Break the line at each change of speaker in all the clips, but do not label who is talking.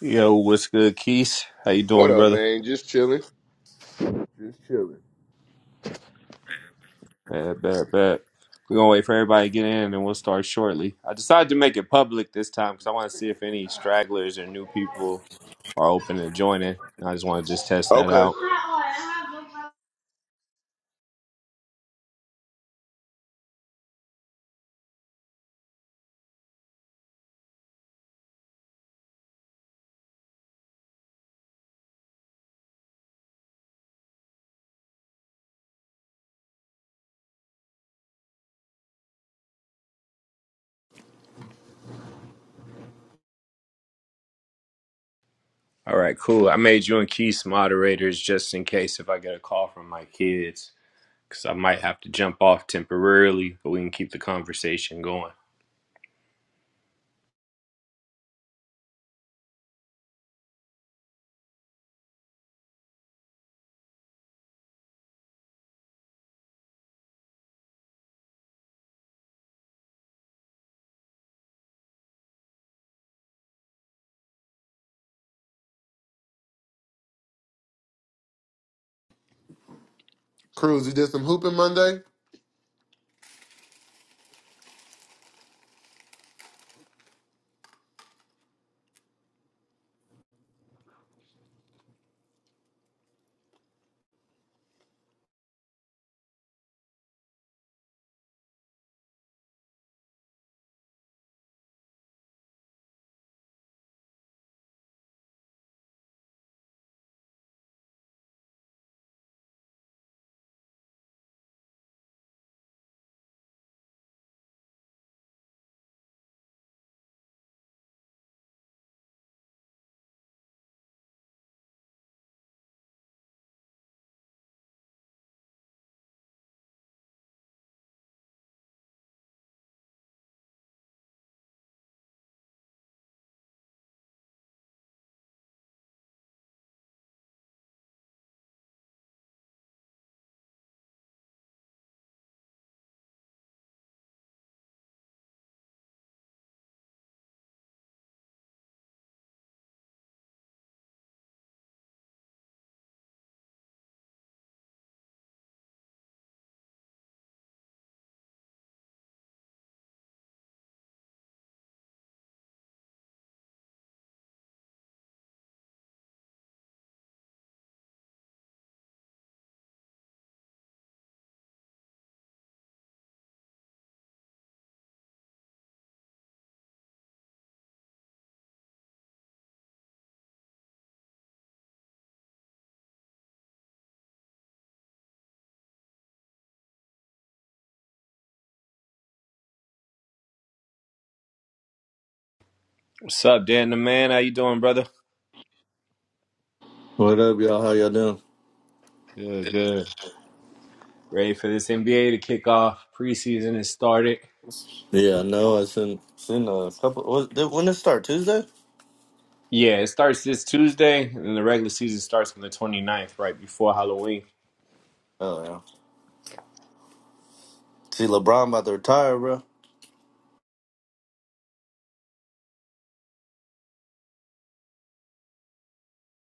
Yo, what's good, Keith? How you
What
doing,
up,
brother?
man? Just chilling. Just chilling.
Bad, bad, bad. We're gonna wait for everybody to get in, and we'll start shortly. I decided to make it public this time because I want to see if any stragglers or new people are open to joining. I just want to just test that
Okay.
out. All right, cool. I made you and Keith moderators just in case if I get a call from my kids, because I might have to jump off temporarily, but we can keep the conversation going.
Cruz, you did some hooping Monday?
What's up, Dan the man? How you doing, brother?
What up, y'all? How y'all doing?
Good, good. Ready for this NBA to kick off. Preseason has started.
Yeah, I know. I seen seen a couple. Was, did, when did it start? Tuesday?
Yeah, it starts this Tuesday, and the regular season starts on the twenty ninth, right before Halloween.
Oh yeah. See, LeBron about to retire, bro.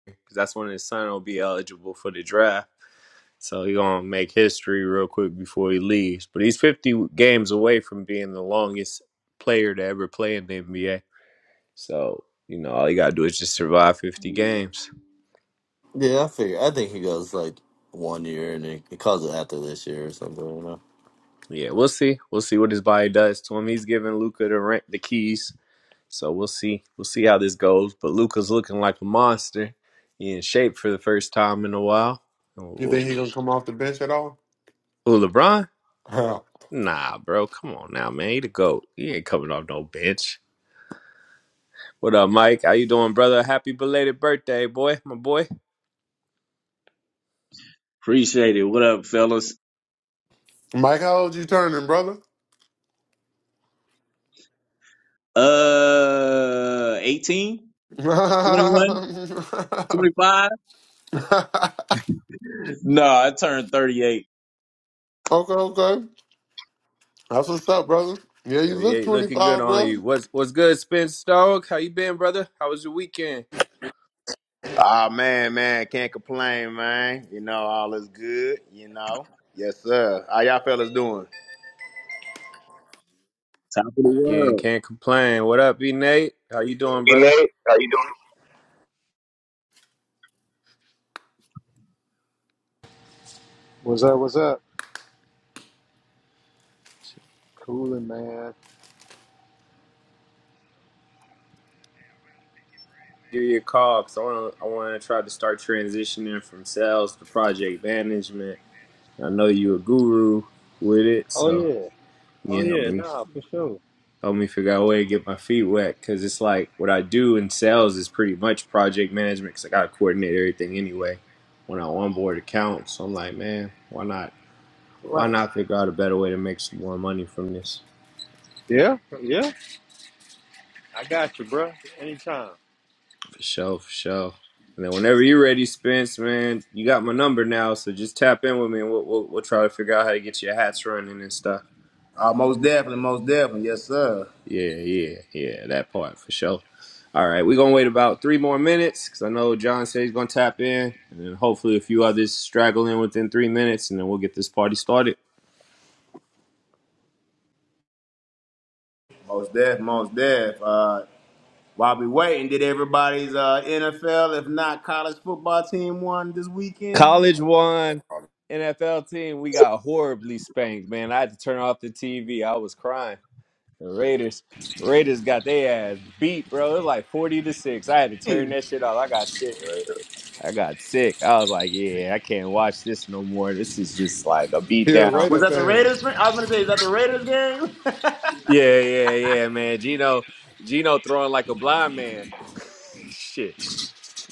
'Cause that's when his son will be eligible for the draft. So he's going to make history real quick before he leaves. But he's 50 games away from being the longest player to ever play in the NBA. So, you know, all you got to do is just survive 50 games.
Yeah, I figure. I think he goes like one year, and he, he calls it after this year or something. You know.
Yeah, we'll see. We'll see what his body does to him. He's giving Luca the, rent, the keys. So we'll see. We'll see how this goes. But Luca's looking like a monster. He in shape for the first time in a while.
You
Ooh,
think he gonna come off the bench at all?
ooh, LeBron?
Huh.
Nah, bro. Come on now, man. He the GOAT. He ain't coming off no bench. What up, Mike? How you doing, brother? Happy belated birthday, boy. My boy.
Appreciate it. What up, fellas?
Mike, how old you turning, brother?
Uh, 18, 21,
okay,
25. No, I turned 38.
okay. That's what's up, brother. Yeah, you look
38 looking good
25,
on
bro.
you. What's what's good, Spence Dog? How you been, brother? How was your weekend?
Ah man, man, can't complain, man. You know, all is good, you know. Yes, sir. How y'all fellas doing?
Top of the
Again,
world.
can't complain. What up, B Nate? How you doing,
You know,
brother?
What's up? What's up? Cooling, man.
give you a call because I want to I want to try to start transitioning from sales to project management. I know you a guru with it,
Oh
so
yeah. Oh
yeah, help
yeah.
me
Nah, for sure.
help me figure out a way to get my feet wet because it's like what I do in sales is pretty much project management because I gotta coordinate everything anyway when I onboard accounts. So I'm like, man, why not? Why
Right,
not figure out a better way to make some more money from this?
Yeah. Yeah. I got you, bruh. Anytime.
For sure, for sure. And then whenever you're ready, Spence, man, you got my number now, so just tap in with me and we'll, we'll, we'll try to figure out how to get your hats running and stuff.
Uh, most definitely, most definitely, yes, sir.
Yeah, yeah, yeah, that part for sure. All right, we're going to wait about three more minutes because I know John said he's going to tap in, and then hopefully a few others straggle in within three minutes, and then we'll get this party started.
Most def, most def. Uh, while we waiting, did everybody's uh, NFL, if not college football team, won this weekend?
College one NFL team, we got horribly spanked, man. I had to turn off the TV. I was crying. The Raiders, Raiders got their ass beat, bro. It was like forty to six. I had to turn
Hmm.
that shit off. I got sick. I got sick. I was like, yeah, I can't watch this no more. This is just like a beat
You're a
down.
Was
Raider
that the
fan.
Raiders? I was gonna say, is that the Raiders game?
Yeah, yeah, yeah, man. Gino, Gino throwing like a blind man. shit.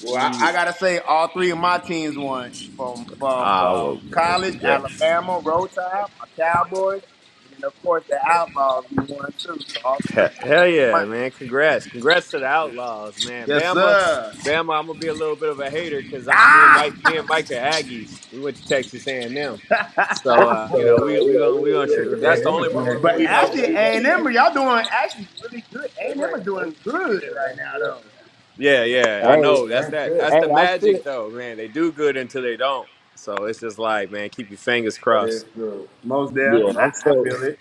Well, I, I gotta say, all three of my teams won from from
Ah,
from
well, well,
college,
congrats.
Alabama, Roll Tide, my Cowboys, and then of course the Outlaws. We won too, so all three.
Hell
I
hell
can't
yeah,
complain.
man. Congrats. Congrats to the Outlaws, man.
Yes,
Bama,
sir.
Bama, I'm gonna be a little bit of a hater because me and
Ah,
Mike, me and Mike are Aggies. We went to Texas A&M. So uh,
uh,
you know, we
you
we
know,
gonna we gonna
Hey,
tr-
but
that's the
A&M
only
is doing their
maroon
but
we-
thing.
we-
we know,
actually, A
baby.
and
we-
M, y'all doing actually really good. A They and M rank is fifth. doing fifth. good They right rank now, fifth. though.
Yeah, yeah. I
Hey,
know.
They
That's
rank
that that's
hey,
fifth.
the
I
magic
still,
though, man. They do good until they don't. So it's just like, man, keep your fingers
That is
crossed.
true. Most there,
yeah, I
I,
still.
I feel it.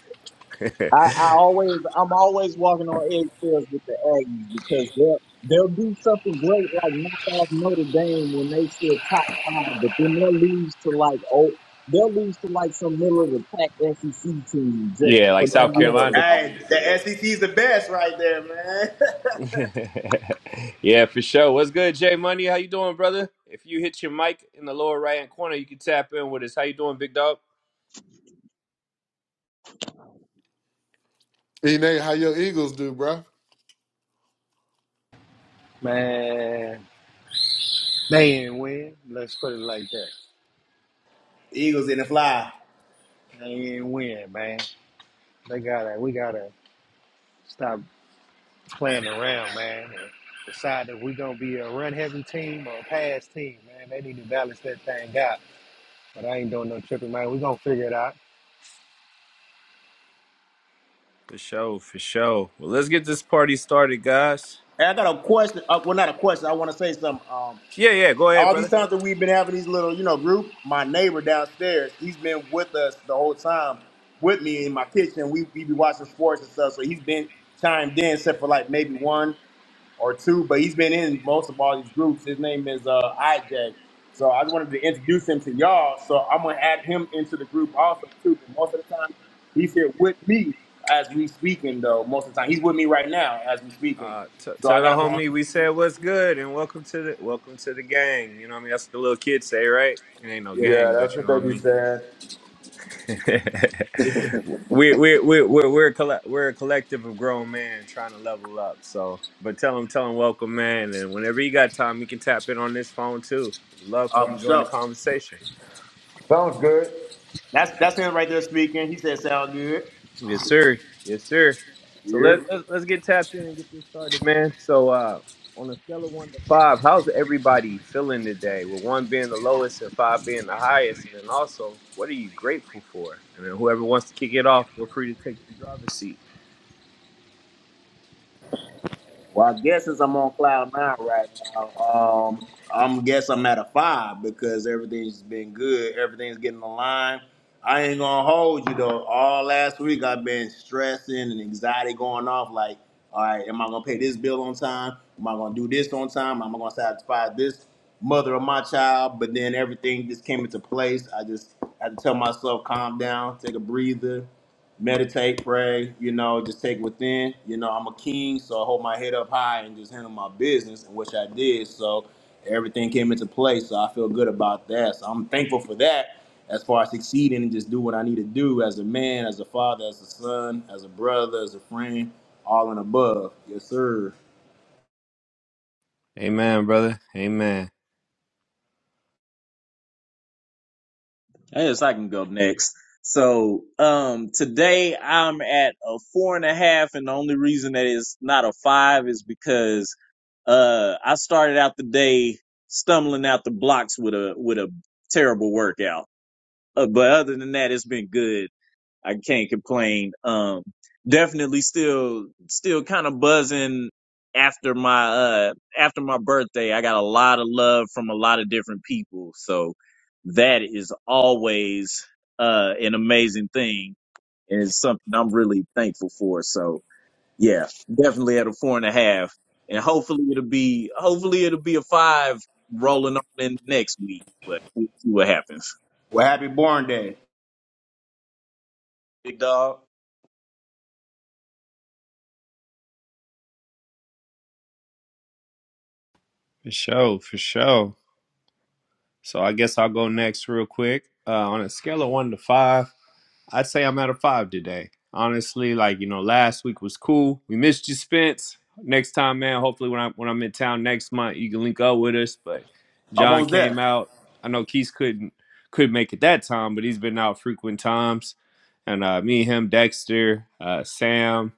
I, I always, I'm always walking on eggshells with the Aggies because they'll they'll do something great like knock off Notre Dame when they still top five, but then they'll lose to like oh, they'll lose to like some middle of the pack SEC team just
yeah, like
for no
Like,
South
how the hell they can
reason at
Carolina.
Hey,
all.
rank the fifth? S E C is the best right there, man.
yeah, for sure. What's good, Jay Money? How you doing, brother? If you hit your mic in the lower right hand corner, you can tap in with us. How you doing, big dog?
E Nate, how your Eagles do, bro?
man. They ain't win. Let's put it like that.
Eagles in the fly.
They ain't win, man. They gotta. We gotta stop playing around, man. And decide if we gonna be a run-heavy team or a pass team, man. They need to balance that thing out. But I ain't doing no tripping, man. We gonna figure it out.
For sure, for sure. Well, let's get this party started, guys.
Hey, I got a question. Uh, well, not a question. I want to say something. Um,
Yeah, yeah. Go ahead,
all these
brother.
times that we've been having these little, you know, group, my neighbor downstairs, he's been with us the whole time with me in my kitchen. We we be watching sports and stuff, so he's been chimed in except for like maybe one or two, but he's been in most of all these groups. His name is uh, IJ. So I wanted to introduce him to y'all. So I'm gonna add him into the group also too. But most of the time, he's here with me as we speaking though. Most of the time, he's with me right now as we speaking.
Uh, t-
So I
tell the
got him on.
homie we said what's good and welcome to the welcome to the gang. You know what I mean? That's what the little kids say, right? It ain't no
Yeah,
gang,
that's
but you
what
know what I
they be
mean.
saying.
we we we we're we're a, colle- we're a collective of grown men trying to level up. So, but tell them tell them welcome, man. And whenever you got time, you can tap in on this phone too. Love for
Uh,
them to
for
join the
sure.
conversation.
Sounds good. That's that's him right there speaking. He said, "Sound good."
Yes, sir. Yes, sir. So let
Yeah.
let's, let's get tapped in and get this started, man. So, uh, on a scale of one to five, how's everybody feeling today? With one being the lowest and five being the highest, and then also, what are you grateful for? And then whoever wants to kick it off, feel free to take the driver's seat.
Well, I guess since I'm on cloud nine right now, um, I'm guess I'm at a five because everything's been good. Everything's getting aligned. I ain't gonna hold you though. All last week I've been stressing and anxiety going off. Like, all right, am I gonna pay this bill on time? Am I gonna do this on time? Am I gonna satisfy this mother of my child? But then everything just came into place. I just had to tell myself, calm down, take a breather meditate, pray, you know, just take within. You know, I'm a king, so I hold my head up high and just handle my business, and which I did. So everything came into play. So I feel good about that. So I'm thankful for that as far as succeeding and just do what I need to do as a man, as a father, as a son, as a brother, as a friend, all and above. Yes, sir.
Amen, brother. Amen.
Yes, I can go next. So um today I'm at a four and a half, and the only reason that it's not a five is because Uh, I started out the day stumbling out the blocks with a with a terrible workout, uh, but other than that, it's been good. I can't complain. Um, definitely still still kind of buzzing after my uh after my birthday. I got a lot of love from a lot of different people, so that is always uh an amazing thing and it's something I'm really thankful for. So yeah, definitely at a four and a half, and hopefully it'll be hopefully it'll be a five rolling on in next week. But we'll see what happens.
Well, happy born day.
Big dog.
For sure, for sure. So I guess I'll go next real quick. Uh, on a scale of one to five, I'd say I'm at a five today. Honestly, like you know, last week was cool. We missed you, Spence. Next time, man. Hopefully, when I'm when I'm in town next month, you can link up with us. But John
Almost
came
there.
out. I know Keith couldn't couldn't make it that time, but he's been out frequent times. And uh, me, him, Dexter, uh, Sam.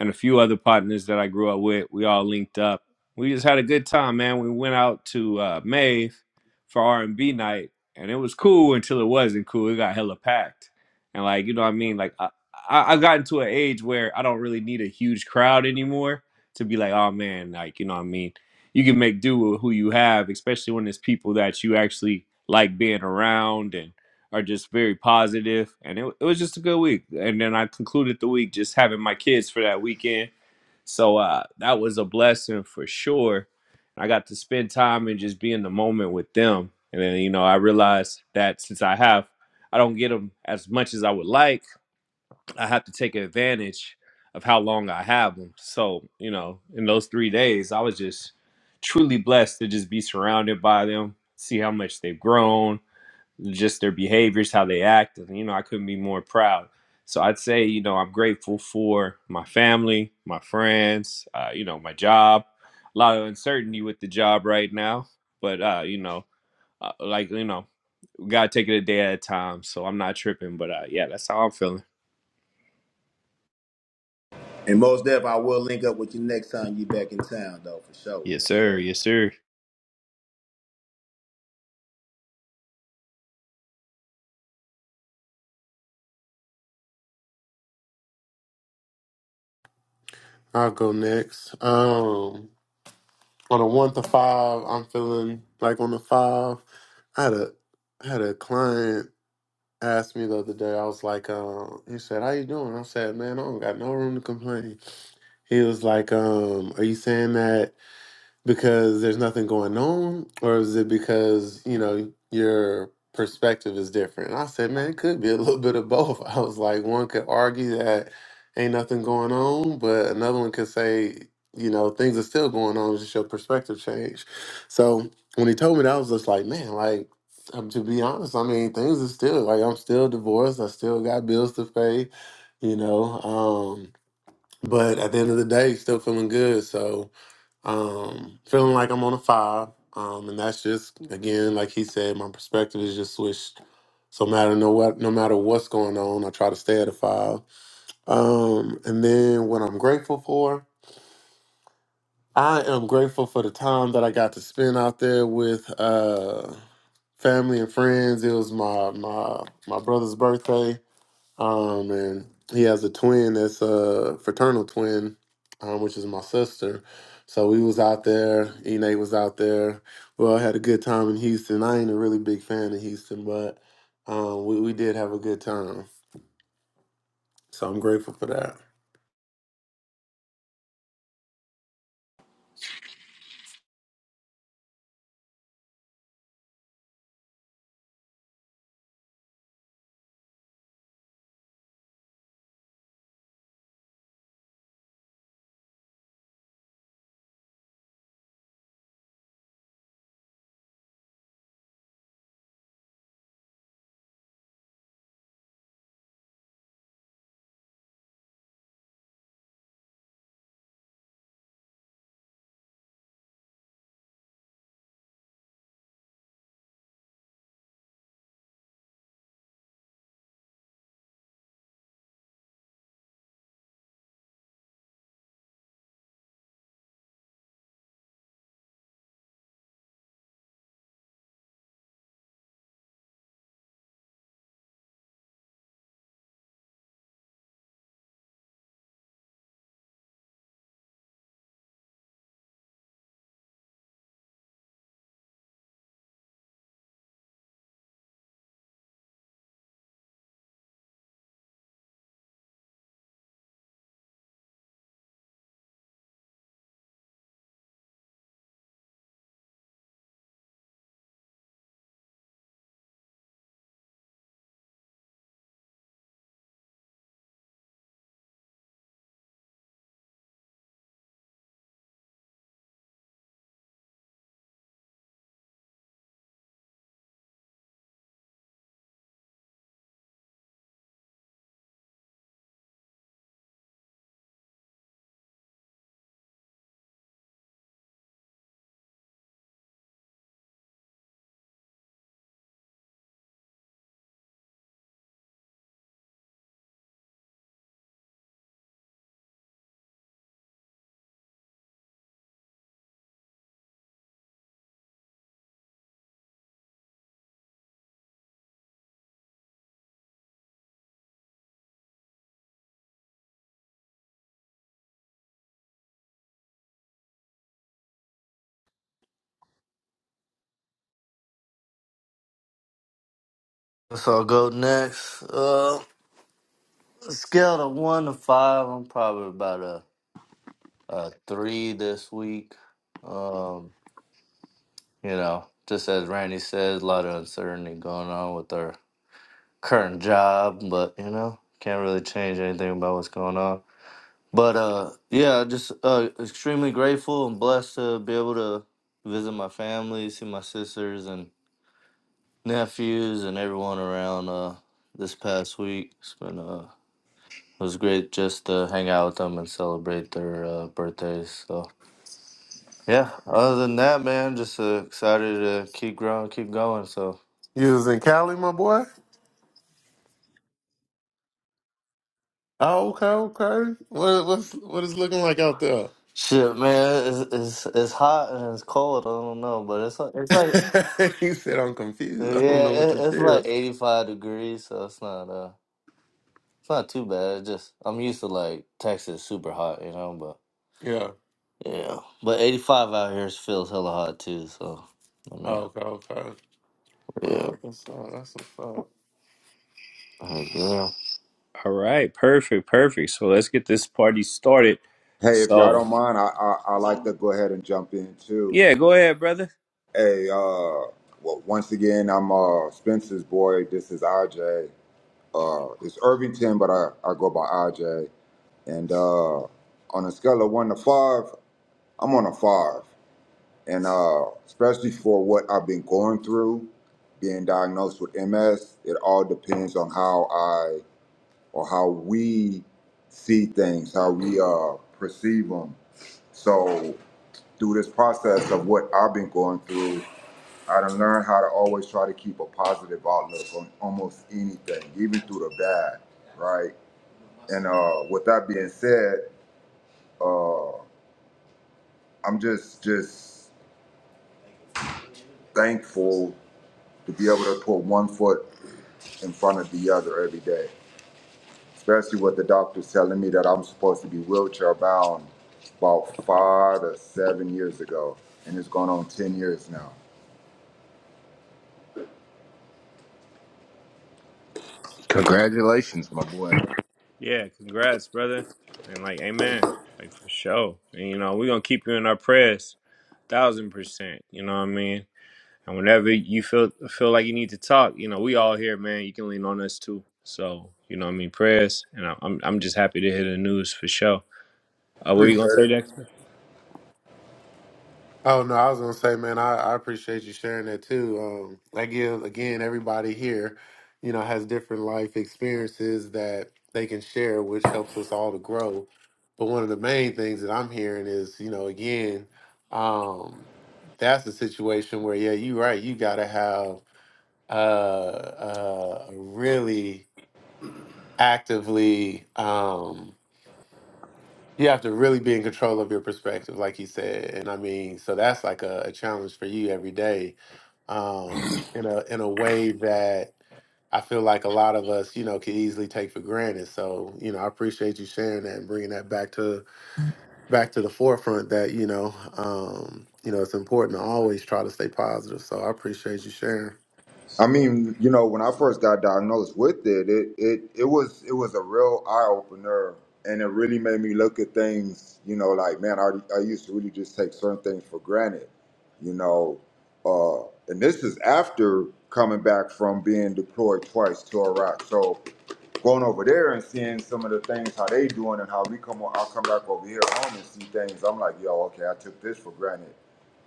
and a few other partners that I grew up with. We all linked up. We just had a good time, man. We went out to uh, Maeve for R and B night, and it was cool until it wasn't cool. It got hella packed, and like you know what I mean. Like I, I I gotten to an age where I don't really need a huge crowd anymore to be like, oh man, like you know what I mean. You can make do with who you have, especially when it's people that you actually like being around and are just very positive, and it, it was just a good week. And then I concluded the week just having my kids for that weekend, so uh, that was a blessing for sure. I got to spend time and just be in the moment with them, and then you know I realized that since I have, I don't get them as much as I would like. I have to take advantage of how long I have them. So you know, in those three days, I was just truly blessed to just be surrounded by them, see how much they've grown just their behaviors, how they act. And, you know, I couldn't be more proud. So I'd say, you know, I'm grateful for my family, my friends, uh, you know, my job. A lot of uncertainty with the job right now, but uh, you know, uh, like you know, we gotta take it a day at a time. So I'm not tripping, but uh, yeah, that's how I'm feeling.
And most deaf, I will link up with you next time you back in town, though, for sure.
Yes,
Yes,
sir.
sir.
Yes, sir.
I'll go next. Um, on a one to five, I'm feeling like on a five. I had a I had a client. asked me the other day. I was like, um, he said, "How you doing?" I said, "Man, I don't got no room to complain." He was like, um, "Are you saying that?" because there's nothing going on, or is it because you know your perspective is different? And I said, man, it could be a little bit of both. I was like, one could argue that ain't nothing going on, but another one could say, you know, things are still going on. It's just your perspective changed. So when he told me that, I was just like, man, like. Um, to be honest, I mean, things are still like I'm still divorced. I still got bills to pay, you know. Um, but at the end of the day, still feeling good. So, um, feeling like I'm on a five. Um, and that's just again, like he said, my perspective is just switched. So no matter no what, no matter what's going on, I try to stay at a five. Um, and then what I'm grateful for, I am grateful for the time that I got to spend out there with uh, family and friends. It was my my my brother's birthday, um, and he has a twin that's a fraternal twin, um, which is my sister. So we was out there. E Nate was out there. We all had a good time in Houston. I ain't a really big fan of Houston, but um, we we did have a good time. So I'm grateful for that.
So I'll go next. Uh, scale of one to five. I'm probably about a, a three this week. Um, you know, just as Randy says, a lot of uncertainty going on with our current job, but you know, can't really change anything about what's going on. But uh, yeah, just uh, extremely grateful and blessed to be able to visit my family, see my sisters and nephews, and everyone around uh, this past week. It's been uh, it was great just to hang out with them and celebrate their uh, birthdays. So yeah, other than that, man, just uh, excited to keep growing, keep going. So
You was in Cali, my boy. Oh, okay, okay. What what's what is looking like out there?
shit, man, it's it's, it's hot and it's cold. I don't know, but it's like it's like
he said, "I'm
yeah,
confused. I don't know what
it,
to
it's
feel."
like eighty five degrees, so it's not uh. It's not too bad. It's just I'm used to like Texas super hot, you know, but
Yeah.
yeah. But 85 out here feels hella hot too, so I mean,
Oh, okay, okay. Oh,
yeah.
that's what's up. That's what's up.
Heck, yeah.
All right, perfect, perfect. So let's get this party started.
Hey, if y'all
So
don't mind, I, I I like to go ahead and jump in too.
yeah, go ahead, brother.
Hey, uh, well, once again, I'm uh Spencer's boy. This is RJ. Uh, it's Irvington, but I I go by RJ. And uh, on a scale of one to five, I'm on a five. And uh, especially for what I've been going through, being diagnosed with MS, it all depends on how I or how we see things, how we uh perceive them. So through this process of what I've been going through, I done learned how to always try to keep a positive outlook on almost anything, even through the bad, right? And uh, with that being said, uh, I'm just just thankful to be able to put one foot in front of the other every day, especially with the doctors telling me that I'm supposed to be wheelchair bound about five to seven years ago, and it's gone on ten years now.
Congratulations, my boy.
Yeah, congrats, brother. And like, amen. Like for sure. And you know, we're gonna keep you in our prayers. Thousand percent. You know what I mean? And whenever you feel feel like you need to talk, you know, we all here, man. You can lean on us too. So, you know what I mean? Prayers. And I- I'm I'm just happy to hear the news for sure. Uh, what are you
Appreciate
gonna say,
it.
Dexter?
Oh no, I was gonna say, man, I, I appreciate you sharing that too. Um, that gives again everybody here, you know, has different life experiences that they can share, which helps us all to grow. But one of the main things that I'm hearing is, you know, again, um, that's a situation where, yeah, you're right. You gotta have uh, uh, a really actively. Um, you have to really be in control of your perspective, like you said. And I mean, so that's like a, a challenge for you every day, um, in a in a way that I feel like a lot of us, you know, can easily take for granted. So, you know, I appreciate you sharing that and bringing that back to back to the forefront. That you know, um, you know, it's important to always try to stay positive. So, I appreciate you sharing.
I mean, you know, when I first got diagnosed with it, it it it was it was a real eye opener, and it really made me look at things. You know, like man, I I used to really just take certain things for granted. You know, uh, and this is after coming back from being deployed twice to Iraq. So going over there and seeing some of the things how they doing and how we come on, I'll come back over here home and see things. I'm like, yo, okay, I took this for granted,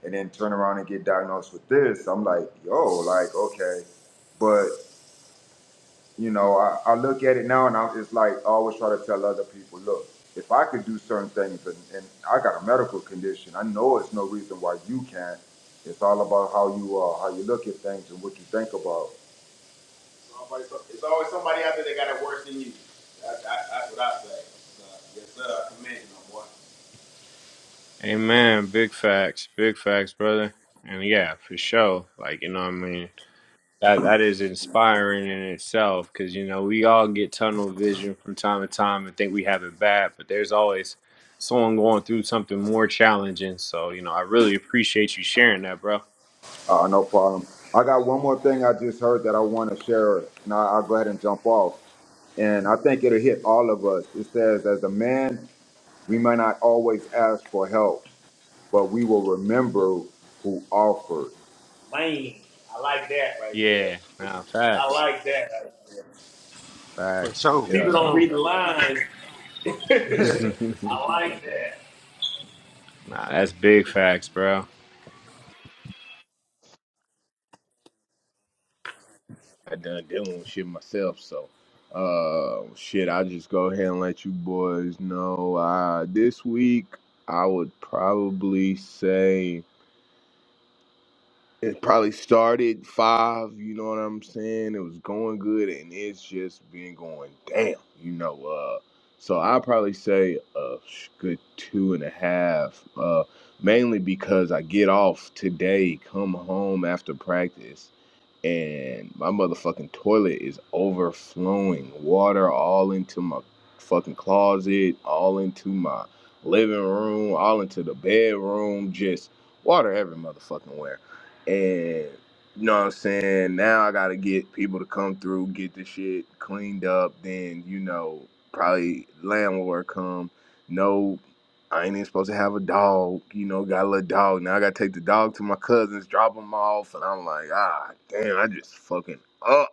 and then turn around and get diagnosed with this. I'm like, yo, like okay, but you know, I, I look at it now and I, it's like I always try to tell other people, look, if I could do certain things and, and I got a medical condition, I know it's no reason why you can't. It's all about how you uh, how you look at things and what you think about. It's always somebody out there that got it worse than you. That, that, that's what I say. So, yes, sir. I commend you, my boy.
Amen. Big facts. Big facts, brother. And yeah, for sure. Like, you know what I mean? That that is inspiring in itself because you know we all get tunnel vision from time to time and think we have it bad, but there's always someone going through something more challenging. So you know, I really appreciate you sharing that, bro.
Uh, no problem. I got one more thing I just heard that I want to share, and I, I'll go ahead and jump off. And I think it'll hit all of us. It says, as a man, we may not always ask for help, but we will remember who offered. Man, I like that right there.
Yeah,
This
nah,
is- I
facts,
like that right there.
For
facts.
Because
sure. For
people
Yeah,
don't
sure.
read the lines.
nah,
I like that.
that's big facts, bro.
I done dealing with shit myself, so uh, shit. I'll just go ahead and let you boys know. Uh, this week I would probably say. it probably started five, you know what I'm saying? It was going good and it's just been going down, you know. Uh so I probably say a sh- good two and a half, uh, mainly because I get off today, come home after practice, and my motherfucking toilet is overflowing. Water all into my fucking closet, all into my living room, all into the bedroom, just water every motherfucking where. And you know what I'm saying? Now I gotta get people to come through, get the shit cleaned up, then you know, probably landlord come. No. I ain't even supposed to have a dog. You know, got a little dog. Now I gotta take the dog to my cousins, drop them off, and I'm like, ah, damn, I just fucking up.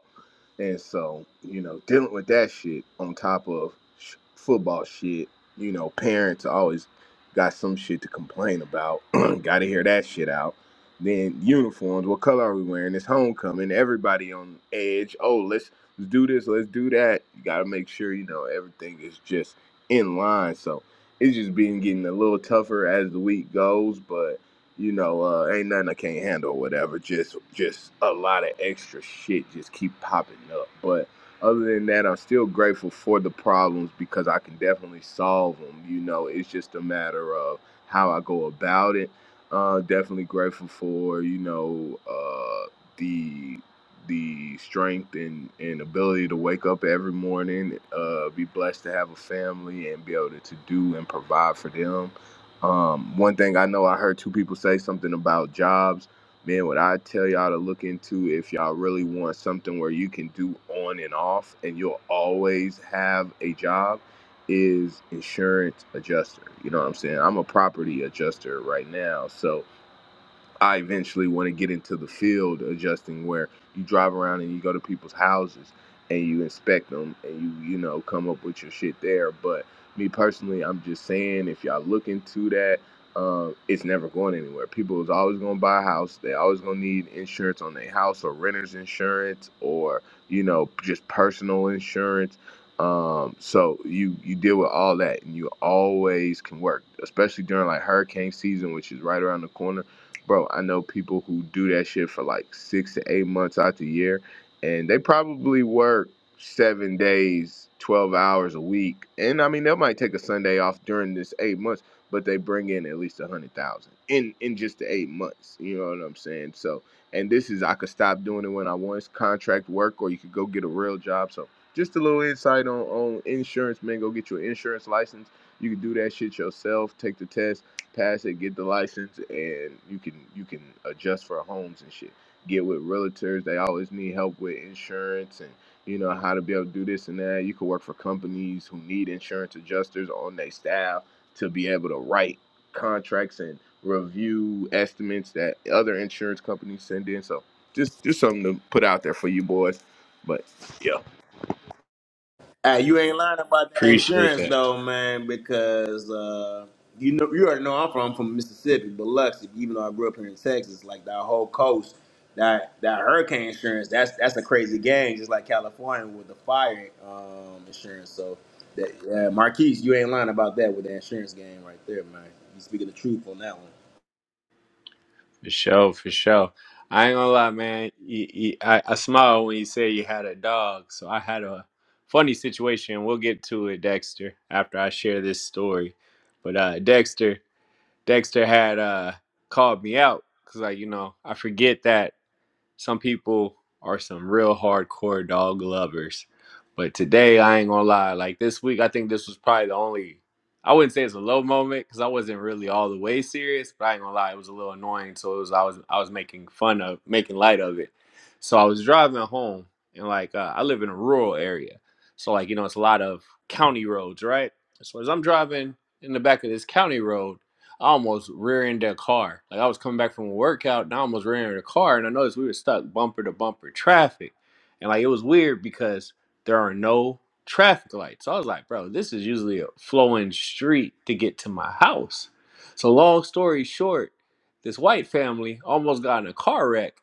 And so, you know, dealing with that shit on top of sh- football shit, you know, parents always got some shit to complain about. got to hear that shit out. Then uniforms, what color are we wearing? It's homecoming. Everybody on edge. Oh, let's, let's do this, let's do that. You got to make sure, you know, everything is just in line. So it's just been getting a little tougher as the week goes, but you know, uh, ain't nothing I can't handle or whatever. Just just a lot of extra shit just keep popping up. But other than that, I'm still grateful for the problems because I can definitely solve them. You know, it's just a matter of how I go about it. Uh, definitely grateful for you know uh, the the strength and, and ability to wake up every morning, uh, be blessed to have a family and be able to to do and provide for them um, one thing I know, I heard two people say something about jobs. Man, what I tell y'all to look into if y'all really want something where you can do on and off and you'll always have a job is insurance adjuster. You know what I'm saying? I'm a property adjuster right now. So, I eventually want to get into the field adjusting where you drive around and you go to people's houses and you inspect them and you you know come up with your shit there but me personally I'm just saying if y'all look into that uh, it's never going anywhere people is always going to buy a house they always going to need insurance on their house or renter's insurance or you know just personal insurance um so you you deal with all that and you always can work especially during like hurricane season which is right around the corner bro, I know people who do that shit for like six to eight months out the year, and they probably work seven days, 12 hours a week. And I mean, they might take a Sunday off during this eight months, but they bring in at least a hundred thousand in in just the eight months. You know what I'm saying? So, and this is I could stop doing it when I want. It's contract work, or you could go get a real job. So, just a little insight on on insurance, man. Go get your insurance license. You can do that shit yourself. Take the test pass it, get the license, and you can you can adjust for homes and shit. Get with realtors; they always need help with insurance and you know how to be able to do this and that. You can work for companies who need insurance adjusters on their staff to be able to write contracts and review estimates that other insurance companies send in. So just just something to put out there for you boys. But yeah,
Hey, you ain't lying about that
Appreciate
insurance
that.
though, man, because uh, you know you already know I'm from from Mississippi, Biloxi. Even though I grew up here in Texas, like that whole coast, that that hurricane insurance, that's that's a crazy game, just like California with the fire um, insurance. So, that, yeah, Marquise, you ain't lying about that with the insurance game right there, man. You speaking the truth on that one.
For sure, for sure. I ain't gonna lie, man. You, you, I, I smile when you say you had a dog. So I had a funny situation. We'll get to it, Dexter, after I share this story. But uh, Dexter, Dexter had uh, called me out because, like, you know, I forget that. Some people are some real hardcore dog lovers. But today, I ain't gonna lie. Like this week, I think this was probably the only. I wouldn't say it's a low moment because I wasn't really all the way serious, but I ain't gonna lie, it was a little annoying. So it was I was I was making fun of, making light of it. So I was driving home, and like uh, I live in a rural area, so like you know it's a lot of county roads, right? So as I'm driving in the back of this county road, I almost rear-ended a car. Like I was coming back from a workout and I almost rear-ended a car and I noticed we were stuck bumper to bumper traffic. And like it was weird because there are no traffic lights. So I was like, bro, this is usually a flowing street to get to my house. So long story short, this white family almost got in a car wreck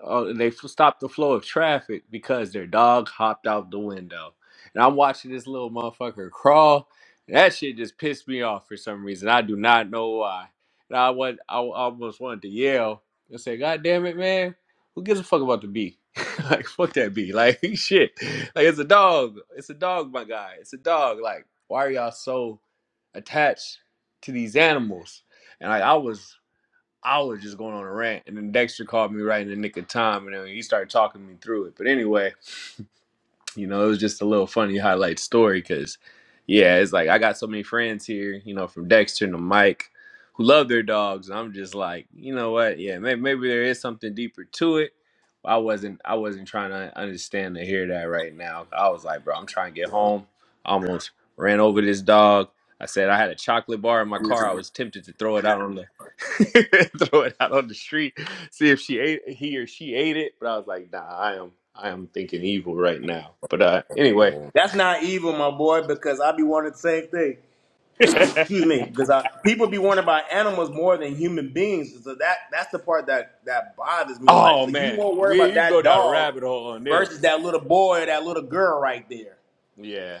Oh, they f- stopped the flow of traffic because their dog hopped out the window. And I'm watching this little motherfucker crawl. That shit just pissed me off for some reason. I do not know why. And I went, I almost wanted to yell and say, "God damn it, man! Who gives a fuck about the bee? like, fuck that bee! Like, shit! Like, it's a dog. It's a dog, my guy. It's a dog. Like, why are y'all so attached to these animals?" And like, I was I was just going on a rant. And then Dexter called me right in the nick of time, and then he started talking me through it. But anyway, you know, it was just a little funny highlight story because, yeah, it's like I got so many friends here, you know, from Dexter to Mike, who love their dogs, and I'm just like, you know what? Yeah, maybe, maybe there is something deeper to it. I wasn't I wasn't trying to understand or hear that right now. I was like, bro, I'm trying to get home. I almost ran over this dog. I said I had a chocolate bar in my car. I was tempted to throw it out on the throw it out on the street, see if she ate he or she ate it. But I was like, nah, I am I am thinking evil right now. But uh anyway.
That's not evil, my boy, because I be wanting the same thing. excuse me, because I, people be worried about animals more than human beings. So that that's the part that that bothers me. I'm like,
oh
so you
man,
more worried
me
about
and you go
that
down a
dog
rabbit hole on
versus
this.
that little boy or that little girl right there.
Yeah.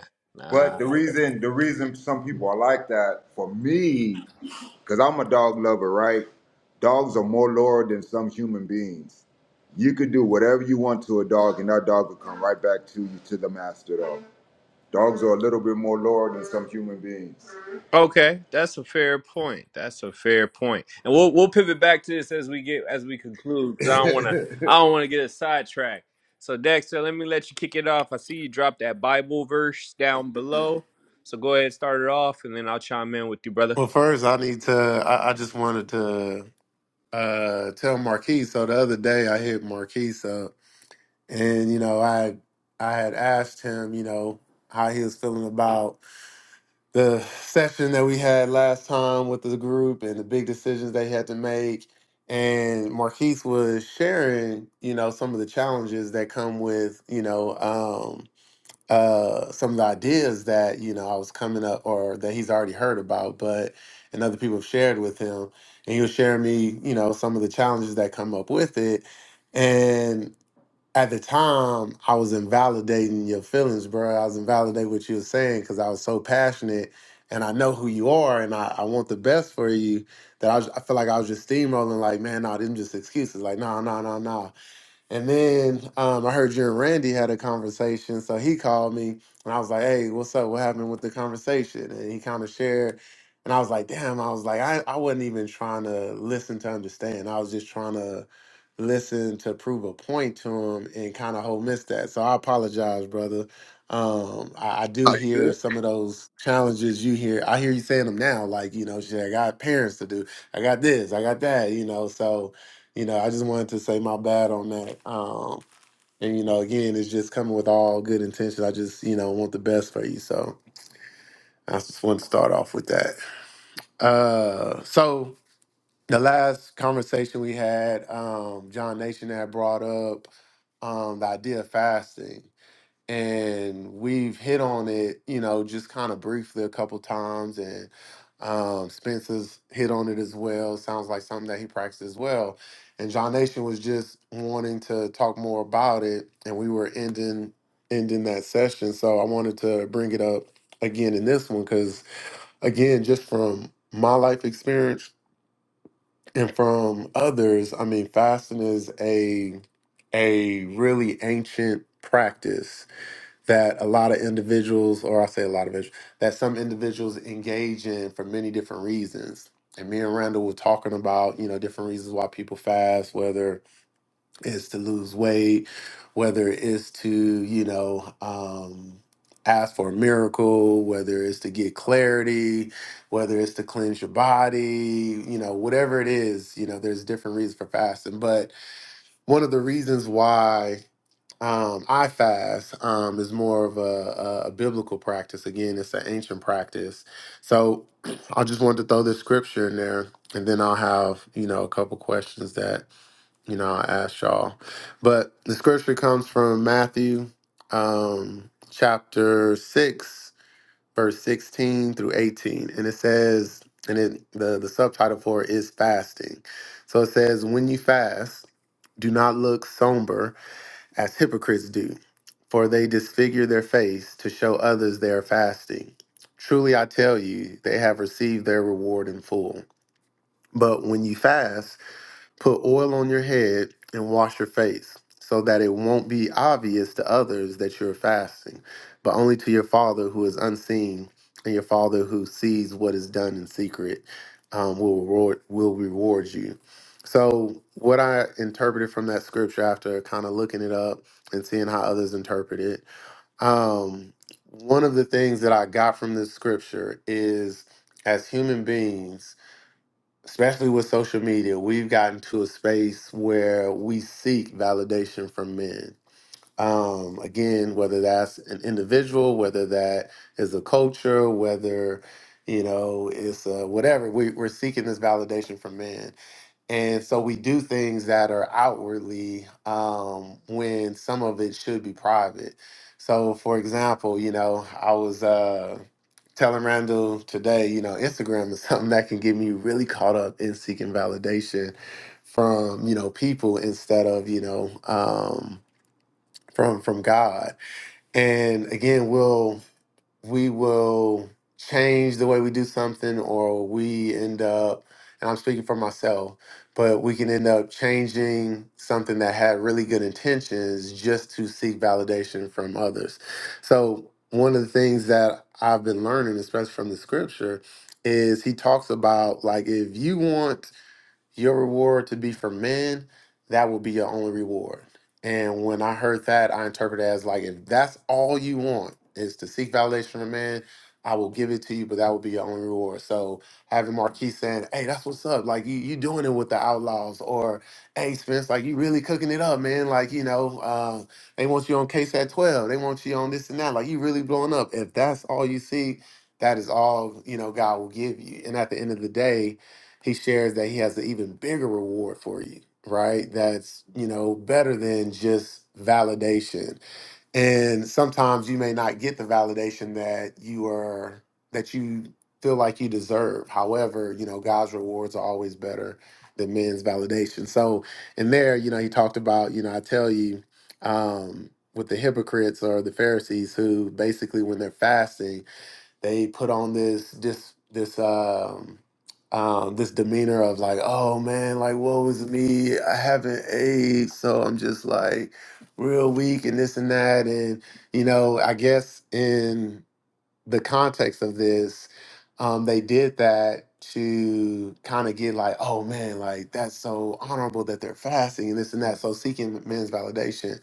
But
Nah.
the reason the reason some people are like that for me, because I'm a dog lover, right? Dogs are more loyal than some human beings. You could do whatever you want to a dog, and that dog will come right back to you to the master Though Dogs are a little bit more loyal than some human beings.
Okay, that's a fair point. That's a fair point, and we'll we'll pivot back to this as we get as we conclude because I don't want to I don't want to get a sidetrack. So Dexter, let me let you kick it off. I see you dropped that Bible verse down below, so go ahead and start it off, and then I'll chime in with you, brother.
Well, first, I need to. I, I just wanted to uh tell Marquis. So the other day, I hit Marquis. and you know i i had asked him you know how he was feeling about the session that we had last time with the group and the big decisions they had to make and Marquise was sharing you know some of the challenges that come with you know um uh some of the ideas that you know i was coming up or that he's already heard about but and other people have shared with him and he was sharing me you know some of the challenges that come up with it and at the time I was invalidating your feelings, bro. I was invalidating what you were saying because I was so passionate and I know who you are and I, I want the best for you that I, was, I feel like I was just steamrolling like, man, nah, them just excuses. Like, nah, nah, nah, nah. And then um, I heard you and Randy had a conversation. So he called me and I was like, hey, what's up? What happened with the conversation? And he kind of shared. And I was like, damn, I was like, I, I wasn't even trying to listen to understand. I was just trying to listen to prove a point to him and kind of whole missed that. So I apologize, brother. Um, I, I do
are you
hear
good?
some of those challenges you hear. I hear you saying them now, like, you know, shit, I got parents to do. I got this, I got that, you know. So you know, I just wanted to say my bad on that. Um, and you know, again, it's just coming with all good intentions. I just, you know, want the best for you. So I just want to start off with that. Uh, so the last conversation we had, um, John Nation had brought up um, the idea of fasting, and we've hit on it, you know, just kind of briefly a couple times, and um, Spencer's hit on it as well. Sounds like something that he practiced as well. And John Nation was just wanting to talk more about it, and we were ending ending that session, so I wanted to bring it up again in this one because, again, just from my life experience and from others, I mean, fasting is a a really ancient practice that a lot of individuals, or I say a lot of individuals, that some individuals engage in for many different reasons. And me and Randall were talking about, you know, different reasons why people fast, whether it's to lose weight, whether it's to, you know, um, ask for a miracle, whether it's to get clarity, whether it's to cleanse your body, you know, whatever it is, you know, there's different reasons for fasting. But one of the reasons why um, I fast um, is more of a, a, a biblical practice. Again, it's an ancient practice. So I just wanted to throw this scripture in there, and then I'll have you know a couple questions that you know I'll ask y'all. But the scripture comes from Matthew um, chapter six, verse sixteen through eighteen, and it says, and it the the subtitle for it is fasting. So it says, when you fast, do not look somber as hypocrites do, for they disfigure their face to show others they are fasting. Truly I tell you, they have received their reward in full. But when you fast, Put oil on your head and wash your face, so that it won't be obvious to others that you're fasting, but only to your Father who is unseen, and your Father who sees what is done in secret um, will reward will reward you. So, what I interpreted from that scripture after kind of looking it up and seeing how others interpret it, um, one of the things that I got from this scripture is, as human beings, especially with social media, we've gotten to a space where we seek validation from men. Um, again, whether that's an individual, whether that is a culture, whether you know it's uh, whatever, we, we're seeking this validation from men. And so we do things that are outwardly um, when some of it should be private. So, for example, you know, I was uh, telling Randall today, you know, Instagram is something that can get me really caught up in seeking validation from, you know, people instead of, you know, um, from from God. And again, we'll we will change the way we do something or we end up and I'm speaking for myself, but we can end up changing something that had really good intentions just to seek validation from others. So, one of the things that I've been learning, especially from the scripture, is he talks about like if you want your reward to be for men, that will be your only reward. And when I heard that, I interpreted it as like, if that's all you want is to seek validation from man, I will give it to you, but that will be your only reward. So having Marquis saying, "Hey, that's what's up," like you you doing it with the Outlaws, or "Hey, Spence, like you really cooking it up, man." Like you know, uh, they want you on case at twelve, they want you on this and that. Like you really blowing up. If that's all you seek, that is all you know God will give you. And at the end of the day, he shares that he has an even bigger reward for you, right? That's, you know, better than just validation. And sometimes you may not get the validation that you are, that you feel like you deserve. However, you know, God's rewards are always better than men's validation. So in there, you know, he talked about, you know, I tell you, um, with the hypocrites or the Pharisees who basically when they're fasting, they put on this this this um um this demeanor of like oh man like woe is me i haven't aged so i'm just like real weak and this and that and you know i guess in the context of this um they did that to kind of get like oh man like that's so honorable that they're fasting and this and that so seeking men's validation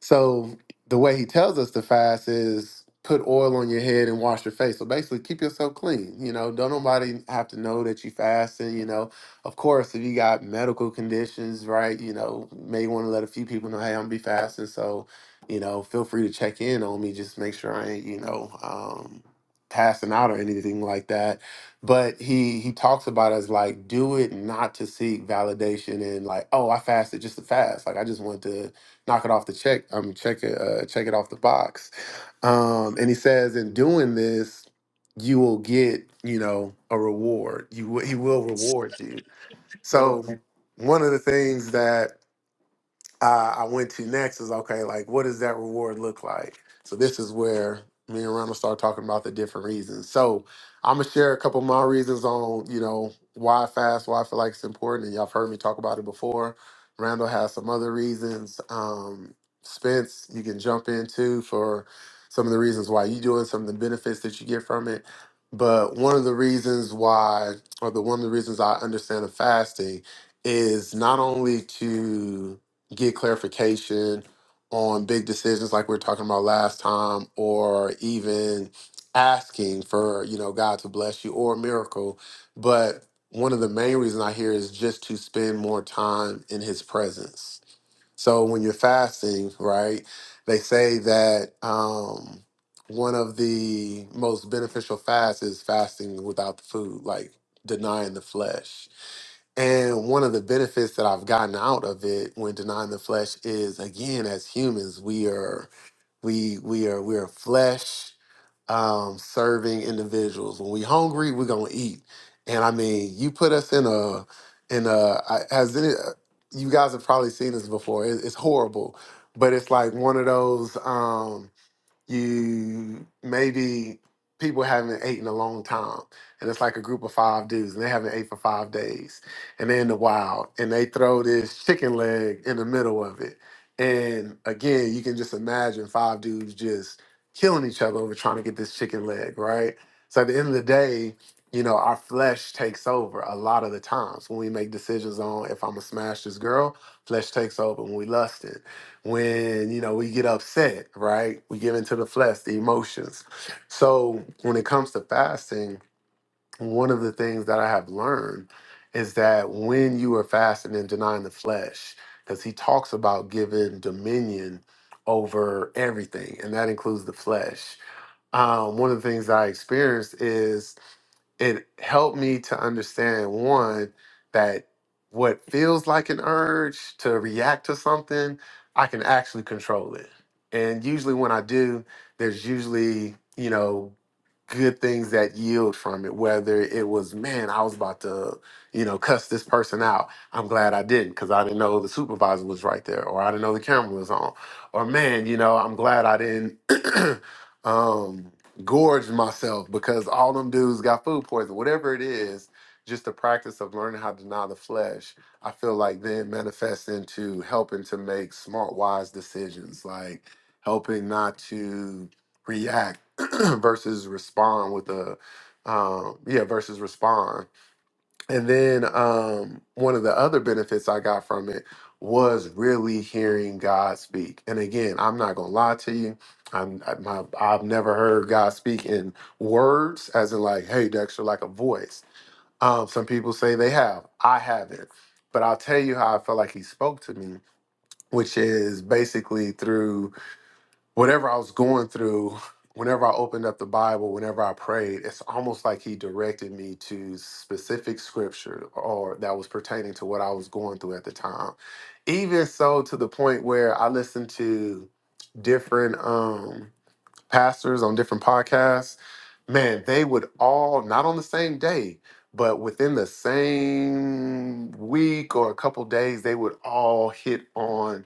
so the way he tells us to fast is put oil on your head and wash your face. So basically, keep yourself clean. You know, don't nobody have to know that you fasting. You know, of course, if you got medical conditions, right? You know, may want to let a few people know, hey, I'm gonna be fasting. So, you know, feel free to check in on me. Just make sure I ain't, you know, um, passing out or anything like that. But he he talks about it as like do it not to seek validation and like, oh, I fasted just to fast. Like I just want to knock it off the check. Um, check it, uh, check it off the box. Um, and he says, in doing this, you will get, you know, a reward. You will, he will reward you. So one of the things that uh, I went to next is okay, like what does that reward look like? So this is where me and Ronald start talking about the different reasons. So I'm gonna share a couple of my reasons on you know why I fast, why I feel like it's important, and y'all have heard me talk about it before. Randall has some other reasons. Um, Spence, you can jump into for some of the reasons why you do it, some of the benefits that you get from it. But one of the reasons why, or the one of the reasons I understand of fasting, is not only to get clarification on big decisions like we were talking about last time or even asking for you know god to bless you or a miracle but one of the main reasons i hear is just to spend more time in his presence so when you're fasting right they say that um one of the most beneficial fasts is fasting without the food like denying the flesh and one of the benefits that I've gotten out of it when denying the flesh is again, as humans, we are we we are we are flesh um, serving individuals. When we hungry, we're gonna eat. And I mean, you put us in a in a I- as it, you guys have probably seen this before. It, it's horrible, but it's like one of those. Um, you maybe people haven't ate in a long time and it's like a group of five dudes and they haven't ate for five days and they're in the wild and they throw this chicken leg in the middle of it and again you can just imagine five dudes just killing each other over trying to get this chicken leg right so at the end of the day you know our flesh takes over a lot of the times when we make decisions on if i'm gonna smash this girl flesh takes over when we lusting when you know we get upset right we give into the flesh the emotions so when it comes to fasting one of the things that i have learned is that when you are fasting and denying the flesh because he talks about giving dominion over everything and that includes the flesh um, one of the things that i experienced is it helped me to understand one that what feels like an urge to react to something i can actually control it and usually when i do there's usually you know good things that yield from it whether it was man i was about to you know cuss this person out i'm glad i didn't because i didn't know the supervisor was right there or i didn't know the camera was on or man you know i'm glad i didn't um gorge myself because all them dudes got food poisoning whatever it is just the practice of learning how to deny the flesh i feel like then manifests into helping to make smart wise decisions like helping not to react versus respond with a um yeah versus respond and then um one of the other benefits i got from it was really hearing god speak and again i'm not gonna lie to you i'm I, my, i've never heard god speak in words as in like hey dexter like a voice um some people say they have i haven't but i'll tell you how i felt like he spoke to me which is basically through whatever I was going through, whenever I opened up the Bible, whenever I prayed, it's almost like he directed me to specific scripture or that was pertaining to what I was going through at the time. Even so to the point where I listened to different um pastors on different podcasts, man, they would all not on the same day, but within the same week or a couple days, they would all hit on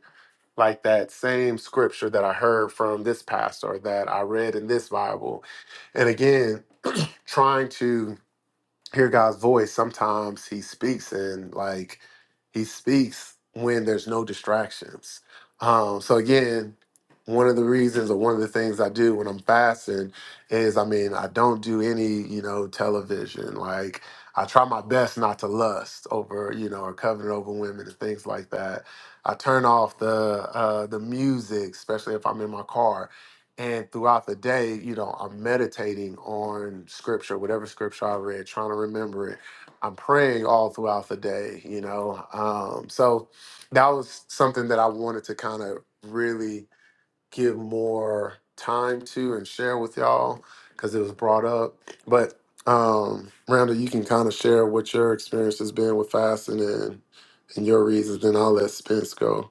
like that same scripture that I heard from this pastor that I read in this Bible. And again, trying to hear God's voice, sometimes He speaks, and like He speaks when there's no distractions. Um, so again, one of the reasons or one of the things I do when I'm fasting is, I mean, I don't do any, you know, television. Like I try my best not to lust over, you know, or covet over women and things like that. I turn off the uh, the music, especially if I'm in my car. And throughout the day, you know, I'm meditating on scripture, whatever scripture I read, trying to remember it. I'm praying all throughout the day, you know. Um, so that was something that I wanted to kind of really give more time to and share with y'all because it was brought up. But um, Rhonda, you can kind of share what your experience has been with fasting and, and your reasons, then I'll let Spence go.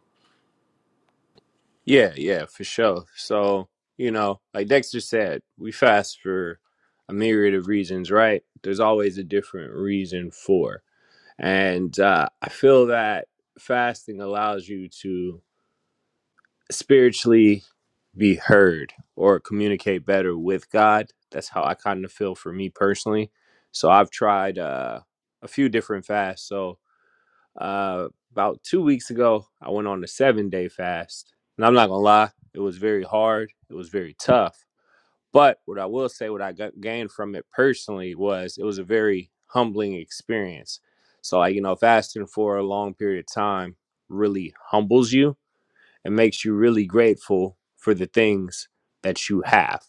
Yeah, yeah, for sure. So you know, like Dexter said, we fast for a myriad of reasons, right? There's always a different reason for, and uh, I feel that fasting allows you to spiritually be heard or communicate better with God. That's how I kind of feel for me personally. So I've tried uh, a few different fasts. So uh, about two weeks ago, I went on a seven day fast. And I'm not going to lie, it was very hard, it was very tough. But what I will say, what I got, gained from it personally was it was a very humbling experience. So, like, you know, fasting for a long period of time really humbles you it makes you really grateful for the things that you have.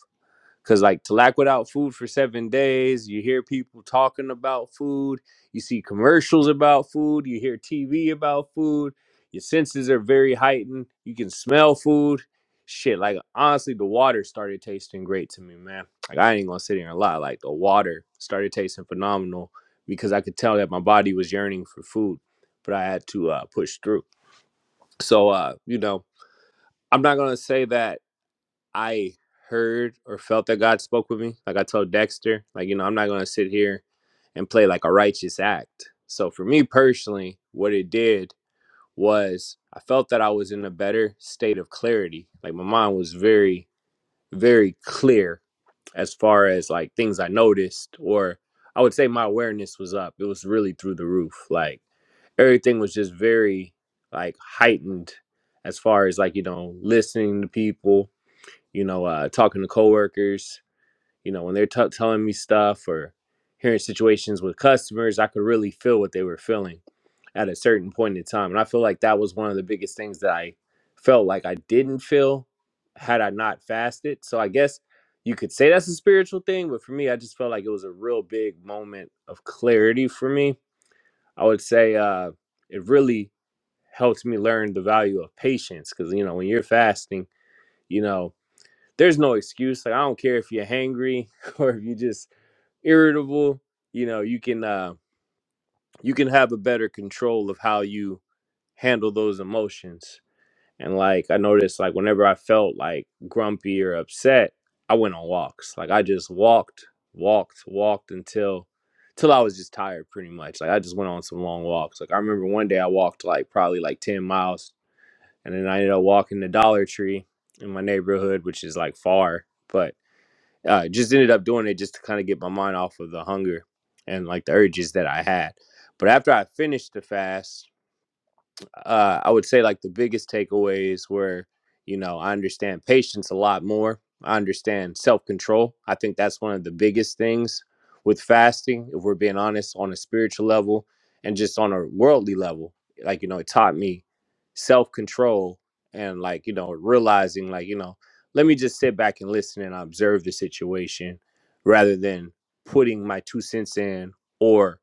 Cause like to lack without food for seven days, you hear people talking about food, you see commercials about food, you hear TV about food, your senses are very heightened, you can smell food. Shit, like honestly, the water started tasting great to me, man. Like I ain't gonna sit here and lie. Like the water started tasting phenomenal because I could tell that my body was yearning for food, but I had to uh, push through. So uh, you know, I'm not gonna say that I heard or felt that God spoke with me. Like I told Dexter, like you know, I'm not gonna sit here and play like a righteous act. So for me personally, what it did was I felt that I was in a better state of clarity. Like my mind was very, very clear as far as like things I noticed, or I would say my awareness was up. It was really through the roof. Like everything was just very like heightened as far as like you know listening to people you know, uh, talking to coworkers, you know, when they're t- telling me stuff or hearing situations with customers, I could really feel what they were feeling at a certain point in time. And I feel like that was one of the biggest things that I felt like I didn't feel had I not fasted. So I guess you could say that's a spiritual thing, but for me, I just felt like it was a real big moment of clarity for me. I would say uh, it really helped me learn the value of patience because, you know, when you're fasting, you know, there's no excuse. Like I don't care if you're hangry or if you are just irritable. You know, you can uh, you can have a better control of how you handle those emotions. And like I noticed, like whenever I felt like grumpy or upset, I went on walks. Like I just walked, walked, walked until till I was just tired, pretty much. Like I just went on some long walks. Like I remember one day I walked like probably like ten miles, and then I ended up walking to Dollar Tree in my neighborhood, which is like far, but uh, just ended up doing it just to kind of get my mind off of the hunger and like the urges that I had. But after I finished the fast, uh, I would say like the biggest takeaways were, you know, I understand patience a lot more. I understand self control. I think that's one of the biggest things with fasting, if we're being honest, on a spiritual level and just on a worldly level. Like, you know, it taught me self control and like, you know, realizing like, you know, let me just sit back and listen and observe the situation rather than putting my two cents in or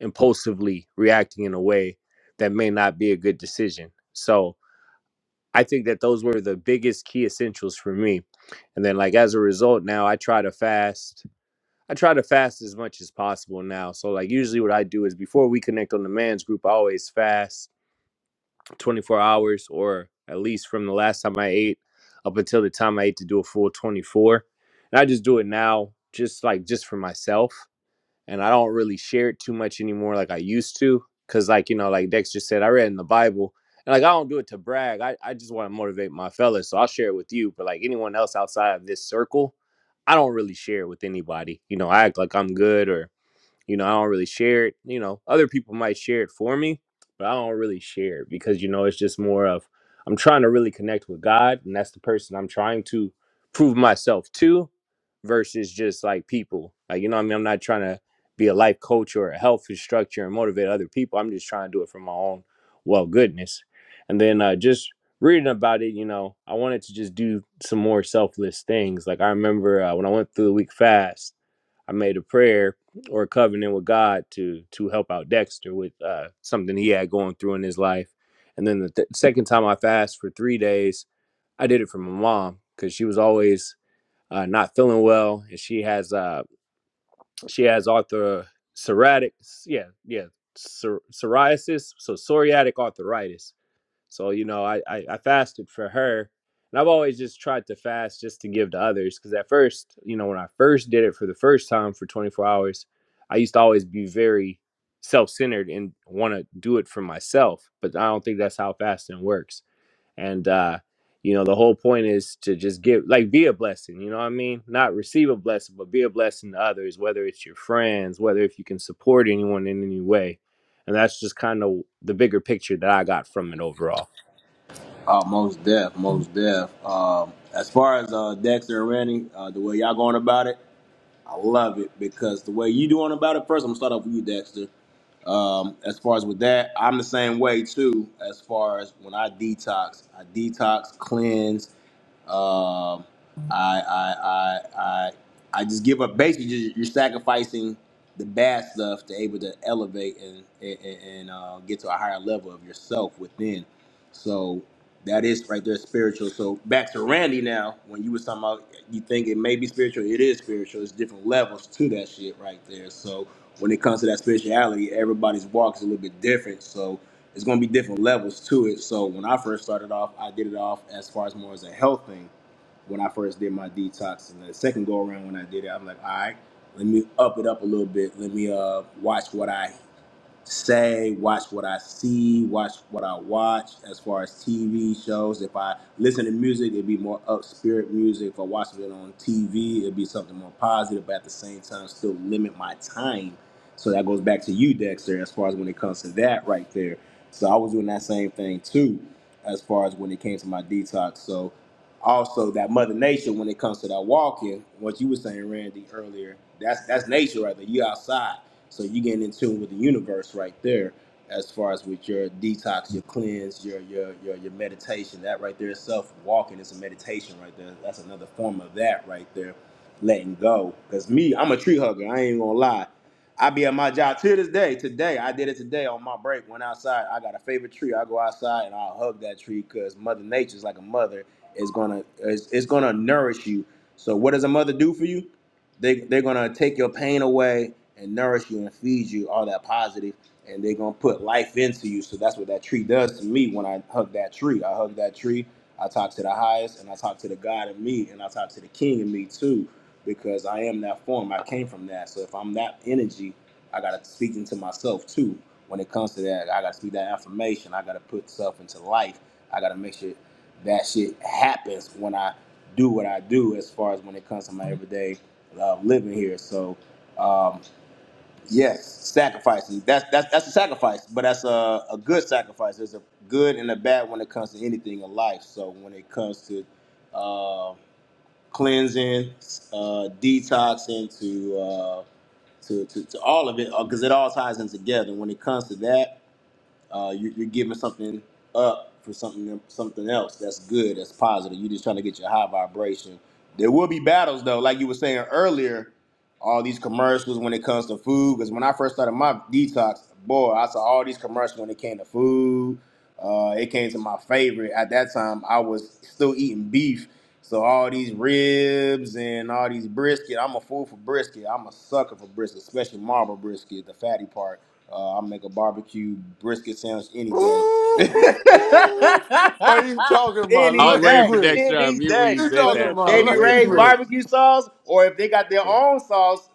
impulsively reacting in a way that may not be a good decision. So I think that those were the biggest key essentials for me. And then like as a result now I try to fast. I try to fast as much as possible now. So like usually what I do is before we connect on the man's group, I always fast 24 hours or at least from the last time I ate up until the time I ate to do a full 24. And I just do it now just like just for myself and I don't really share it too much anymore like I used to. Cause like, you know, like Dexter said, I read in the Bible. And like I don't do it to brag. I, I just want to motivate my fellas. So I'll share it with you. But like anyone else outside of this circle, I don't really share it with anybody. You know, I act like I'm good or you know, I don't really share it. You know, other people might share it for me, but I don't really share it because, you know, it's just more of I'm trying to really connect with God, and that's the person I'm trying to prove myself to versus just like people. Like, you know what I mean? I'm not trying to be a life coach or a health instructor and motivate other people. I'm just trying to do it for my own well goodness. And then uh, just reading about it, you know, I wanted to just do some more selfless things. Like, I remember uh, when I went through the week fast, I made a prayer or a covenant with God to to help out Dexter with uh, something he had going through in his life. And then the th- second time I fasted for three days, I did it for my mom because she was always uh, not feeling well, and she has uh, she has arthro psoriatic, yeah, yeah, psor- psoriasis, so psoriatic arthritis so, you know, I, I, I fasted for her. And I've always just tried to fast just to give to others. Because at first, you know, when I first did it for the first time for 24 hours, I used to always be very self centered and want to do it for myself. But I don't think that's how fasting works. And, uh, you know, the whole point is to just give, like, be a blessing. You know what I mean? Not receive a blessing, but be a blessing to others, whether it's your friends, whether if you can support anyone in any way. And that's just kind of the bigger picture that I got from it overall.
Oh, most deaf, most deaf. Um, as far as uh, Dexter and Randy, uh, the way y'all going about it, I love it because the way you doing about it. First, I'm gonna start off with you, Dexter. Um, as far as with that, I'm the same way too. As far as when I detox, I detox, cleanse. Um, I, I, I, I, I just give up. Basically, just, you're sacrificing the bad stuff to able to elevate and and, and uh, get to a higher level of yourself within. So that is right there spiritual. So back to Randy now. When you was talking about, you think it may be spiritual. It is spiritual. It's different levels to that shit right there. So when it comes to that spirituality, everybody's walk is a little bit different. So it's going to be different levels to it. So when I first started off, I did it off as far as more as a health thing. When I first did my detox, and the second go around when I did it, I'm like, all right, let me up it up a little bit. Let me uh, watch what I say, watch what I see, watch what I watch as far as TV shows. If I listen to music, it'd be more up spirit music. If I watch it on TV, it'd be something more positive, but at the same time, still limit my time. So that goes back to you, Dexter, as far as when it comes to that right there. So I was doing that same thing too, as far as when it came to my detox. So also that mother nature when it comes to that walking, what you were saying, Randy, earlier, that's that's nature right there. You outside. So you getting in tune with the universe right there, as far as with your detox, your cleanse, your your your your meditation. That right there, self walking is a meditation right there. That's another form of that right there, letting go. Cause me, I'm a tree hugger. I ain't gonna lie. I be at my job to this day. Today, I did it today on my break. Went outside. I got a favorite tree. I go outside and I'll hug that tree because Mother Nature's like a mother. Is gonna is, is gonna nourish you. So what does a mother do for you? They they're gonna take your pain away and nourish you and feed you all that positive, and they're gonna put life into you. So that's what that tree does to me when I hug that tree. I hug that tree. I talk to the highest, and I talk to the God in me, and I talk to the King in me too, because I am that form. I came from that. So if I'm that energy, I gotta speak into myself too. When it comes to that, I gotta speak that affirmation. I gotta put stuff into life. I gotta make sure that shit happens when I do what I do as far as when it comes to my everyday uh, living here. So um, Yes, sacrifices. That's that's that's a sacrifice, but that's a, a good sacrifice. There's a good and a bad when it comes to anything in life. So when it comes to uh, cleansing, uh, detoxing, to, uh, to to to all of it, because it all ties in together. When it comes to that, uh, you, you're giving something up for something something else that's good, that's positive. You're just trying to get your high vibration. There will be battles though, like you were saying earlier. All these commercials when it comes to food, because when I first started my detox, boy, I saw all these commercials when it came to food. Uh, it came to my favorite at that time. I was still eating beef, so all these ribs and all these brisket. I'm a fool for brisket. I'm a sucker for brisket, especially marble brisket, the fatty part. Uh, I make a barbecue brisket sandwich any day.
Ooh, why you talking my
I
any
was waiting
day,
for
language?
Dexter to
any
unmute when you
day,
You
said
with
talking
some
that. I
my
baby
was waiting
Ray's
for it.
language,
barbecue sauce, or if they got their own sauce,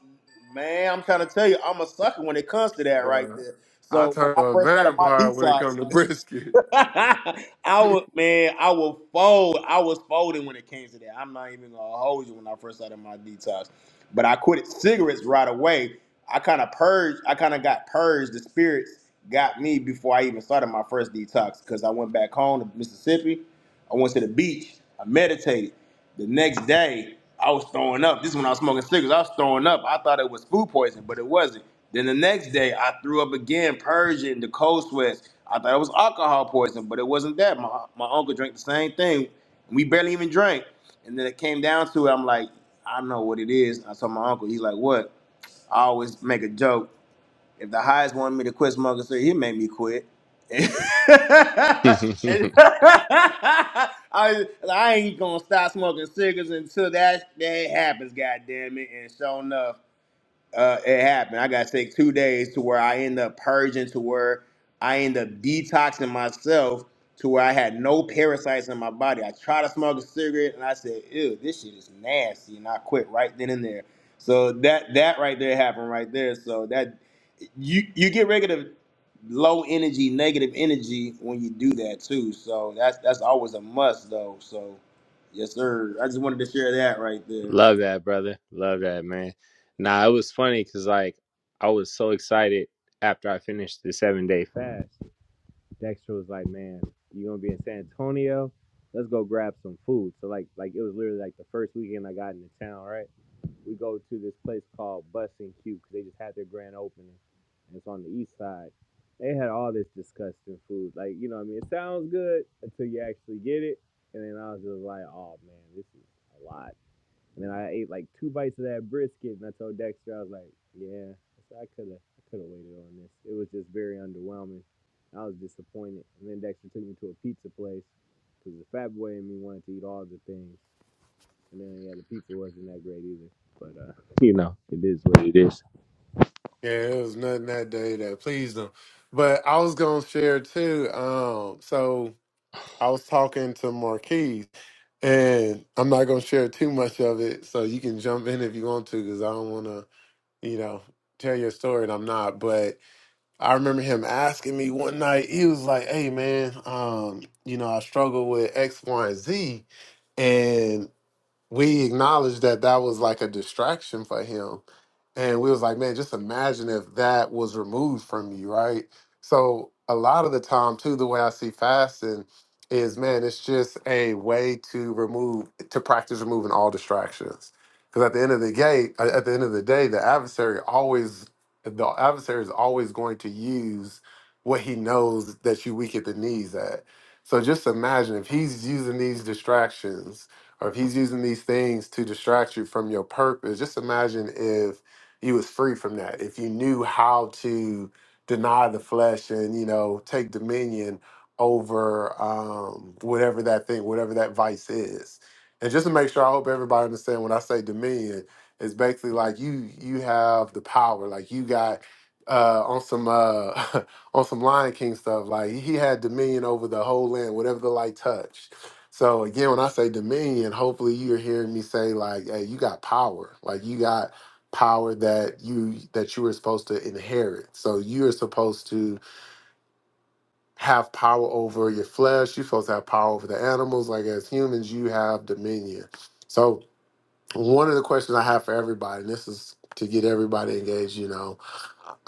man, I'm trying to tell you, I'm a sucker when it comes to that right
bro?
there.
I
So when
turn to
I
a
first started my
vampire when it
detox,
comes to brisket.
I would, man, I would fold. I was folding when it came to that. I'm not even gonna hold you when I first started my detox, but I quit cigarettes right away. I kind of purged. I kind of got purged. The spirits got me before I even started my first detox because I went back home to Mississippi. I went to the beach. I meditated. The next day, I was throwing up. This is when I was smoking cigarettes. I was throwing up. I thought it was food poisoning, but it wasn't. Then the next day, I threw up again, purging the cold sweats. I thought it was alcohol poisoning, but it wasn't that. My my uncle drank the same thing. We barely even drank. And then it came down to it. I'm like, I know what it is. And I told my uncle, he's like, what? I always make a joke. If the highest wanted me to quit smoking, so he made me quit. And- I, I ain't gonna stop smoking cigarettes until that day happens, Goddamn it. And sure enough uh, it happened. I got sick two days to where I end up purging, to where I end up detoxing myself, to where I had no parasites in my body. I tried to smoke a cigarette and I said, "Ew, this shit is nasty," and I quit right then and there. So that that right there happened right there. So that you you get rid of low energy, negative energy when you do that too. So that's that's always a must though. So yes, sir. I just wanted to share that right there.
Love that, brother. Love that, man. Nah, it was funny because like I was so excited after I finished the seven day fast. Dexter was like, "Man, you gonna be in San Antonio? Let's go grab some food." So like, like it was literally like the first weekend I got into town, right? we go to this place called Bus and Q because they just had their grand opening, and it's on the east side. They had all this disgusting food. Like you know, what I mean, it sounds good until you actually get it, and then I was just like, oh man, this is a lot. And then I ate like two bites of that brisket, and I told Dexter, I was like, yeah, I could have, I could have waited on this. It was just very underwhelming. I was disappointed. And then Dexter took me to a pizza place because the fat boy in me wanted to eat all the things. And then yeah, the pizza wasn't that great either. But uh, you know, it is what it is.
Yeah, it was nothing that day that pleased them. But I was gonna share too. Um, so I was talking to Marquise, and I'm not gonna share too much of it. So you can jump in if you want to, because I don't want to, you know, tell your story, and I'm not. but. I remember him asking me one night, he was like, Hey man, um, you know, I struggle with X, Y, and Z we acknowledged that that was like a distraction for him and we was like man just imagine if that was removed from you right so a lot of the time too the way i see fasting is man it's just a way to remove to practice removing all distractions because at the end of the day at at the end of the day the adversary always the adversary is always going to use what he knows that you weak at the knees at so just imagine if he's using these distractions or if he's using these things to distract you from your purpose, just imagine if you was free from that. If you knew how to deny the flesh and you know take dominion over um, whatever that thing, whatever that vice is. And just to make sure, I hope everybody understand when I say dominion, it's basically like you you have the power, like you got uh, on some uh, on some Lion King stuff. Like he had dominion over the whole land, whatever the light touched so again, when I say dominion, hopefully you're hearing me say like, "Hey, you got power. Like you got power that you that you were supposed to inherit. So you are supposed to have power over your flesh. You're supposed to have power over the animals. Like as humans, you have dominion. So one of the questions I have for everybody, and this is to get everybody engaged, you know,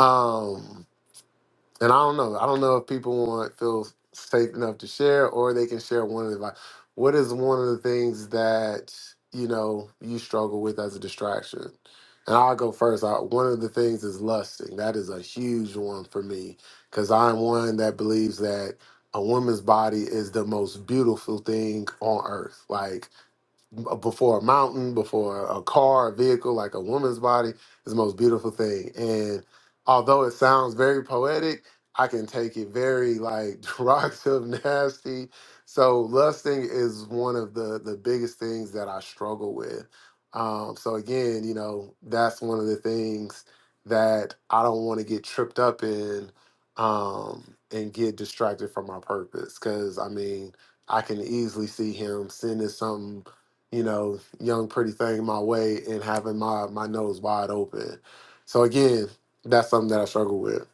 um, and I don't know. I don't know if people want feel safe enough to share, or they can share one of the. like, What is one of the things that you know you struggle with as a distraction? And I'll go first. I, one of the things is lusting. That is a huge one for me because I'm one that believes that a woman's body is the most beautiful thing on earth. Like before a mountain, before a car, a vehicle, like a woman's body is the most beautiful thing. And although it sounds very poetic, I can take it very like derogative, nasty. So lusting is one of the the biggest things that I struggle with. Um, so again, you know, that's one of the things that I don't want to get tripped up in um, and get distracted from my purpose. Because I mean, I can easily see him sending something you know, young pretty thing my way and having my my nose wide open. So again, that's something that I struggle with.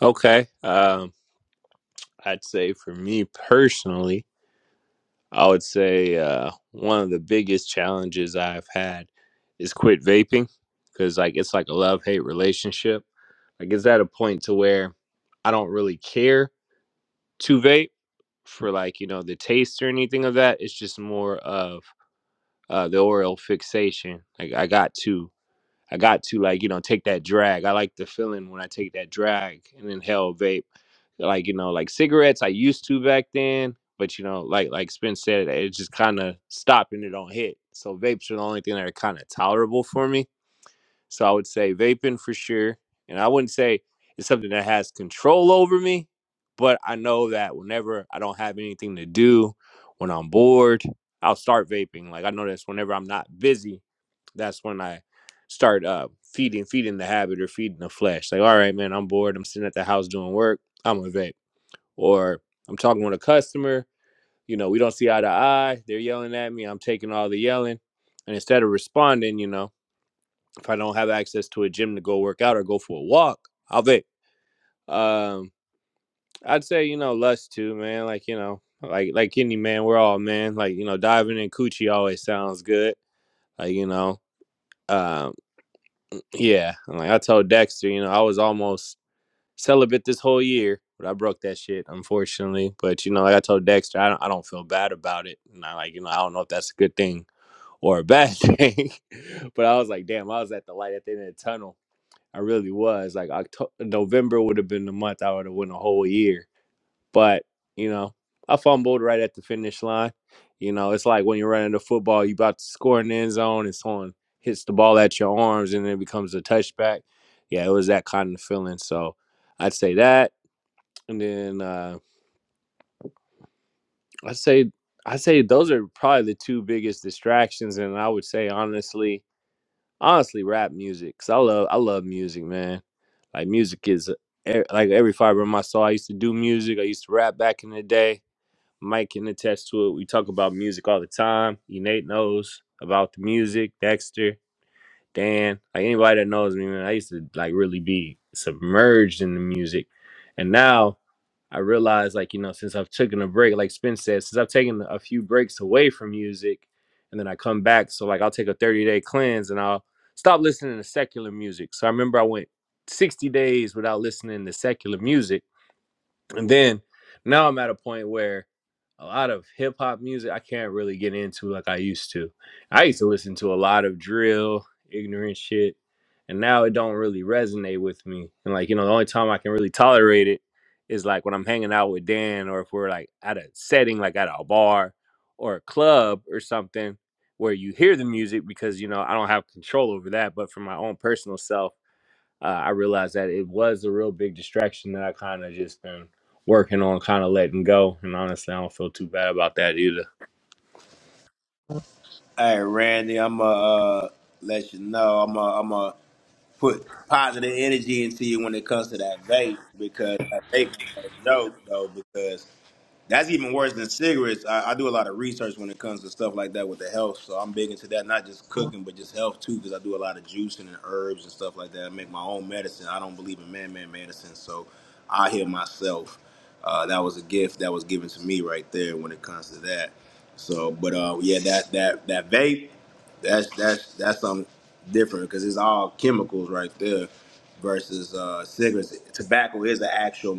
Okay. Um, I'd say for me personally, I would say uh, one of the biggest challenges I've had is quit vaping because like it's like a love hate relationship. Like it's at a point to where I don't really care to vape for like you know the taste or anything of that. It's just more of uh, the oral fixation. Like I got to. I got to like, you know, take that drag. I like the feeling when I take that drag and inhale vape. Like, you know, like cigarettes I used to back then, but you know, like like Spence said, it just kinda stopped and it don't hit. So vapes are the only thing that are kinda tolerable for me so I would say vaping for sure. And I wouldn't say it's something that has control over me, but I know that whenever I don't have anything to do, when I'm bored, I'll start vaping. Like I know that's whenever I'm not busy, that's when I start uh, feeding, feeding the habit or feeding the flesh. Like, all right, man, I'm bored. I'm sitting at the house doing work. I'm gonna vape. Or I'm talking with a customer. You know, we don't see eye to eye. They're yelling at me. I'm taking all the yelling, and instead of responding, you know if I don't have access to a gym to go work out or go for a walk, I'll vape. Um, I'd say you know lust too, man. Like you know, like like any man, we're all men. Like you know, diving in coochie always sounds good. Like you know, um, yeah. And like I told Dexter, you know, I was almost celibate this whole year, but I broke that shit unfortunately. But you know, like I told Dexter, I don't I don't feel bad about it. And I like you know I don't know if that's a good thing or a bad thing, but I was like, damn, I was at the light at the end of the tunnel I really was. Like October, November would have been the month I would have won a whole year. But you know, I fumbled right at the finish line. You know, it's like when you're running the football, you about to score in the end zone, and someone hits the ball at your arms, and it becomes a touchback. Yeah, it was that kind of feeling. So I'd say that, and then uh, I'd say I'd say those are probably the two biggest distractions. And I would say honestly, honestly rap music because i love i love music man like music is e- like every fiber of my soul i used to do music i used to rap back in the day mike can attest to it we talk about music all the time you nate knows about the music dexter dan like anybody that knows me man i used to like really be submerged in the music and now I realized like, you know, since I've taken a break, like Spence said, since I've taken a few breaks away from music and then I come back. So like I'll take a 30 day cleanse and I'll stop listening to secular music. So I remember I went 60 days without listening to secular music and then now I'm at a point where a lot of hip hop music I can't really get into like I used to. I used to listen to a lot of drill, ignorant shit, and now it don't really resonate with me. And like, you know, the only time I can really tolerate it is like when I'm hanging out with Dan or if we're like at a setting like at a bar or a club or something where you hear the music because you know, I don't have control over that, but for my own personal self uh, I realized that it was a real big distraction that I kind of just been working on, kind of letting go. And honestly, I don't feel too bad about that either.
Hey Randy, I'ma uh, let you know. I'ma I'ma put positive energy into you when it comes to that vape because that vape ain't no joke though. That's even worse than cigarettes. I, I do a lot of research when it comes to stuff like that with the health, so I'm big into that. Not just cooking, but just health too, because I do a lot of juicing and herbs and stuff like that. I make my own medicine. I don't believe in man-made medicine, so I heal myself. Uh, that was a gift that was given to me right there when it comes to that. So, but uh, yeah, that that that vape, that's that's that's something different because it's all chemicals right there versus uh, cigarettes. Tobacco is an actual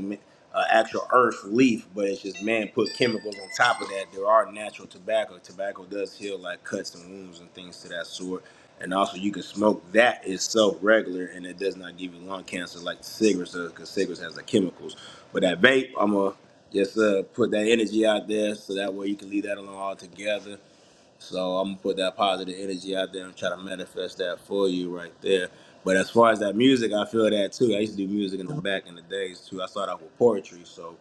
uh, actual earth leaf, but it's just man put chemicals on top of that. There are natural tobacco. Tobacco does heal like cuts and wounds and things to that sort. And also, you can smoke that itself regular, and it does not give you lung cancer like cigarettes does, because cigarettes has the chemicals. But that vape, I'm going to just uh, put that energy out there so that way you can leave that alone altogether. So I'm gonna put that positive energy out there and try to manifest that for you right there. But as far as that music, I feel that too. I used to do music in the back in the days too. I started off with poetry, so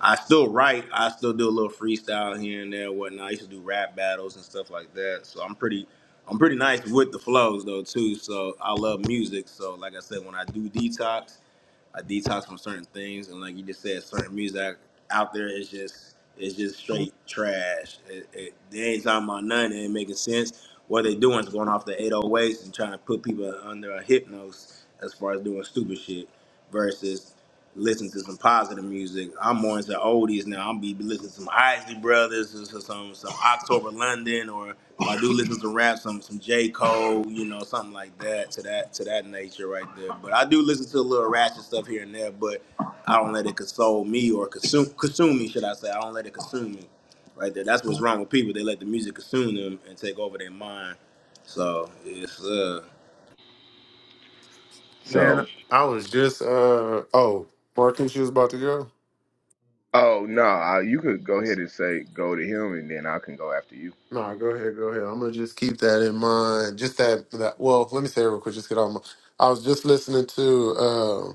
I still write. I still do a little freestyle here and there, and whatnot. I used to do rap battles and stuff like that. So I'm pretty, I'm pretty nice with the flows though too. So I love music. So like I said, when I do detox, I detox from certain things, and like you just said, certain music out there is just is just straight trash. It, it, they ain't talking about nothing. It ain't making sense. What they doing is going off the 808s and trying to put people under a hypnosis as far as doing stupid shit. Versus listen to some positive music. I'm more into oldies now. I'm be listening to some Isley Brothers, or some some October London, or if I do listen to rap, some some J Cole, you know, something like that to that to that nature right there. But I do listen to a little ratchet stuff here and there, but I don't let it console me or consume consume me, should I say? I don't let it consume me right there. That's what's wrong with people. They let the music consume them and take over their mind. So it's uh
Man,
So
I was just uh oh, Marcus, you was about to go.
oh no, I- you could go ahead and say go to him, and then I can go after you.
Nah, go ahead, go ahead. I'm gonna just keep that in mind. Just that that well, let me say it real quick, just get on my I was just listening to um,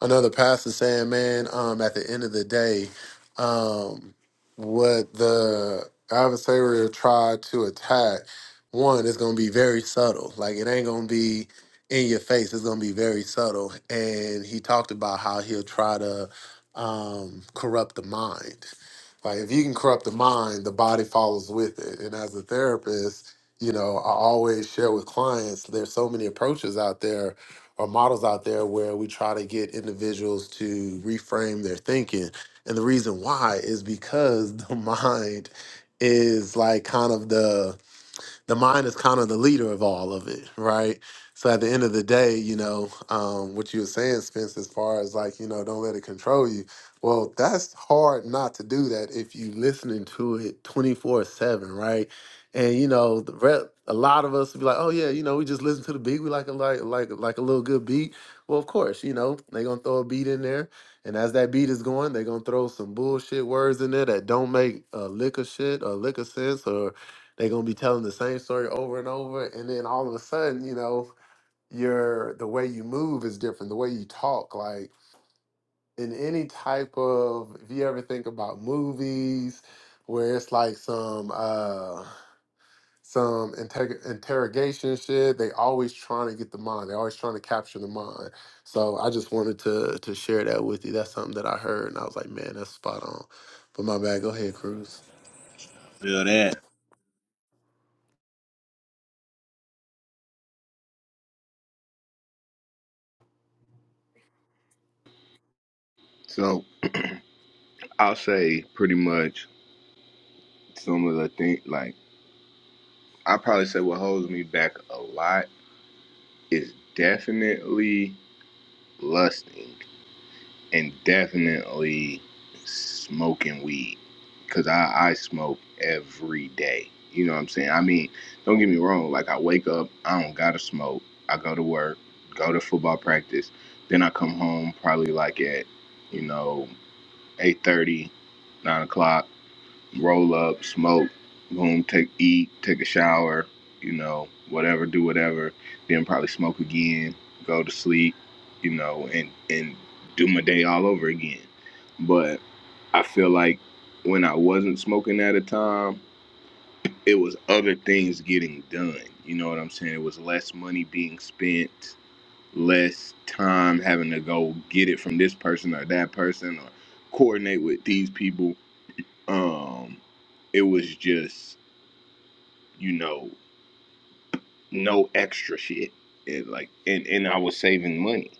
another pastor saying, man, um, at the end of the day, um, what the adversary will try to attack, one, it's going to be very subtle. Like, it ain't going to be in your face, it's going to be very subtle. And he talked about how he'll try to um, corrupt the mind. Like, if you can corrupt the mind, the body follows with it. And as a therapist, you know, I always share with clients there's so many approaches out there or models out there where we try to get individuals to reframe their thinking. And the reason why is because the mind is like kind of the the mind is kind of the leader of all of it, right? So at the end of the day, you know, um, what you were saying, Spence, as far as like, you know, don't let it control you. Well, that's hard not to do that if you listening to it 24 7, right? And you know, the rep, a lot of us be like, oh yeah, you know, we just listen to the beat. We like a like like like a little good beat. Well, of course, you know, they gonna throw a beat in there. And as that beat is going, they gonna throw some bullshit words in there that don't make a lick of shit or lick of sense they're gonna be telling the same story over and over, and then all of a sudden, you know, your the way you move is different, the way you talk, like in any type of if you ever think about movies where it's like some uh some integ interrogation shit, they always trying to get the mind. They're always trying to capture the mind. So I just wanted to to share that with you. That's something that I heard and I was like, man, that's spot on. But my bad, go ahead, Cruz.
feel that.
So. I'll say pretty much some of the things like I probably say what holds me back a lot is definitely lusting and definitely smoking weed because I, I smoke every day. You know what I'm saying? I mean, don't get me wrong. Like I wake up, I don't gotta smoke. I go to work, go to football practice, then I come home probably like at you know eight thirty, nine o'clock roll up, smoke, boom, take eat, take a shower, you know, whatever, do whatever, then probably smoke again, go to sleep, you know, and and do my day all over again. But I feel like when I wasn't smoking at a time, it was other things getting done. You know what I'm saying? It was less money being spent, less time having to go get it from this person or that person or coordinate with these people um, it was just you know no extra shit, and like and and I was saving money,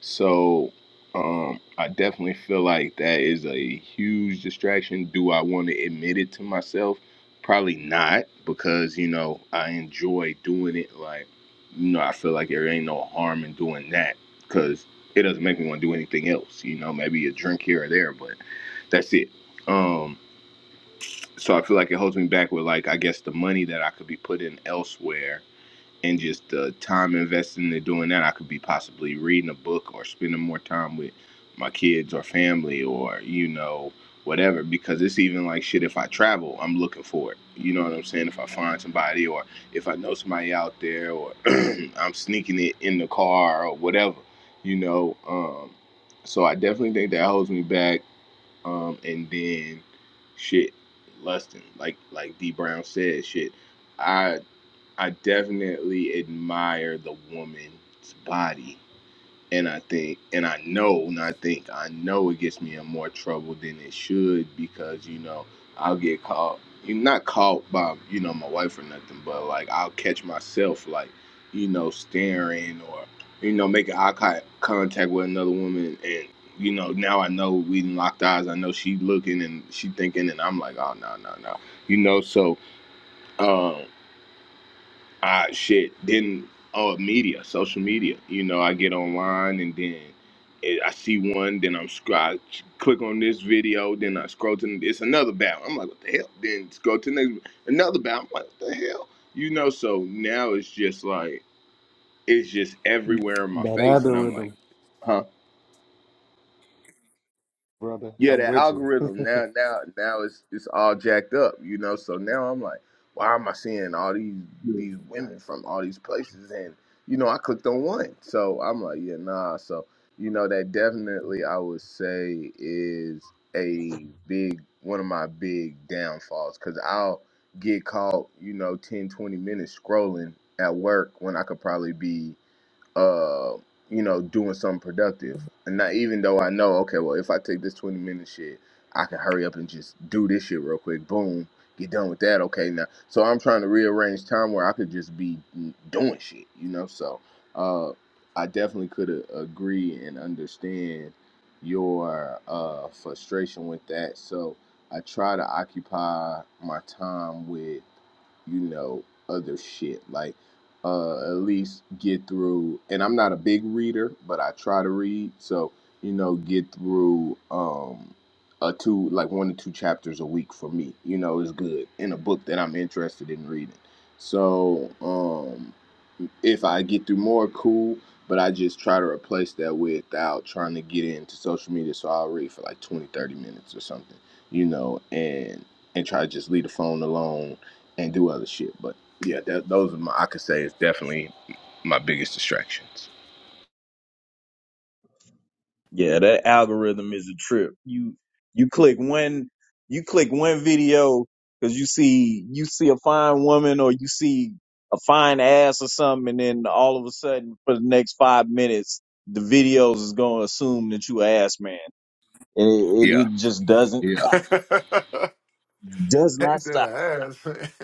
so um, I definitely feel like that is a huge distraction. Do I want to admit it to myself? Probably not, because you know I enjoy doing it. Like you know, I feel like there ain't no harm in doing that, because it doesn't make me want to do anything else. You know, maybe a drink here or there, but that's it. Um, so I feel like it holds me back with like I guess the money that I could be putting elsewhere and just the time invested in doing that I could be possibly reading a book or spending more time with my kids or family or you know whatever because it's even like shit if I travel I'm looking for it you know what I'm saying if I find somebody or if I know somebody out there or I'm sneaking it in the car or whatever you know um so I definitely think that holds me back um, and then shit, Lustin, like like D Brown said, shit. I I definitely admire the woman's body and I think, and I know, not think, I know it gets me in more trouble than it should because you know I'll get caught. you not caught by you know my wife or nothing, but like I'll catch myself like you know staring or you know making eye con- contact with another woman, and you know now I know we done locked eyes. I know she looking and she thinking, and I'm like, oh no no no, you know so. um Ah shit then oh media, social media. You know, I get online and then it, I see one, then I'm scr- I ch- click on this video, then I scroll to the- it's another battle. I'm like, what the hell? Then scroll to the next another battle. I'm like, what the hell? You know, so now it's just like it's just everywhere in my
That
face, and
other
I'm like,
rhythm,
huh?
brother.
yeah,
I'm
the
with
algorithm
you.
now now now it's it's all jacked up, you know. So now I'm like, why am I seeing all these these women from all these places? And you know, I clicked on one, so I'm like, yeah, nah. So you know, that definitely I would say is a big one of my big downfalls because I'll get caught, you know, 10, 20 minutes scrolling at work when I could probably be uh, you know, doing something productive. And not even though I know, okay, well, if I take this 20 minute shit, I can hurry up and just do this shit real quick. Boom, get done with that. Okay, now. So I'm trying to rearrange time where I could just be doing shit, you know? So uh, I definitely could a- agree and understand your uh, frustration with that. So I try to occupy my time with you know, other shit. like uh, at least get through. And I'm not a big reader, but I try to read. So you know, get through um, a two like one to two chapters a week for me. You know, is good in a book that I'm interested in reading. So um, if I get through more, cool. But I just try to replace that without trying to get into social media. So I'll read for like 20, 30 minutes or something, you know, and and try to just leave the phone alone and do other shit. But yeah, that, those are my I could say is definitely my biggest distractions.
Yeah, that algorithm is a trip. You you click one you click one video because you see you see a fine woman or you see a fine ass or something, and then all of a sudden for the next five minutes, the videos is gonna assume that you a ass man, and it, it,
Yeah,
it just doesn't
yeah,
he
does not stop.
said I asked.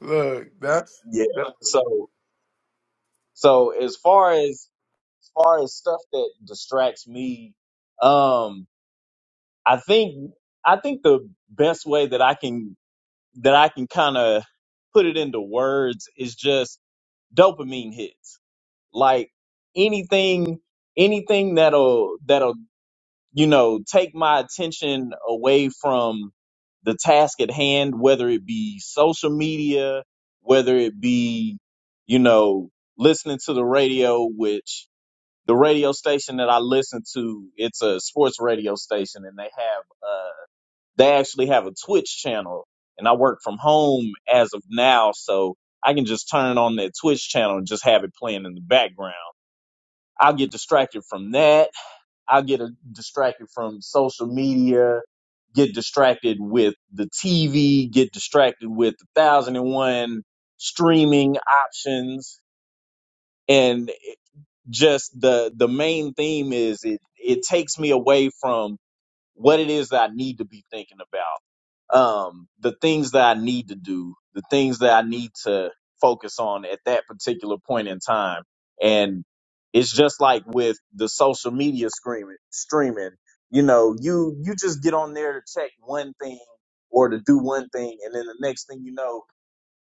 Look, that's
Yeah.
that-
So so as far as as far as stuff that distracts me, um, I think I think the best way that I can that I can kind of put it into words is just dopamine hits. Like anything anything that'll that'll you know, take my attention away from the task at hand, whether it be social media, whether it be, you know, listening to the radio, which the radio station that I listen to, it's a sports radio station and they have, uh, they actually have a Twitch channel and I work from home as of now. So I can just turn on that Twitch channel and just have it playing in the background. I'll get distracted from that I get a, distracted from social media, get distracted with the TV, get distracted with the thousand and one streaming options, and just the the main theme is it it takes me away from what it is that I need to be thinking about um, the things that I need to do, the things that I need to focus on at that particular point in time. And it's just like with the social media screaming, streaming, you know, you, you just get on there to check one thing or to do one thing. And then the next thing you know,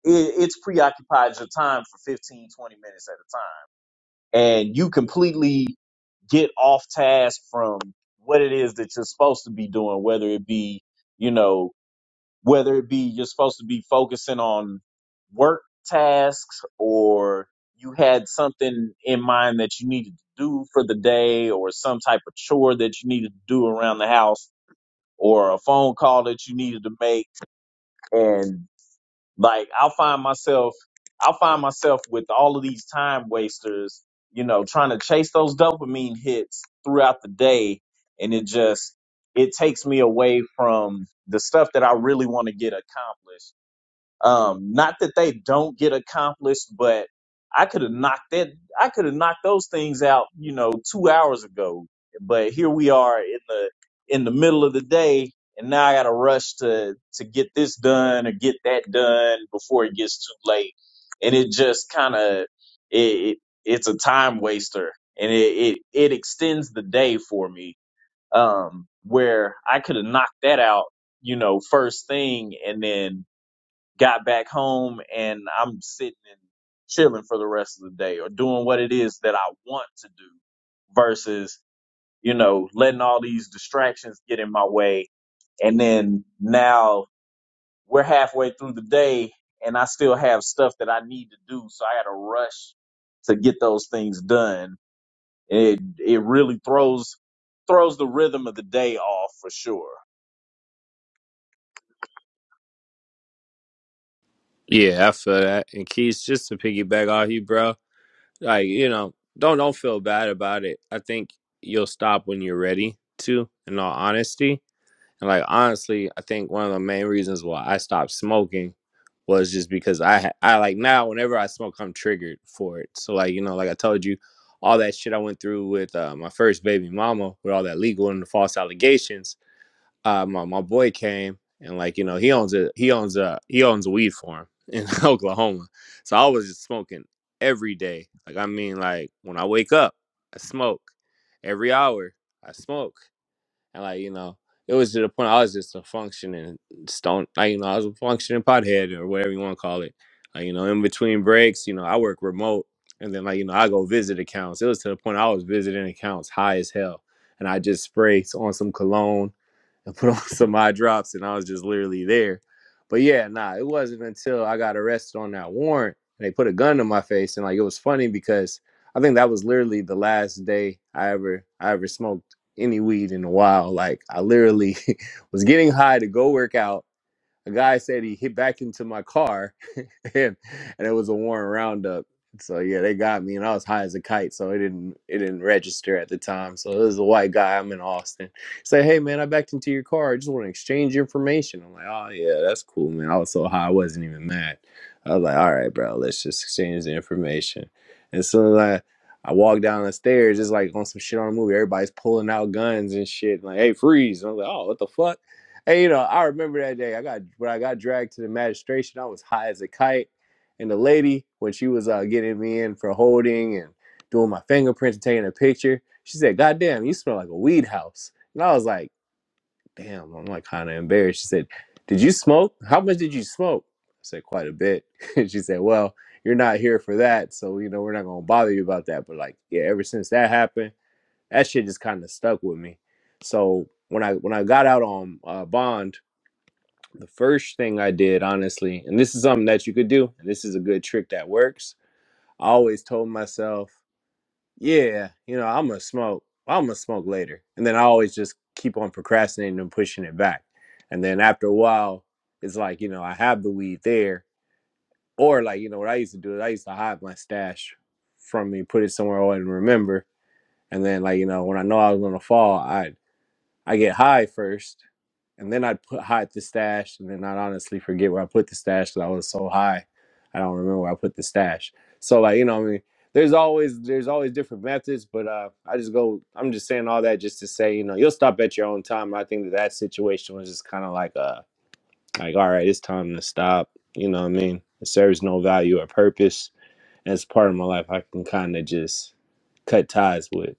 it, it's preoccupied your time for 15, 20 minutes at a time. And you completely get off task from what it is that you're supposed to be doing, whether it be, you know, whether it be you're supposed to be focusing on work tasks or you had something in mind that you needed to do for the day or some type of chore that you needed to do around the house or a phone call that you needed to make and like I'll find myself I'll find myself with all of these time wasters, you know, trying to chase those dopamine hits throughout the day and it just it takes me away from the stuff that I really want to get accomplished um, not that they don't get accomplished, but I could have knocked that. I could have knocked those things out, you know, two hours ago. But here we are in the in the middle of the day, and now I got to rush to to get this done or get that done before it gets too late. And it just kind of it, it it's a time waster, and it it, it extends the day for me. Um, where I could have knocked that out, you know, first thing, and then got back home and I'm sitting and chilling for the rest of the day or doing what it is that I want to do versus, you know, letting all these distractions get in my way. And then now we're halfway through the day and I still have stuff that I need to do. So I had to rush to get those things done. It, it really throws, throws the rhythm of the day off for sure.
Yeah, I feel that. And Keith, just to piggyback off you, bro, like you know, don't don't feel bad about it. I think you'll stop when you're ready to. In all honesty, And like honestly, I think one of the main reasons why I stopped smoking was just because I ha- I like now whenever I smoke, I'm triggered for it. So like you know, like I told you, all that shit I went through with uh, my first baby mama with all that legal and the false allegations. Uh, my my boy came and like you know he owns a he owns a he owns a weed farm in Oklahoma. So I was just smoking every day. Like I mean, like when I wake up, I smoke every hour. I smoke. And like, you know, it was to the point I was just a functioning stone like, you know, I was a functioning pothead or whatever you want to call it. Like, you know, in between breaks, you know, I work remote and then like, you know, I go visit accounts. It was to the point I was visiting accounts high as hell. And I just spray on some cologne and put on some eye drops, and I was just literally there. But yeah, nah, it wasn't until I got arrested on that warrant and they put a gun to my face, and like it was funny because I think that was literally the last day I ever I ever smoked any weed in a while. Like I literally was getting high to go work out a guy said he hit back into my car and and it was a Warren Roundup. So yeah, they got me and I was high as a kite, so it didn't it didn't register at the time. So this is a white guy, I'm in Austin. Say, hey man, I backed into your car. I just want to exchange information. I'm like, oh yeah, that's cool, man. I was so high I wasn't even mad. I was like, all right, bro, let's just exchange the information. And so like I walked down the stairs, it's like on some shit on the movie. Everybody's pulling out guns and shit. Like, hey, freeze! And I was like, oh, what the fuck? Hey, you know, I remember that day. I got when I got dragged to the magistration. I was high as a kite, and the lady, when she was uh, getting me in for holding and doing my fingerprints and taking a picture, she said, "God damn, you smell like a weed house." And I was like, "Damn," I'm like kind of embarrassed. She said, "Did you smoke? How much did you smoke?" I said, "Quite a bit." and she said, "Well, you're not here for that, so you know we're not gonna bother you about that." But like, yeah, ever since that happened, that shit just kind of stuck with me. So when I when I got out on uh, bond the first thing I did, honestly, and this is something that you could do, and this is a good trick that works. I always told myself, yeah, you know, I'm gonna smoke. I'm gonna smoke later. And then I always just keep on procrastinating and pushing it back. And then after a while, it's like, you know, I have the weed there. Or like, you know, what I used to do is I used to hide my stash from me, put it somewhere I wouldn't remember. And then like, you know, when I know I was gonna fall, I I get high first and then I'd put hide the stash, and then I'd honestly forget where I put the stash because I was so high, I don't remember where I put the stash. So like you know, what I mean, there's always there's always different methods, but uh, I just go. I'm just saying all that just to say you know you'll stop at your own time. I think that that situation was just kind of like uh like all right, it's time to stop. You know what I mean? It serves no value or purpose. As part of my life, I can kind of just cut ties with.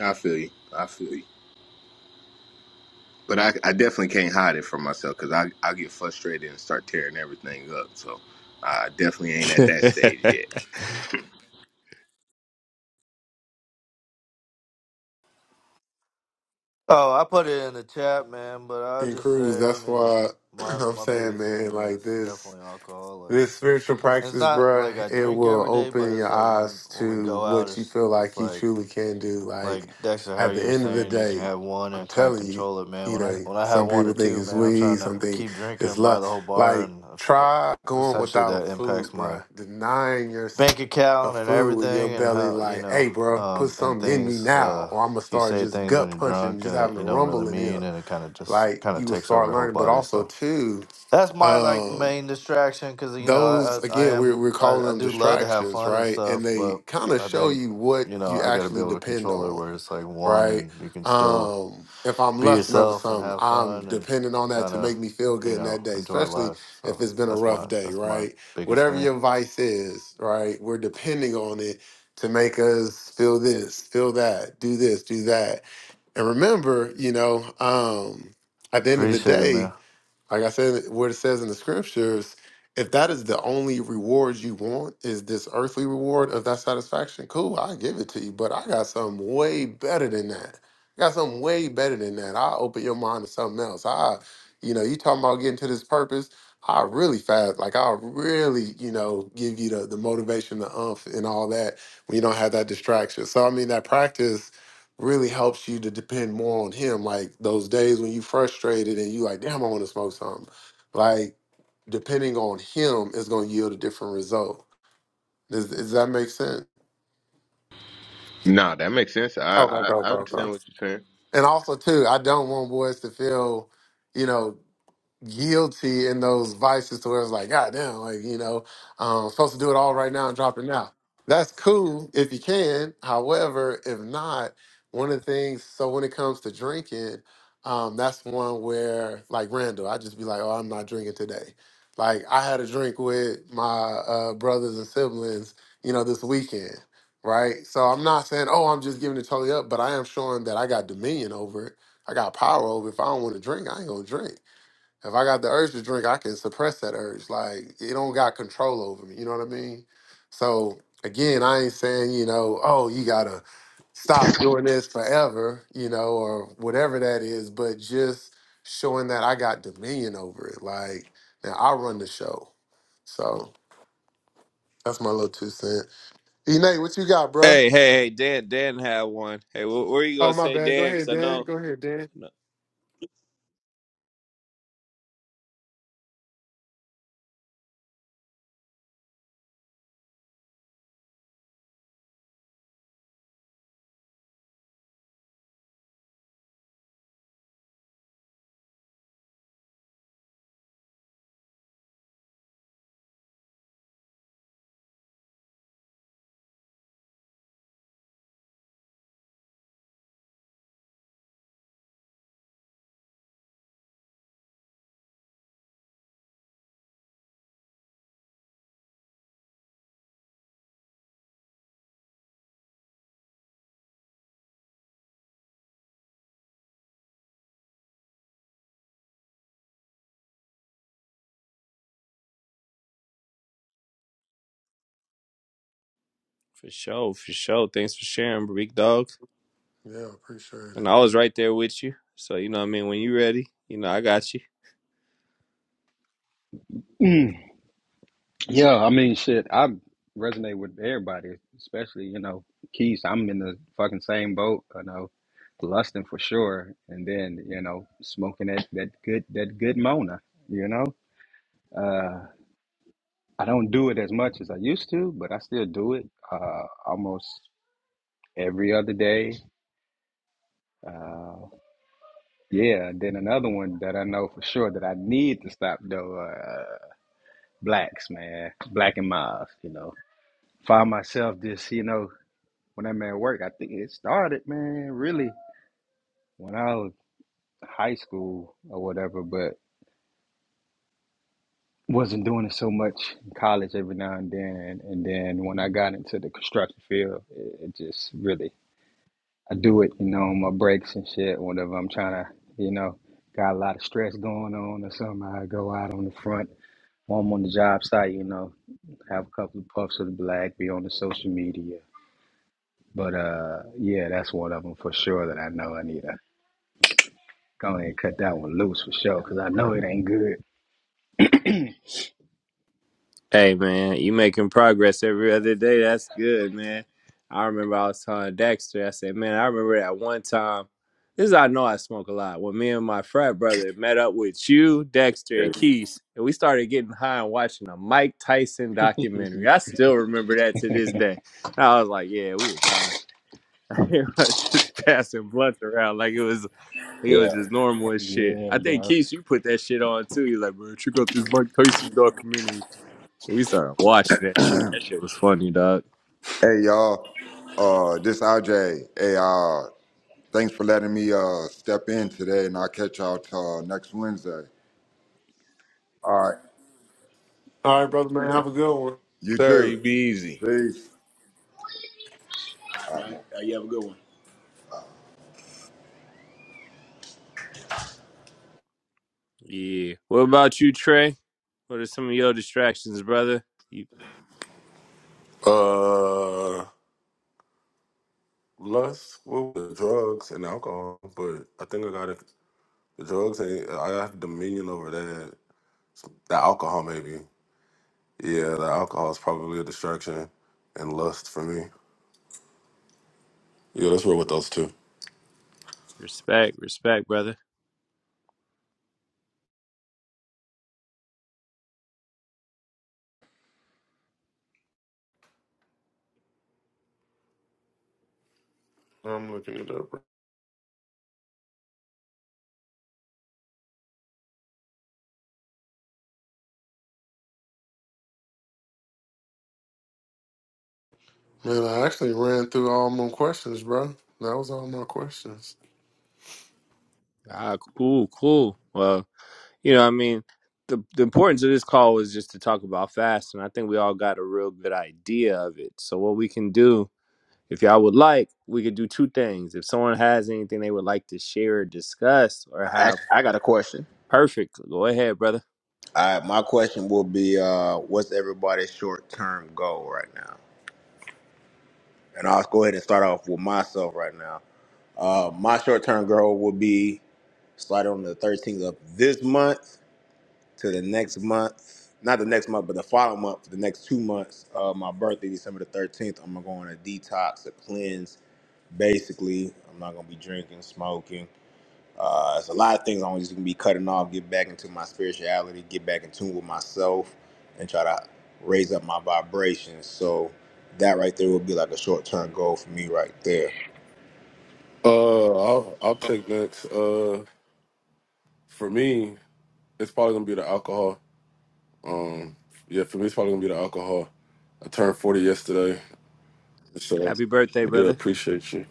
I feel you. I feel you. But I, I definitely can't hide it from myself because I, I get frustrated and start tearing everything up. So I definitely ain't at that stage yet.
Oh, I put it in the chat, man, but I'll
and
just
Cruz.
say, I
That's
mean,
why
my
I'm
my
saying,
biggest
man,
thing is
like this.
definitely alcohol. Like,
This spiritual
and it's
practice,
not
bruh,
like I
it
drink
will
every day, but
open
it's
your
like when
eyes
when we
to
go out,
what you
it's
feel
it's
like you
like
truly can do. Like
Like Dexter, how
at the
you're
end of the
saying you can
day,
have one
I'm
and kind of
telling you,
control it, man.
you
When
know,
I when I have
some
one or
people think
two,
it's
man, I'm
weed,
trying to
some think
keep drinking
it's
and buy
love.
the whole bar,
Like
and if- uh,
try going
essentially
without
that
food,
impacts my
bruh. Denying yourself
bank
of
account and
food when your
everything, and
belly
how you
like,
know,
hey, bro, put
um, and
something in me
things.
now,
Uh,
or I'm gonna
you
start
say
just
things when
gut
you're
punching,
drunk
just
uh,
having a
you don't really
rumble in
mean,
here.
and it kind of just
Like
kind of
you will
takes over
start
your whole
learning, but
body. So
also too.
that's my like
um
main distraction because you know
those
I, I I
again we're,
am
we're
I,
calling
I
them
do love to have
distractions
fun and
right and
stuff,
they
but
kind of
I
show
think
you what
you know
you
I got to be
actually
able to
depend
control it
on
where it's like one
right
and you can still
um if i'm
be
lusting over
yourself and
something
have
i'm
fun and
depending on that
kind
to
of
make me feel
you
good in
know
that day
enjoy
especially
life.
if
So
it's been a
that's my
rough day
that's my
right
biggest
whatever
thing.
your vice is right we're depending on it to make us feel this feel that do this do that and remember you know um at the end of the
Appreciate it,
day
man.
like I said, what it says in the scriptures, if that is the only reward you want, is this earthly reward of that satisfaction, cool, I give it to you. But I got something way better than that. I got something way better than that. I open your mind to something else. I, you know, you talking about getting to this purpose. I really fast, like I really, you know, give you the, the motivation, the umph, and all that when you don't have that distraction. So I mean, that practice really helps you to depend more on him. Like those days when you frustrated and you like, damn, I want to smoke something. Like depending on him is going to yield a different result. Does, does that make sense?
Nah, that makes sense. I
Okay,
I,
okay,
I
okay, okay.
understand what you're saying.
And also too, I don't want boys to feel, you know. guilty in those vices to where it's like, God damn, like, you know, um, I'm supposed to do it all right now and drop it now. That's cool if you can. However, if not, one of the things, so when it comes to drinking, um, that's one where, like Randall, I just be like, oh, I'm not drinking today. Like, I had a drink with my uh, brothers and siblings, you know, this weekend, right? So I'm not saying, oh, I'm just giving it totally up, but I am showing that I got dominion over it. I got power over it. If I don't want to drink, I ain't going to drink if I got the urge to drink, I can suppress that urge. Like it don't got control over me. You know what I mean? So again, I ain't saying, you know, oh, you gotta stop doing this forever, you know, or whatever that is, but just showing that I got dominion over it. Like now I run the show. So that's my little two cent. E Nate, what you got, bruh?
Hey, hey, hey, Dan, Dan had one. Hey, what were you
Oh
gonna
my
say,
bad. Go
Dan? Because
ahead,
I
Dan.
know,
Go ahead, Dan.
no, for sure, for sure. Thanks for sharing, big dog.
Yeah, appreciate
And
it.
I was right there with you. So you know, what I mean, when you ready, you know, I got you.
Yeah, I mean, shit, I resonate with everybody, especially, you know, Keys. I'm in the fucking same boat, you know, lusting for sure. And then, you know, smoking that, that good, that good Mona, you know? Uh, I don't do it as much as I used to, but I still do it, uh, almost every other day. Uh, yeah, then another one that I know for sure that I need to stop though, uh, blacks, man, black and miles, you know, find myself this, you know, when I'm at work. I think it started, man, really when I was high school or whatever, but wasn't doing it so much in college every now and then. And then when I got into the construction field, it, it just really, I do it, you know, on my breaks and shit, whenever I'm trying to, you know, got a lot of stress going on or something. I go out on the front while I'm on the job site, you know, have a couple of puffs of the black, be on the social media. But uh, yeah, that's one of them for sure that I know I need Anita. Go ahead and cut that one loose for sure, because I know it ain't good.
Hey man, you making progress every other day. That's good, man. I remember I was telling Dexter, I said, man, I remember that one time. This is how I know I smoke a lot. When me and my frat brother met up with you, Dexter, and Keys, and we started getting high and watching a Mike Tyson documentary. I still remember that to this day. And I was like, yeah, we was high. I was just passing blunts around like it was like it was
Yeah.
just normal as shit.
Yeah,
I think
bro.
Keith, you put that shit on too. You're like, bro, check out this Mike Tyson documentary. We started watching that shit. That shit was funny, dog.
Hey y'all, uh, this RJ. Hey, uh, Thanks for letting me uh, step in today, and I'll catch y'all till, uh, next Wednesday. All right.
All right, brother man, have a good one.
You
Sir, you
too.
be easy.
Peace. All right. Uh, you have a good one.
Yeah. What about you, Trey? What are some of your distractions, brother? You
Uh, lust, what was it? drugs and alcohol. But I think I got it. The drugs ain't. I have dominion over that. The alcohol, maybe. Yeah, the alcohol is probably a distraction, and lust for me. Yeah, let's roll with those two.
respect, respect, brother.
I'm looking it up. Man, I actually ran through all my questions, bro. That was all my questions.
Ah, cool, cool. Well, you know, I mean, the the importance of this call was just to talk about fasting. I think we all got a real good idea of it. So, what we can do, if y'all would like, we could do two things. If someone has anything they would like to share, or discuss, or have, perfect. Go ahead, brother.
I will be uh, what's everybody's short term goal right now? And I'll go ahead and start off with myself right now. Uh, my short term goal will be starting on the 13th of this month to the next month. Not the next month, but the following month, for the next two months. Uh, my birthday, December the 13th, I'm going to go on a detox, a cleanse, basically. I'm not gonna be drinking, smoking. Uh, it's a lot of things I'm just gonna be cutting off, get back into my spirituality, get back in tune with myself, and try to raise up my vibrations. So that right there would be like a short term goal for me right there.
Uh, I'll I'll take next. Uh, for me, it's probably gonna be the alcohol. Um, yeah, for me, it's probably gonna be the alcohol. I turned forty yesterday, so
Happy birthday,
yeah,
brother.
appreciate you.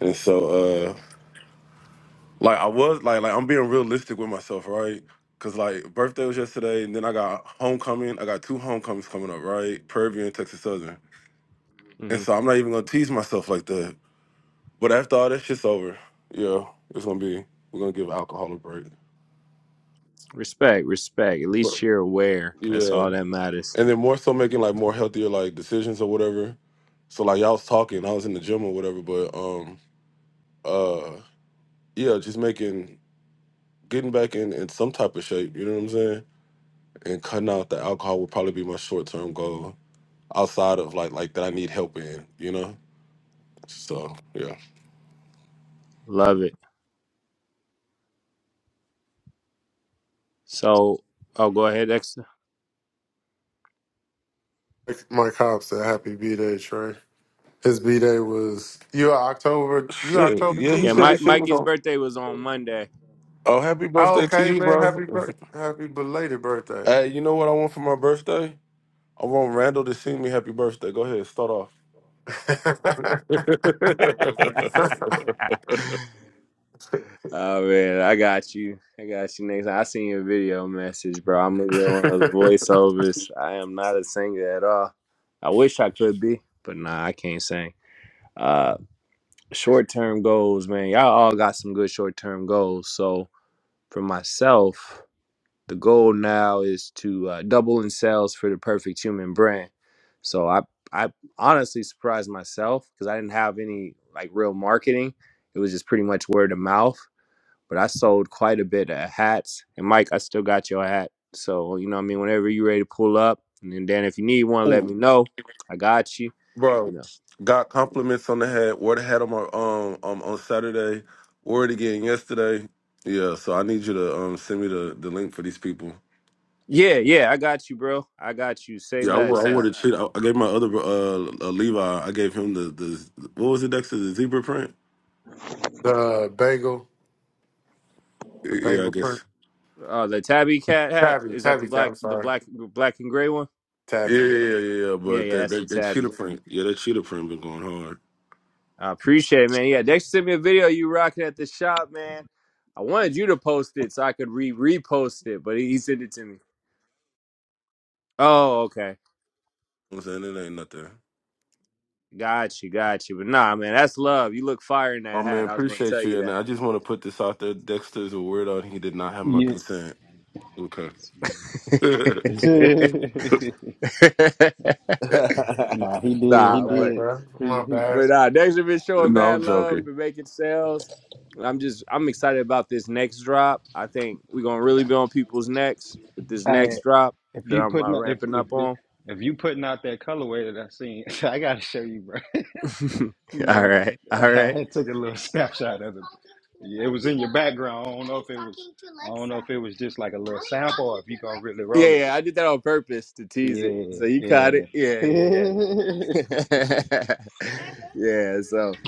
And so, uh, Like I was like like I'm being realistic with myself, right? Cause like birthday was yesterday, and then I got homecoming. I got two homecomings coming up, right? Prairie and Texas Southern.
Mm-hmm.
And so I'm not even gonna tease myself like that. But after all that shit's over, yeah, it's gonna be we're gonna give alcohol a break.
Respect, respect. At
But
least you're aware. That's
yeah,
all that matters.
and then more so making like more healthier like decisions or whatever. So like y'all was talking, I was in the gym or whatever, but um uh yeah, just making getting back in in some type of shape. You know what I'm saying? and cutting out the alcohol would probably be my short term goal outside of like like that I need help in, you know? So yeah.
Love it. So, oh, go ahead, Dexter.
Like Mike Cobb said, "Happy B Day, Trey." His B Day was you are October. You
Shit.
October
Yeah,
too,
he
Yeah,
said his
Mike,
right?
shit was
Mikey's
on
birthday was on Monday.
Oh, happy
Oh,
birthday to
okay,
you,
man.
bro.
Happy birth, happy belated birthday.
hey, you know what I want for my birthday? I want Randall to sing me happy birthday. Go ahead, start off.
oh man, I got you. I got you next. time. I seen your video message, bro. I'm gonna get one of those voiceovers. I am not a singer at all. I wish I could be, but nah, I can't sing. Uh, short term goals, man. Y'all all got some good short term goals. So for myself. the goal now is to uh, double in sales for the perfect human brand so i i honestly surprised myself because i didn't have any like real marketing it was just pretty much word of mouth but i sold quite a bit of hats and mike i still got your hat so you know what i mean whenever you ready to pull up and then dan if you need one let me
Ooh,
know i got you you
bro.
know
Got compliments on the head. Wore the hat on my um um on Saturday. Wore it again yesterday. Yeah, so I need you to um send me the, the link for these people.
yeah yeah i got you bro i got you say
Yeah, I, wore-
less
I wore
uh
I, I gave my other uh, uh Levi. I gave him the the what was it next to the zebra print?
the bagel, the
Yeah, I
bagel print.
guess.
uh the tabby cat hat
Tabby,
is that the
Tabby, Tab-
black
I'm
the
sorry,
black black and gray one
Yeah, yeah,
Tabby. Yes.
yeah. yeah, yeah,
yeah
But
yeah
that
that's the
that, that
tabby
cheetah print. Yeah, that cheetah print been going hard.
I appreciate it, man. Yeah, next send me a video you rocking at the shop, man. I wanted you to post it so I could re repost it, but he, he sent it to me. Oh, okay.
I'm saying it ain't nothing.
Got you, got you. But nah, man, that's love. You look fire in
Oh
that
man,
hat. I was gonna
appreciate
tell
you.
you
And
that.
I just want to put this out there. Dexter is a weirdo, and he did not have my
Yeah.
consent. Okay. no,
nah, he did.
my
He
nah,
bad,
but
did.
bro.
He was.
My
He,
bad.
but uh next we've been showing mad
I'm
love
joking.
and making sales. And I'm just I'm excited about this next drop. I think we're gonna really be on people's necks with this
I.
next drop
If
that
you
I'm uh,
putting out- if
ramping
if
up
if
on.
if you putting out that colorway that I seen, I gotta show you, bro.
all
Man,
right. All
I
right.
had took a little snapshot of it. Yeah, it was in your background. I don't know if it was. I don't know if it was just like a little sample, or if you gonna really
Yeah,
roll it.
yeah, I
But
did that on purpose to tease it. So
yeah,
you caught it. Yeah,
yeah.
yeah, yeah. yeah, so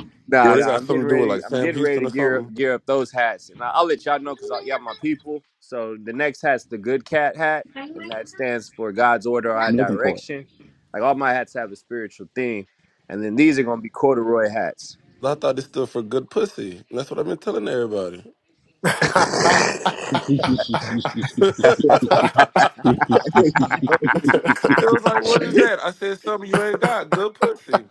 Well,
nah,
they
nah,
got
I'm getting
something to do with like
ready. I'm
Sam
getting ready
Houston
to
or
gear up,
something.
gear up those hats. And I- I'll let y'all know cuz y'all my people. So the next hat's the good cat hat, and that stands for God's order, our
I'm looking for it.
direction. Like all my hats have a spiritual theme. And then these are going to be corduroy hats.
I thought this stood for good pussy, and that's what I've been telling everybody.
Yo,
It was like, what is that? I said, something you ain't got, good pussy.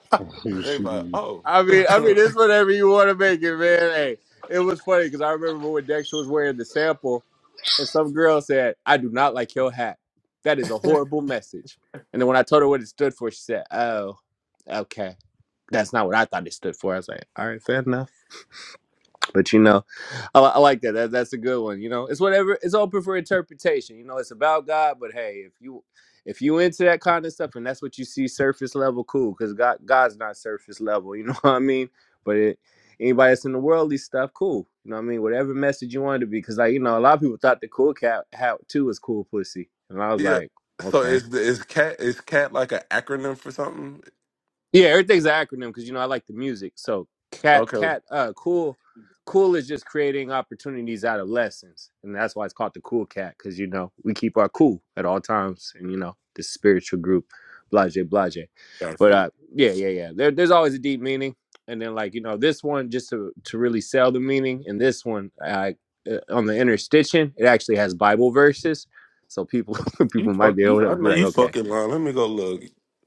And they like, oh.
I mean, I mean, it's whatever you want to make it, man. Hey, it was funny because I remember when Dexter was wearing the sample, and some girl said, "I do not like your hat. That is a horrible message." And then when I told her what it stood for, she said, "Oh, okay, that's not what I thought it stood for." I was like, "All right, fair enough." But you know, I, li- I like that. that. That's a good one. You know, it's whatever. It's open for interpretation. You know, it's about God. But hey, if you if you into that kind of stuff and that's what you see surface level, cool. Because God God's not surface level. You know what I mean? But it, anybody that's in the worldly stuff, cool. You know what I mean? Whatever message you want it to be. Because like you know, a lot of people thought the cool cat hat too was cool pussy, and I was
yeah.
like,
So
okay.
is the- is cat is cat like an acronym for something?
Yeah, everything's an acronym because you know I like the music. So cat
Okay,
cat uh cool cool is just creating opportunities out of lessons, and that's why it's called the cool cat because you know we keep our cool at all times, and you know the spiritual group, blase blase. But
gotcha.
uh, yeah, yeah, yeah. There, there's always a deep meaning, and then like you know this one just to to really sell the meaning, and this one I uh, on the interstitial it actually has Bible verses, so people
You
people might
fuck
be
you
able to
I
be
know
like,
you
okay.
fucking lying. Let me go look.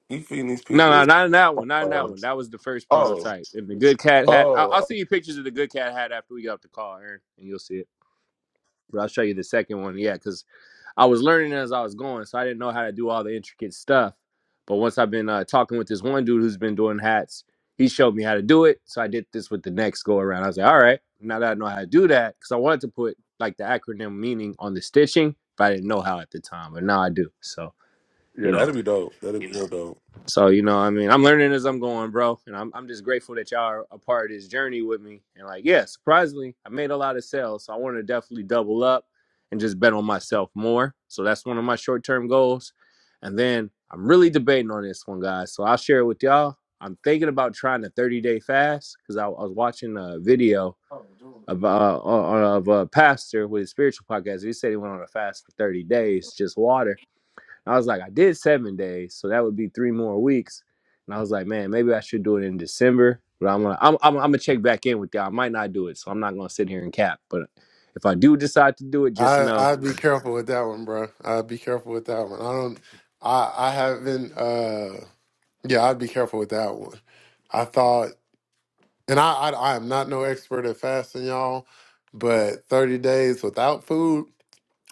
You feeding these
No,
people.
no, not in that one. Not in that
Um,
one. That was the first
oh.
prototype. And the good cat hat. I'll, I'll
Oh
send you pictures of the good cat hat after we get off the call, Aaron, and you'll see it. But I'll show you the second one. Yeah, because I was learning as I was going, so I didn't know how to do all the intricate stuff. But once I've been uh, talking with this one dude who's been doing hats, he showed me how to do it. So I did this with the next go around. I was like, all right, now that I know how to do that, because I wanted to put like the acronym meaning on the stitching, but I didn't know how at the time. But now I do. So
yeah,
you know.
that'd be dope. That'd be real dope.
So you know, I mean, I'm learning as I'm going, bro, and I'm I'm just grateful that y'all are a part of this journey with me. And like, yeah, surprisingly, I made a lot of sales, so I want to definitely double up and just bet on myself more. So that's one of my short term goals. And then I'm really debating on this one, guys. So I'll share it with y'all. I'm thinking about trying a 30 day fast because I, I was watching a video
Oh, dude.
of uh, of a pastor with his spiritual podcast. He said he went on a fast for 30 days, just water. I was like, I did seven days, so that would be three more weeks. And I was like, man, maybe I should do it in December. But I'm gonna, I'm, I'm, I'm gonna check back in with y'all. I might not do it, so I'm not gonna sit here and cap. But if I do decide to do it, just
I
know.
I'd be careful with that one, bro. I'd be careful with that one. I don't. I I haven't. Uh, yeah, I'd be careful with that one. I thought, and I I, I am not no expert at fasting, y'all, but thirty days without food.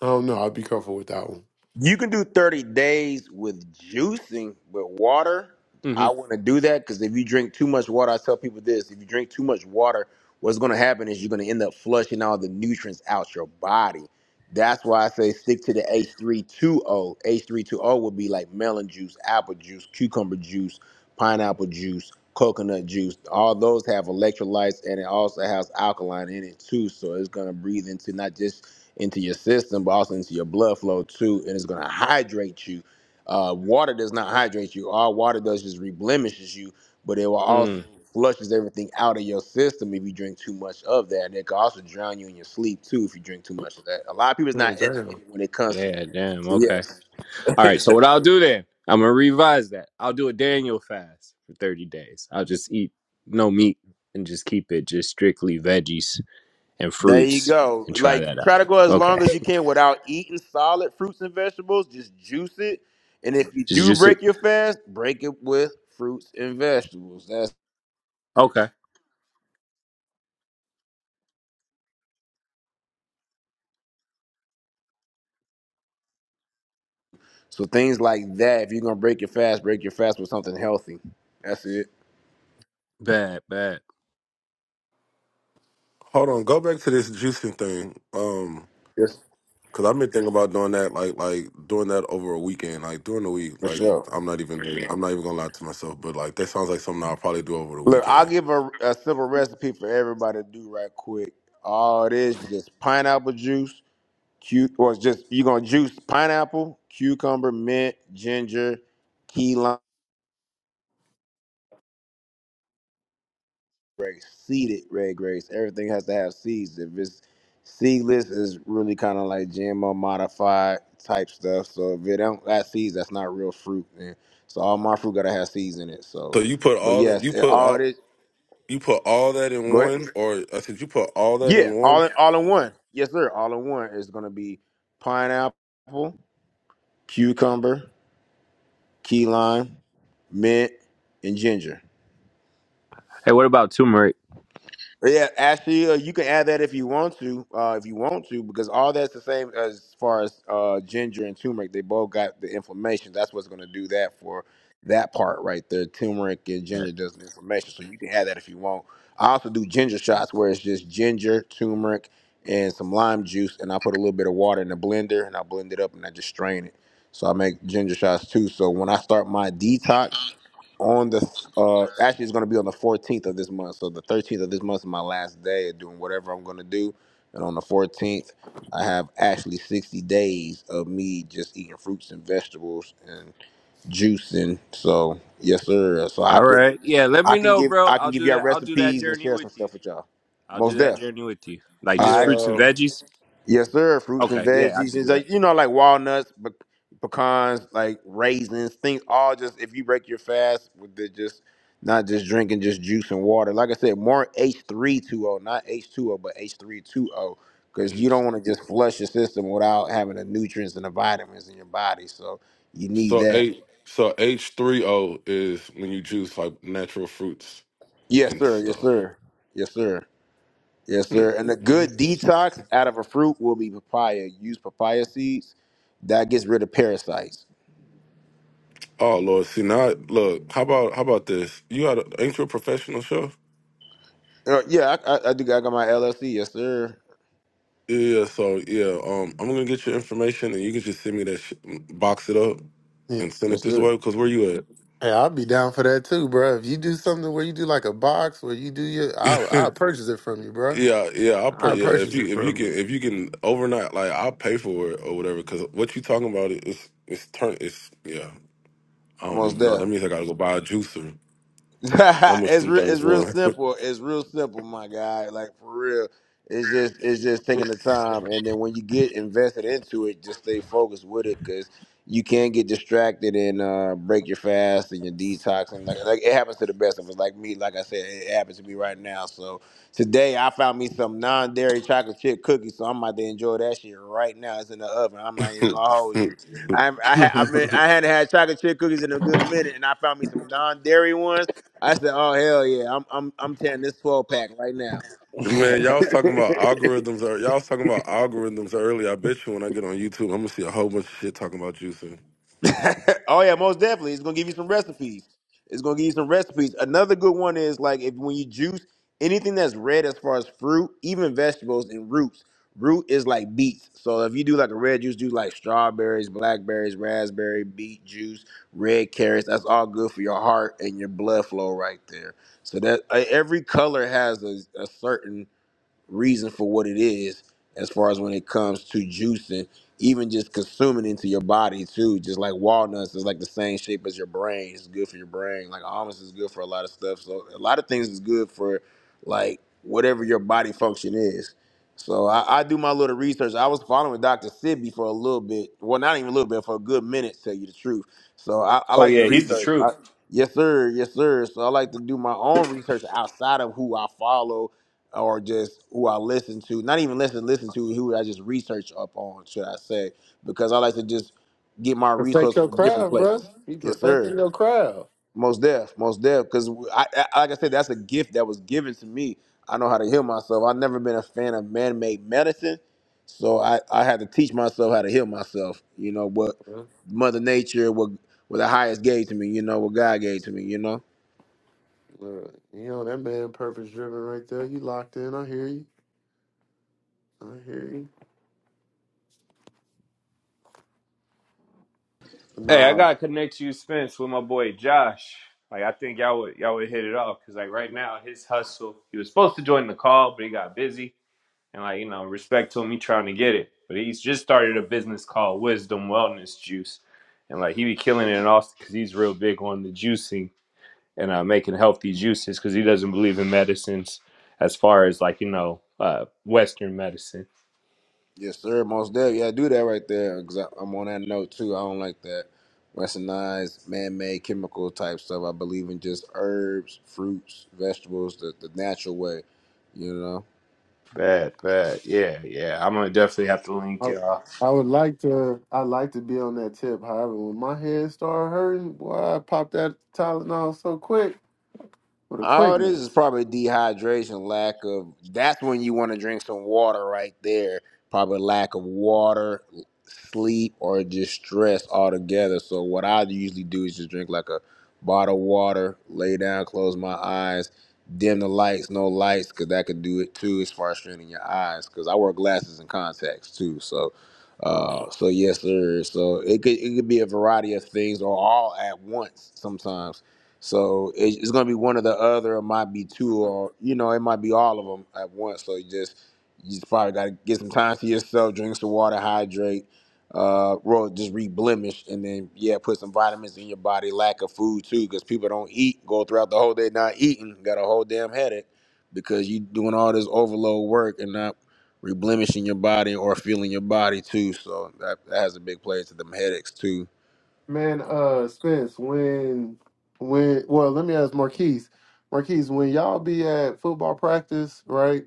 I don't know. I'd be careful with that one.
You can do 30 days with juicing, but water,
hmm
I want to do that because if you drink too much water, I tell people this if you drink too much water, what's going to happen is you're going to end up flushing all the nutrients out your body. That's why I say stick to the H320. H320 would be like melon juice, apple juice, cucumber juice, pineapple juice, coconut juice. All those have electrolytes and it also has alkaline in it too. So it's going to breathe into not just into your system, but also into your blood flow too, and it's going to hydrate you. Uh, water does not hydrate you. All water does is reblemishes you, but it will also
Mm,
flushes everything out of your system if you drink too much of that. And it can also drown you in your sleep too if you drink too much of that. A lot of people is not
Oh damn.
educated when it comes to that.
yeah, damn.
So
Okay.
yes,
All right. So what I'll do then, I'm gonna revise that. I'll do a Daniel fast for 30 days. I'll just eat no meat and just keep it just strictly veggies and
there you
fruits
go.
and try that
Like
out.
try to go as
Okay.
long as you can without eating solid fruits and vegetables. Just juice it. And if you
Just,
do
just it.
break your fast, break it with fruits and vegetables. That's
Okay.
So things like that, if you're gonna break your fast, break your fast with something healthy. That's it.
Bad, bad.
Hold on, go back to this juicing thing. Um,
Yes,
Cause I've been thinking about doing that, like like doing that over a weekend, like during the week.
for
Like
sure.
I'm not even I'm not even gonna lie to myself, but like that sounds like something I'll probably do over the
Look, I'll
weekend.
give a, a simple recipe for everybody to do right quick. All it is is just pineapple juice, cu- or it's just you're gonna juice pineapple, cucumber, mint, ginger, key lime. grace, seeded red grapes. Everything has to have seeds. If it's seedless, it's really kind of like GMO modified type stuff. So if it don't got seeds, that's not real fruit. And so all my fruit gotta have seeds in it. So,
So you put
but
all that
yes,
you
it,
put
all
all
this.
you put all that in
Go ahead.
one, or I said you put all that
Yeah,
in one.
all in all in one. Yes, sir. All in one is gonna be pineapple, cucumber, key lime, mint, and ginger.
Hey, what about turmeric?
Yeah, actually, uh, you can add that if you want to, uh, if you want to, because all that's the same as far as uh, ginger and turmeric. They both got the inflammation. That's what's going to do that for that part right there. Turmeric and ginger does the inflammation, so you can add that if you want. I also do ginger shots where it's just ginger, turmeric, and some lime juice, and I put a little bit of water in the blender and I blend it up and I just strain it. So I make ginger shots too. So when I start my detox on the uh actually it's gonna be on the 14th of this month. So the 13th of this month is my last day of doing whatever I'm gonna do, and on the 14th I have actually 60 days of me just eating fruits and vegetables and juicing. So yes, sir. So I
All
can
right. Yeah, let
I
me
can
know,
give
bro.
I can
I'll
give
do
y'all
that. I'll do that
recipes and
journey
share some
with you.
stuff with y'all.
I'll
Most
do that
deaf.
journey with you. Like
All
just
right.
fruits and
Yeah.
veggies.
Yes, sir. Fruits and
Okay, yeah, I
veggies,
can
it's
do
like you know, like walnuts, pe- pecans, like raisins, things. All just if you break your fast with the just not just drinking just juice and water. Like I said, more H three two O, not H two O, but H three two O, because you
H,
don't want to just flush your system without having the nutrients and the vitamins in your body. So you need
so
that.
H so H three O is when you juice like natural fruits
Yes,
and
sir. Yes,
stuff.
sir. Yes, sir. Yes,
Hmm.
sir. And a
Mm.
good detox out of a fruit will be papaya. Use papaya seeds. That gets rid of parasites.
Oh Lord, see now look, how about how about this? You got a, ain't you a professional chef?
Uh, yeah, I, I, I do. I got my LLC. Yes, sir.
Yeah, yeah, so yeah, um, I'm gonna get your information, and you can just send me that, sh- box it up, and
Yeah.
send it
Yes,
this
sir.
way. Cause where you
Hey, I'd be down for that too, bro. If you do something where you do like a box where you do your,
at?
I'll I'll purchase it from you, bro.
yeah, yeah, I'll pay.
I'll
Yeah, if
purchase it
you if you
from
can
you.
if you can overnight, like I'll pay for it or whatever. Cause what you talking about it is it's turn it's yeah. I don't
Most
even know. That
deaf.
means I gotta go buy a juicer. How much
it's
them
re-
things
it's real
run?
simple. It's real simple, my guy. Like for real, it's just it's just taking the time, and then when you get invested into it, just stay focused with it because you can get distracted and uh, break your fast and your detox, and like like it happens to the best of us. Like me, like I said, it happens to me right now. So today I found me some non-dairy chocolate chip cookies, so I'm about to enjoy that shit right now. It's in the oven. I'm not even gonna hold you. I'm, I ha- I've been
that.
I hadn't had chocolate chip cookies in a good minute, and I found me some non-dairy ones. I said, "Oh hell yeah, I'm I'm I'm tearing this twelve pack right now."
Man, y'all was talking about algorithms. ear- Y'all was talking about algorithms earlier. I bet you when I get on YouTube, I'm gonna see a whole bunch of shit talking about juicing.
oh yeah, most definitely. It's gonna give you some recipes. It's gonna give you some recipes. Another good one is like if when you juice anything that's red as far as fruit, even vegetables and roots. Root is like beets. So if you do like a red juice, do like strawberries, blackberries, raspberry, beet juice, red carrots. That's all good for your heart and your blood flow right there. So that uh, every color has a, a certain reason for what it is as far as when it comes to juicing, even just consuming into your body too. Just like walnuts is like the same shape as your brain. It's good for your brain. Like almonds is good for a lot of stuff. So a lot of things is good for like whatever your body function is. So I, I do my little research. I was following Dr. Sibby for a little bit. Well, not even a little bit, for a good minute, to tell you the truth. So I, I
oh
like to
yeah, he's the
research. I,
truth.
yes, sir. Yes, sir. So I like to do my own research outside of who I follow or just who I listen to, not even listen, listen to who I just research up on, should I say, because I like to just get my
Perfect
resources
your
from different
craft, bro.
places.
Be
Yes,
perfecting
sir.
your craft.
Most deaf, most deaf, because I, I, like I said, that's a gift that was given to me. I know how to heal myself. I've never been a fan of man-made medicine, so I, I had to teach myself how to heal myself. You know what Mother Nature, what what the highest gave to me. You know what God gave to me. You know.
Look, you know that man purpose driven right there. You locked in. I hear you. I hear you.
Hey, I
Nah,
gotta connect you, Spence, with my boy Josh. Like I think y'all would y'all would hit it off because like right now his hustle. He was supposed to join the call, but he got busy. And like you know, respect to him, he trying to get it. But he's just started a business called Wisdom Wellness Juice, and like he be killing it in Austin because he's real big on the juicing and uh, making healthy juices because he doesn't believe in medicines as far as like you know uh, Western medicine.
Yes, sir. Most definitely. Yeah, do that right there because I'm on that note too. I don't like that westernized, man-made chemical type stuff. I believe in just herbs, fruits, vegetables, the, the natural way. You know.
Bad, bad, yeah, yeah. I'm gonna definitely have to link
I,
y'all.
I would like to. I like to be on that tip. However, when my head started hurting, boy, I popped that Tylenol so quick with a
Oh, this is
quickness.
probably dehydration, lack of. That's when you want to drink some water right there. Probably lack of water, sleep, or just stress altogether. So what I usually do is just drink like a bottle of water, lay down, close my eyes, dim the lights, no lights, because that could do it too as far as straining your eyes. Because I wear glasses and contacts too, so.
So,
Uh, so yes, sir. So it could it could be a variety of things or all at once sometimes so it- it's gonna be one or the other. It might be two, or you know, it might be all of them at once. So you just you just probably gotta get some time to yourself, drink some water, hydrate, uh, well, just reblemish, and then yeah, put some vitamins in your body. Lack of food too, because people don't eat, go throughout the whole day not eating, got a whole damn headache because you doing all this overload work and not reblemishing your body or feeling your body too. So that, that has a big play to them headaches too.
man, uh, Spence, when, when, well, let me ask Marquise. Marquise, when y'all be at football practice, right?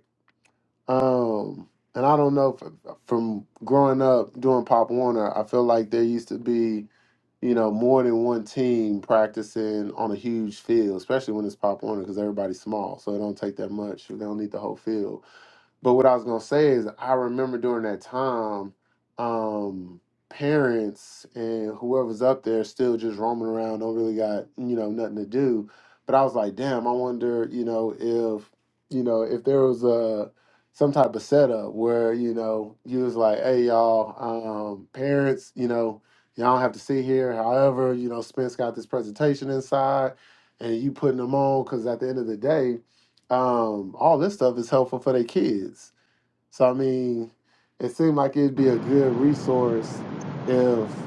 Um, and I don't know if, from growing up doing Pop Warner, I feel like there used to be, you know, more than one team practicing on a huge field, especially when it's Pop Warner because everybody's small, so it don't take that much. They don't need the whole field. But what I was gonna say is, I remember during that time, um, parents and whoever's up there still just roaming around, don't really got you know nothing to do. But I was like, damn, I wonder, you know, if you know if there was a some type of setup where you know you was like, hey y'all, um, parents, you know, y'all don't have to sit here. However, you know, Spence got this presentation inside, and you putting them on because at the end of the day um, all this stuff is helpful for their kids. So I mean, it seemed like it'd be a good resource if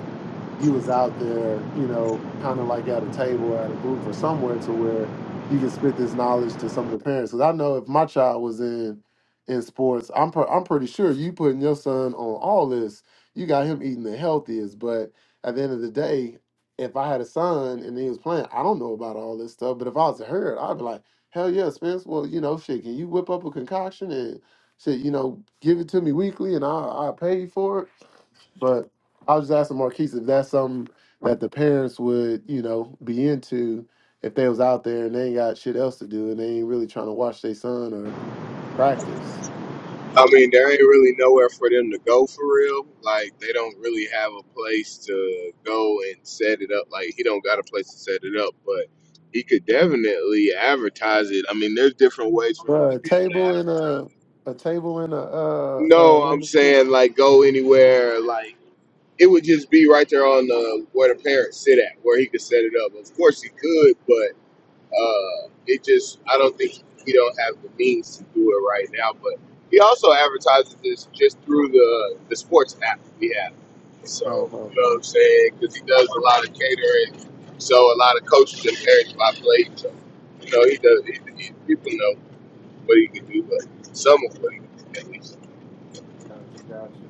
you was out there, you know, kind of like at a table or at a booth or somewhere to where you can spit this knowledge to some of the parents. Because I know if my child was in in sports, I'm pre- I'm pretty sure you putting your son on all this. You got him eating the healthiest, but at the end of the day, if I had a son and he was playing, I don't know about all this stuff. But if I was a herd, I'd be like, hell yeah, Spence. Well, you know, shit, can you whip up a concoction and shit, you know, give it to me weekly and I will I will pay you for it but I was just asking Marquise if that's something that the parents would, you know, be into if they was out there and they ain't got shit else to do and they ain't really trying to watch their son or practice.
I mean, there ain't really nowhere for them to go for real. Like they don't really have a place to go and set it up. Like he don't got a place to set it up, but he could definitely advertise it. I mean, there's different ways for him to
Bruh, a
be able to
table in
advertise.
a a table in a uh uh
No,
one
I'm
of the kids.
saying like go anywhere. Like it would just be right there on the where the parents sit at, where he could set it up. Of course he could, but. Uh, it just, I don't think he don't have the means to do it right now. But he also advertises this just through the the sports app we have. So
Oh,
you
oh,
know what I'm
oh.
saying? Because he does a lot of catering, so a lot of coaches and parents by play. So you know he does. He, he, people know what he can do, but some of what he can do at least.
Gotcha, gotcha.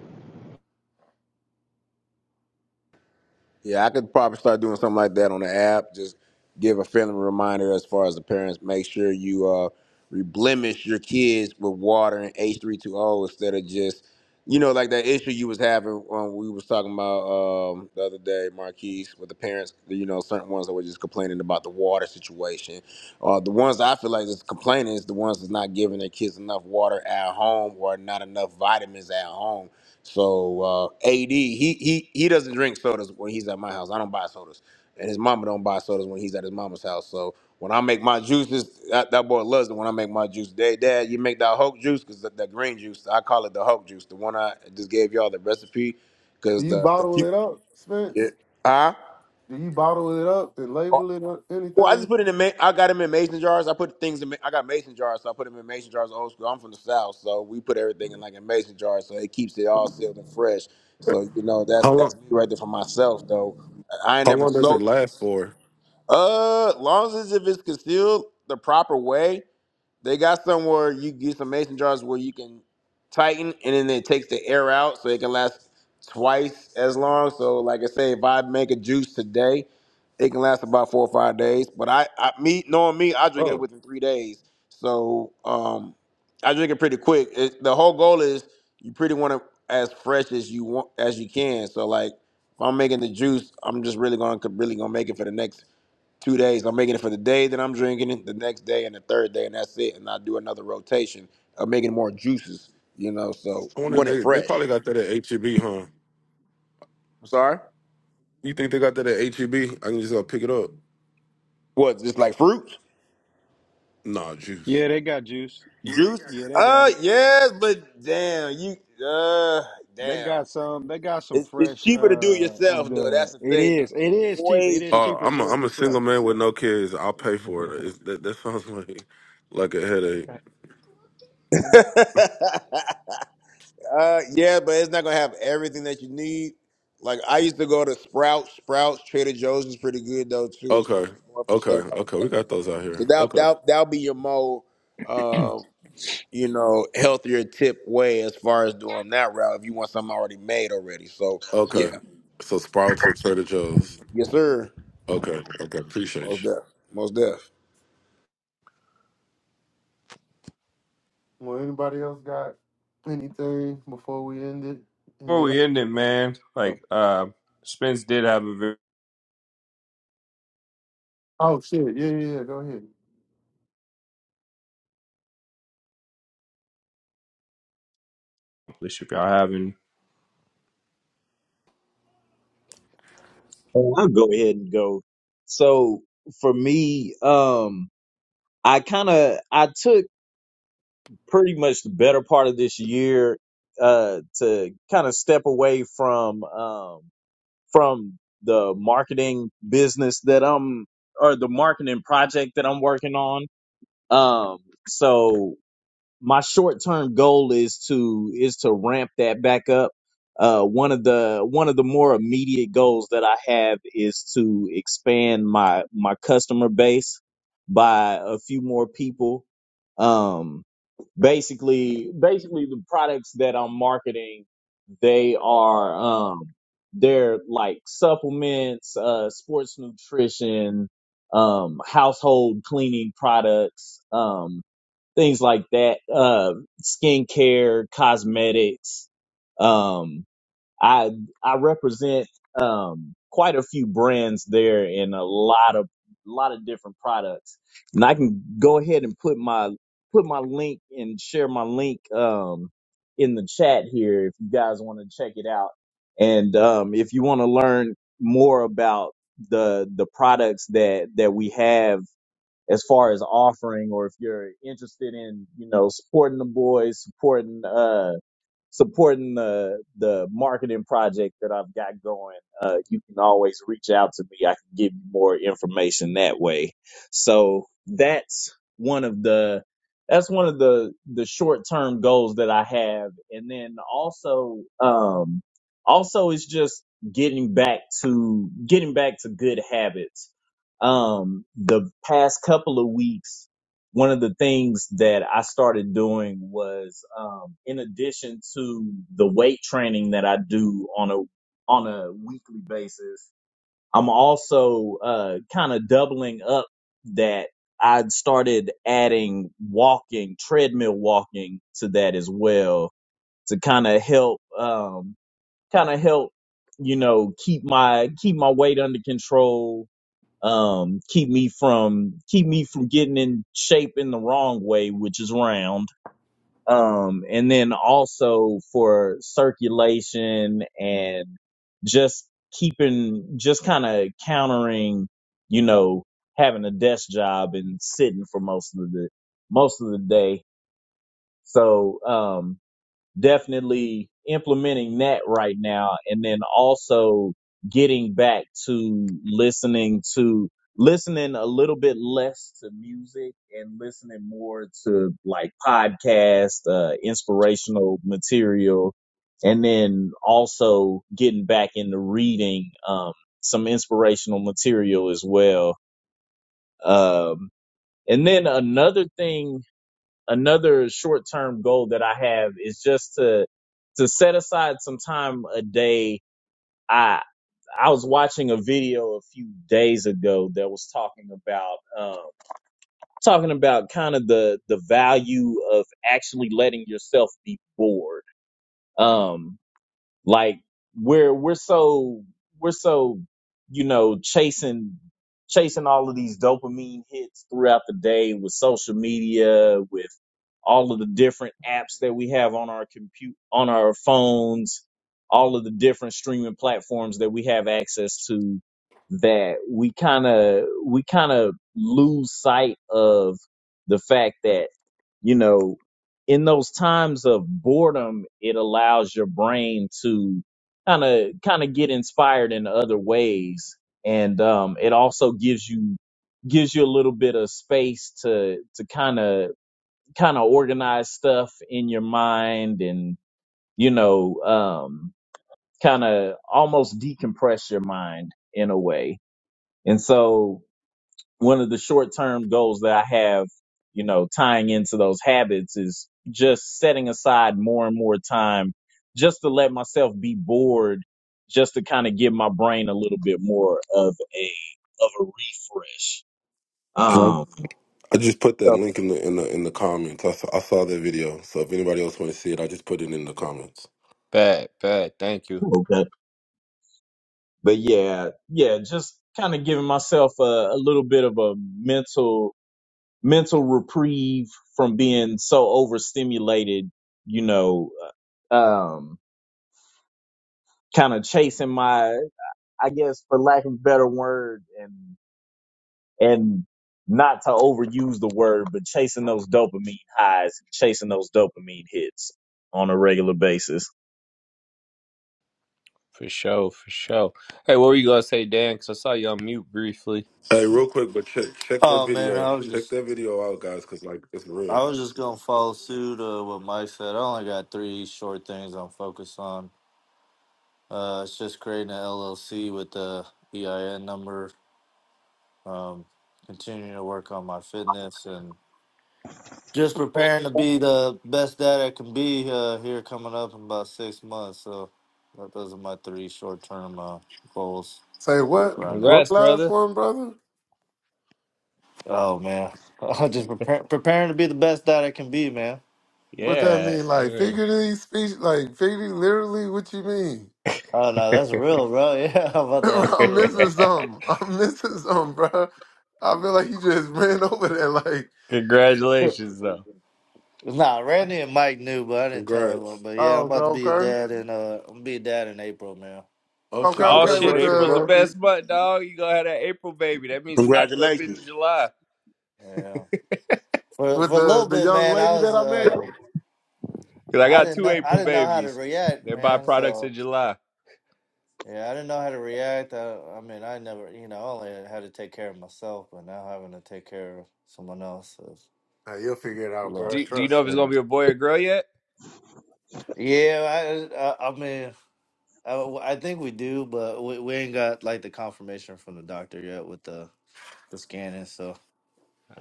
Yeah, I could probably start doing something like that on the app. Just give a friendly reminder as far as the parents. Make sure you uh reblemish your kids with water and H three two O instead of just you know like that issue you was having when we was talking about um, the other day, Marquise, with the parents. You know, certain ones that were just complaining about the water situation. Uh, the ones I feel like is complaining is the ones that's not giving their kids enough water at home or not enough vitamins at home so uh, AD, he he he doesn't drink sodas when he's at my house. I don't buy sodas, and his mama don't buy sodas when he's at his mama's house. So when I make my juices, that, that boy loves it. When I make my juice, day dad, you make that Hulk juice because that, that green juice, I call it the Hulk juice, the one I just gave y'all the recipe,
Do
because
you
the the
bottle
cute,
it up,
yeah,
Spence?
huh?
Do you bottle it up and label it or
Well, I just
anything?
put it in. Ma- I got them in mason jars. I put things in. Ma- I got mason jars, so I put them in mason jars. Old school. I'm from the south, so we put everything in like a mason jar, so it keeps it all sealed and fresh. So you know that's
How long?
that's me right there for myself though. I I ain't
How
never
long does it
sold the
last
juice.
for?
Uh, long as if it's concealed the proper way, they got somewhere you get some mason jars where you can tighten and then it takes the air out so it can last twice as long. So like I say, if I make a juice today, it can last about four or five days. But I, I me knowing me, I drink it
Oh,
within three days. So um, I drink it pretty quick. It, the whole goal is you pretty want it as fresh as you want as you can. So like if I'm making the juice, I'm just really gonna really gonna make it for the next two days. I'm making it for the day that I'm drinking it, the next day, and the third day, and that's it. And I do another rotation of making more juices, you know. So
I
you
wonder if
want it
they they
fresh.
probably got that at HEB, huh?
I'm sorry.
You think they got that at H E B? I can just go pick it up.
What? Just like fruit
Nah, juice.
Yeah, they got juice.
juice?
Yeah, they got
Uh,
it.
yes, but damn, you uh,
They
damn.
got some. They got some
It's, it's
fresh
cheaper to do it
uh of
yourself, though.
the.
That's the
It
thing, though.
is.
It's
It is cheaper.
way
It is
cheaper
Uh,
cheaper to
I'm
do
a,
it
I'm a
to
yourself.
single man with no kids. I'll pay for it. It's, that that sounds like like a headache.
do it yourself. Uh, yeah, but it's not gonna have everything that you need. Like I used to go to Sprouts. Sprouts, Trader Joe's is pretty good though too, as far
Okay,
as going for
okay,
stuff like
okay. We
that.
got
Though.
those out
So
here.
that
Okay,
that that'll be your more, um, you know, healthier tip way as far as doing that route. If you want something already made already, so
okay.
yeah,
So Sprouts and Trader Joe's.
yes sir,
Okay, okay. Appreciate
most
you.
deaf, most deaf.
Well, anybody else got anything before we end it? End
Before
it
we end it, man,
up.
like uh, Spence did have a very
Oh shit! Yeah, yeah, yeah. Go ahead.
if y'all haven't.
Oh, I'll go ahead and go. So for me, um, I kind of I took pretty much the better part of this year uh, to kind of step away from um, from the marketing business that I'm or the marketing project that I'm working on. Um, so my short term goal is to is to ramp that back up. Uh, one of the one of the more immediate goals that I have is to expand my my customer base by a few more people. Um, basically, basically the products that I'm marketing, they are um, they're like supplements, uh, sports nutrition, um, household cleaning products. Um, things like that, uh, skincare, cosmetics. Um, I, I represent, um, quite a few brands there and a lot of, lot of different products. And I can go ahead and put my, put my link and share my link, um, in the chat here if you guys want to check it out. And, um, if you want to learn more about the, the products that, that we have, as far as offering or if you're interested in, you know, supporting the boys, supporting, uh, supporting the the marketing project that I've got going, uh, you can always reach out to me. I can give you more information that way. So that's one of the that's one of the the short term goals that I have, and then also um, also it's just getting back to getting back to good habits. Um, the past couple of weeks one of the things that I started doing was, um, in addition to the weight training that I do on a on a weekly basis, I'm also uh, kind of doubling up that I started adding walking, treadmill walking to that as well to kind of help, um, kind of help, you know, keep my keep my weight under control um keep me from keep me from getting in shape in the wrong way which is round um and then also for circulation and just keeping just kind of countering you know having a desk job and sitting for most of the most of the day so um, definitely implementing that right now and then also getting back to listening to listening a little bit less to music and listening more to like podcast uh inspirational material and then also getting back into reading um some inspirational material as well um and then another thing another short term goal that I have is just to to set aside some time a day. I I was watching a video a few days ago that was talking about um, talking about kind of the the value of actually letting yourself be bored. Um, like we're we're so we're so you know chasing chasing all of these dopamine hits throughout the day with social media with all of the different apps that we have on our compute on our phones all of the different streaming platforms that we have access to that we kind of we kind of lose sight of the fact that you know, in those times of boredom, it allows your brain to kind of kind of get inspired in other ways, and um, it also gives you gives you a little bit of space to to kind of kind of organize stuff in your mind, and you know, um, kind of almost decompress your mind in a way. And so one of the short term goals that I have, you know, tying into those habits is just setting aside more and more time just to let myself be bored, just to kind of give my brain a little bit more of a of a refresh.
And
Um
I, I just put that
so-
link in the in the in the comments. I saw, I saw that video. So if anybody else want to see it, I just put it in the comments.
Bad, bad. Thank you
okay. But yeah, yeah, just kind of giving myself a, a little bit of a mental mental reprieve from being so overstimulated, you know, uh, um kind of chasing my I guess for lack of a better word and and not to overuse the word, but chasing those dopamine highs, chasing those dopamine hits on a regular basis.
for sure, for sure. Hey, what were you gonna say, Dan? Because I saw you on mute briefly.
Hey, real quick, but check check that
Oh man,
video.
I was
Check
just
that video out, guys, because like it's real.
I was just gonna follow suit uh, what Mike said. I only got three short things I'm focused on. Uh, it's just creating an LLC with the EIN number um, continuing to work on my fitness and just preparing to be the best dad I can be uh, here coming up in about six months. So that, those are my three short term uh, goals
Say what?
right now.
What
Congrats,
last
brother.
one, brother?
Oh man, just prepare, preparing to be the best dad I can be, man.
What that
Yeah,
mean? Like
amen.
figuratively speech? Like figuratively, literally? What you mean?
Oh no, that's real, bro. Yeah, I'm about to have a
I'm
kid,
missing
man.
something. I'm missing something, bro. I feel like you just ran over there. Like,
Congratulations, though.
Nah, Randy and Mike knew, but I didn't tell everyone.
Congrats.
But yeah,
oh,
I'm
okay,
about to be a
okay,
dad, and uh, I'm gonna be a dad in April, man.
Oh
okay,
shit,
Oh
okay.
shit,
With
congratulations,
April's the
the,
bro.
the
best month, dog. You gonna have that April baby. That means you knocked up in
Congratulations,
July.
Yeah, for
with
for a little
the the
bit,
young
man. I
lady
was.
that I met.
uh,
Cause I
I
got
didn't
two
know I
April
didn't know how to
babies.
react,
They're
man.
byproducts
So
in July.
yeah, I didn't know how to react. I, I mean, I never, you know, I only had to take care of myself, but now having to take care of someone else is
Nah, you'll figure it out,
love.
bro.
Do Do you know
Trust
if it's
me.
gonna
Yeah,
be a boy or girl yet?
yeah. I, I, I mean, I, I think we do, but we, we ain't got like the confirmation from the doctor yet with the the scanning. So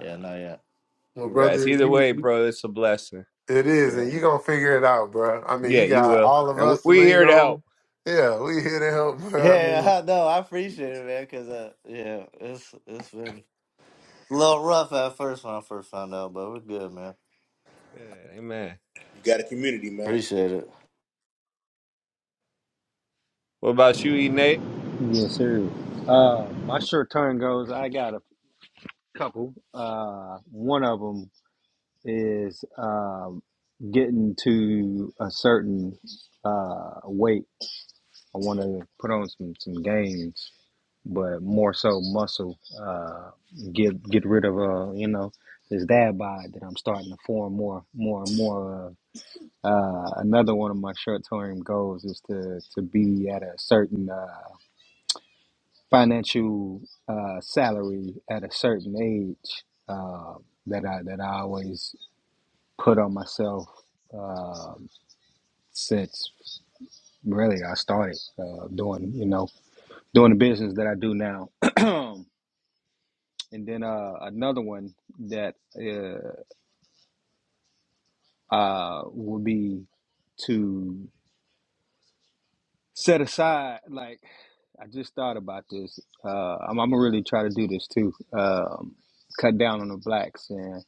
yeah, not yet.
Well,
congrats.
brother,
Either
you,
way,
you-
bro, it's a blessing.
it
Yeah.
is, and you gonna figure it out, bro. I mean,
Yeah,
you
you
got
will.
all of
And we,
us to
we here
lean
to help.
on. Yeah, we here to help, bro. I mean.
Yeah, I know. I appreciate it, man. Cause uh, yeah, it's it's been a little rough at first when I first found out, but we're good, man.
Yeah, amen.
you got a community, man.
Appreciate it.
What about you, E Nate?
Yes, sir. Uh, my short turn goes. I got a couple. Uh, one of them is um getting to a certain uh weight. I want to put on some some gains. but more so muscle. Uh, get get rid of uh, you know this dad bod that I'm starting to form more more and more. Of. Uh, another one of my short term goals is to to be at a certain uh, financial uh, salary at a certain age uh, that I that I always put on myself uh, since really I started uh, doing you know doing the business that I do now. And then uh, another one that uh, uh, would be to set aside, like, I just thought about this. Uh, I'm, I'm gonna really try to do this too. Um, cut down on the blacks. And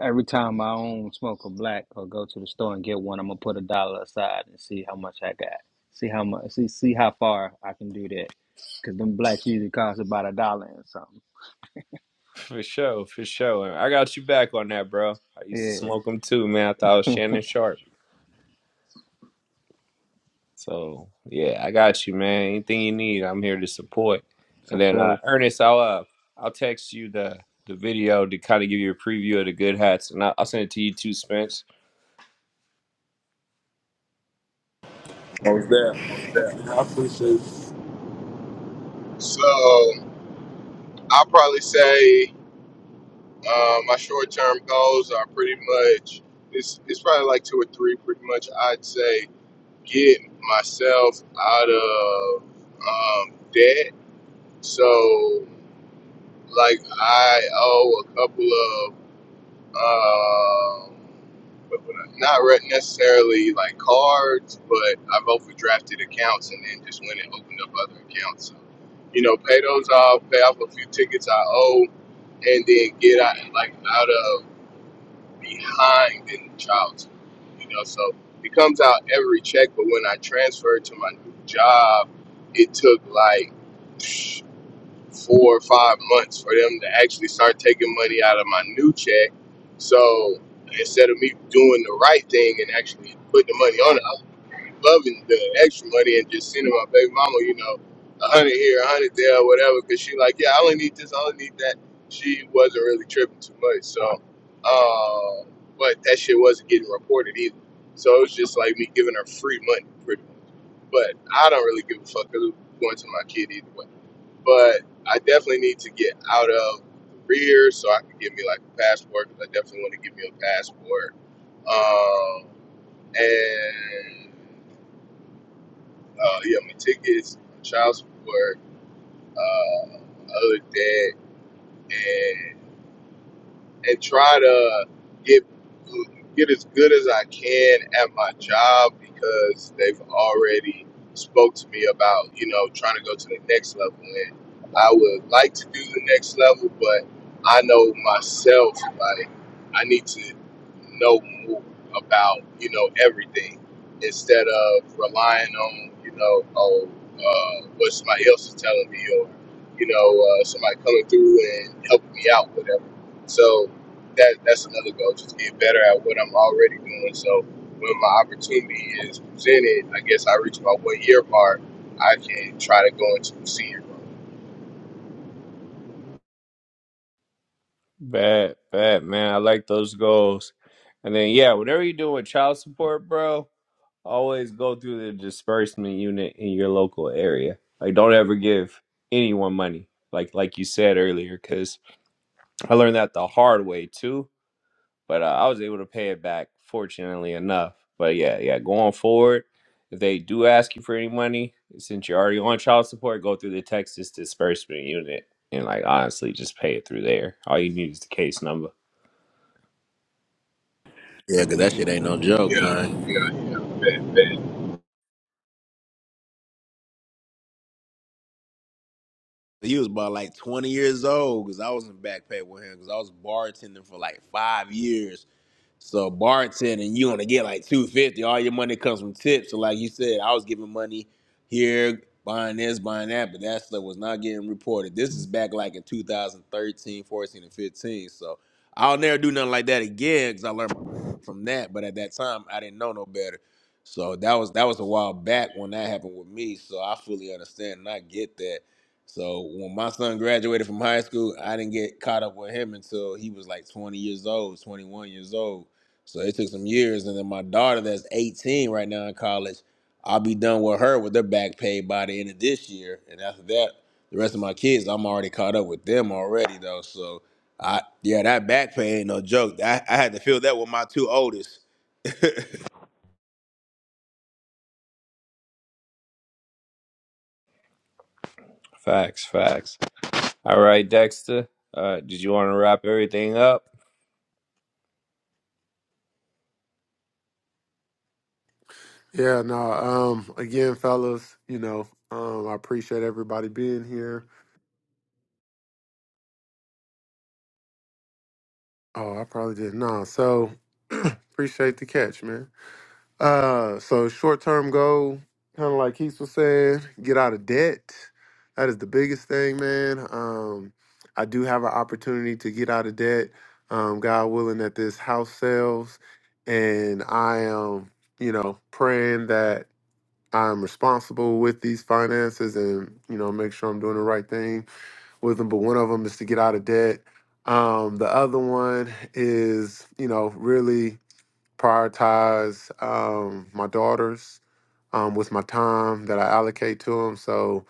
every time I own smoke a black or go to the store and get one, I'm gonna put a dollar aside and see how much I got. See how much, see, see how far I can do that. Cause them blacks usually cost about a dollar and something.
For sure, for sure. I got you back on that, bro. I used to
Yeah,
smoke them too, man. I thought I was Shannon Sharp. So yeah, I got you, man. Anything you need, I'm here to support.
for
And then uh,
sure.
Ernest, I'll uh, I'll text you the the video to kind of give you a preview of the good hats, and I'll, I'll send it to you too, Spence.
Most deaf.
Yeah, I appreciate it.
So I'll probably say uh, my short term goals are pretty much. It's, it's probably like two or three, pretty much. I'd say get myself out of um, debt. So, like, I owe a couple of um, what would I- not re- necessarily like cards, but I've overdrafted accounts and then just went and opened up other accounts. So, you know, pay those off, pay off a few tickets I owe, and then get out like out of behind in childhood, you know. So it comes out every check, but when I transferred to my new job, it took like psh, four or five months for them to actually start taking money out of my new check. So instead of me doing the right thing and actually putting the money on it, loving the extra money and just sending my baby mama, you know, a hundred here, a hundred there, or whatever. Because she like, yeah, I only need this, I only need that. She wasn't really tripping too much. So, uh, but that shit wasn't getting reported either. So it was just like me giving her free money, pretty much. But I don't really give a fuck 'cause it was going to my kid either way. But I definitely need to get out of career so I can get me like a passport 'cause I definitely want to give me a passport. Um, and uh, yeah, my tickets, child support, uh, other debt, and and try to get get as good as I can at my job because they've already spoke to me about you know trying to go to the next level and I would like to do the next level but I know myself like I need to know more about you know everything instead of relying on you know oh uh, what somebody else is telling me or you know uh, somebody coming through and helping me out whatever so that that's another goal. Just get better at what I'm already doing. So when my opportunity is presented, I guess I reach my one year part. I can try to go into senior. role.
Bad, bad man. I like those goals. And then yeah, whatever you do with child support, bro, always go through the disbursement unit in your local area. Like, don't ever give anyone money, like like you said earlier, because I learned that the hard way too but uh, I was able to pay it back, fortunately enough. But yeah, yeah, going forward, if they do ask you for any money, since you're already on child support, go through the Texas disbursement unit and like honestly just pay it through there. All you need is the case number.
Yeah, cause that shit ain't no joke,
Yeah,
man.
yeah, yeah. Bet, bet.
He was about like 20 years old because I was in back pay with him because I was bartending for like five years. So bartending, you only get like two fifty. All your money comes from tips. So like you said, I was giving money here, buying this, buying that, but that stuff was not getting reported. This is back like in 2013, 14, and 15. So I'll never do nothing like that again because I learned from that. But at that time, I didn't know no better. So that was that was a while back when that happened with me. So I fully understand and I get that. So when my son graduated from high school, I didn't get caught up with him until he was like 20 years old, 21 years old. So it took some years. And then my daughter, that's 18 right now in college, I'll be done with her with her back pay by the end of this year. And after that, the rest of my kids, I'm already caught up with them already, though. So I, yeah, that back pay ain't no joke. I, I had to feel that with my two oldest.
Facts, facts. All right, Dexter. Uh, did you want to wrap everything up?
Yeah, no. Um, again, fellas, you know, um, I appreciate everybody being here. Oh, I probably did. No, so appreciate the catch, man. Uh, so short term goal, kind of like Keith was saying, get out of debt. That is the biggest thing, man. Um, I do have an opportunity to get out of debt. Um, God willing, that this house sells, and I am, you know, praying that. I'm responsible with these finances and you know make sure I'm doing the right thing with them. But one of them is to get out of debt. Um, the other one is you know really prioritize um, my daughters um, with my time that I allocate to them. So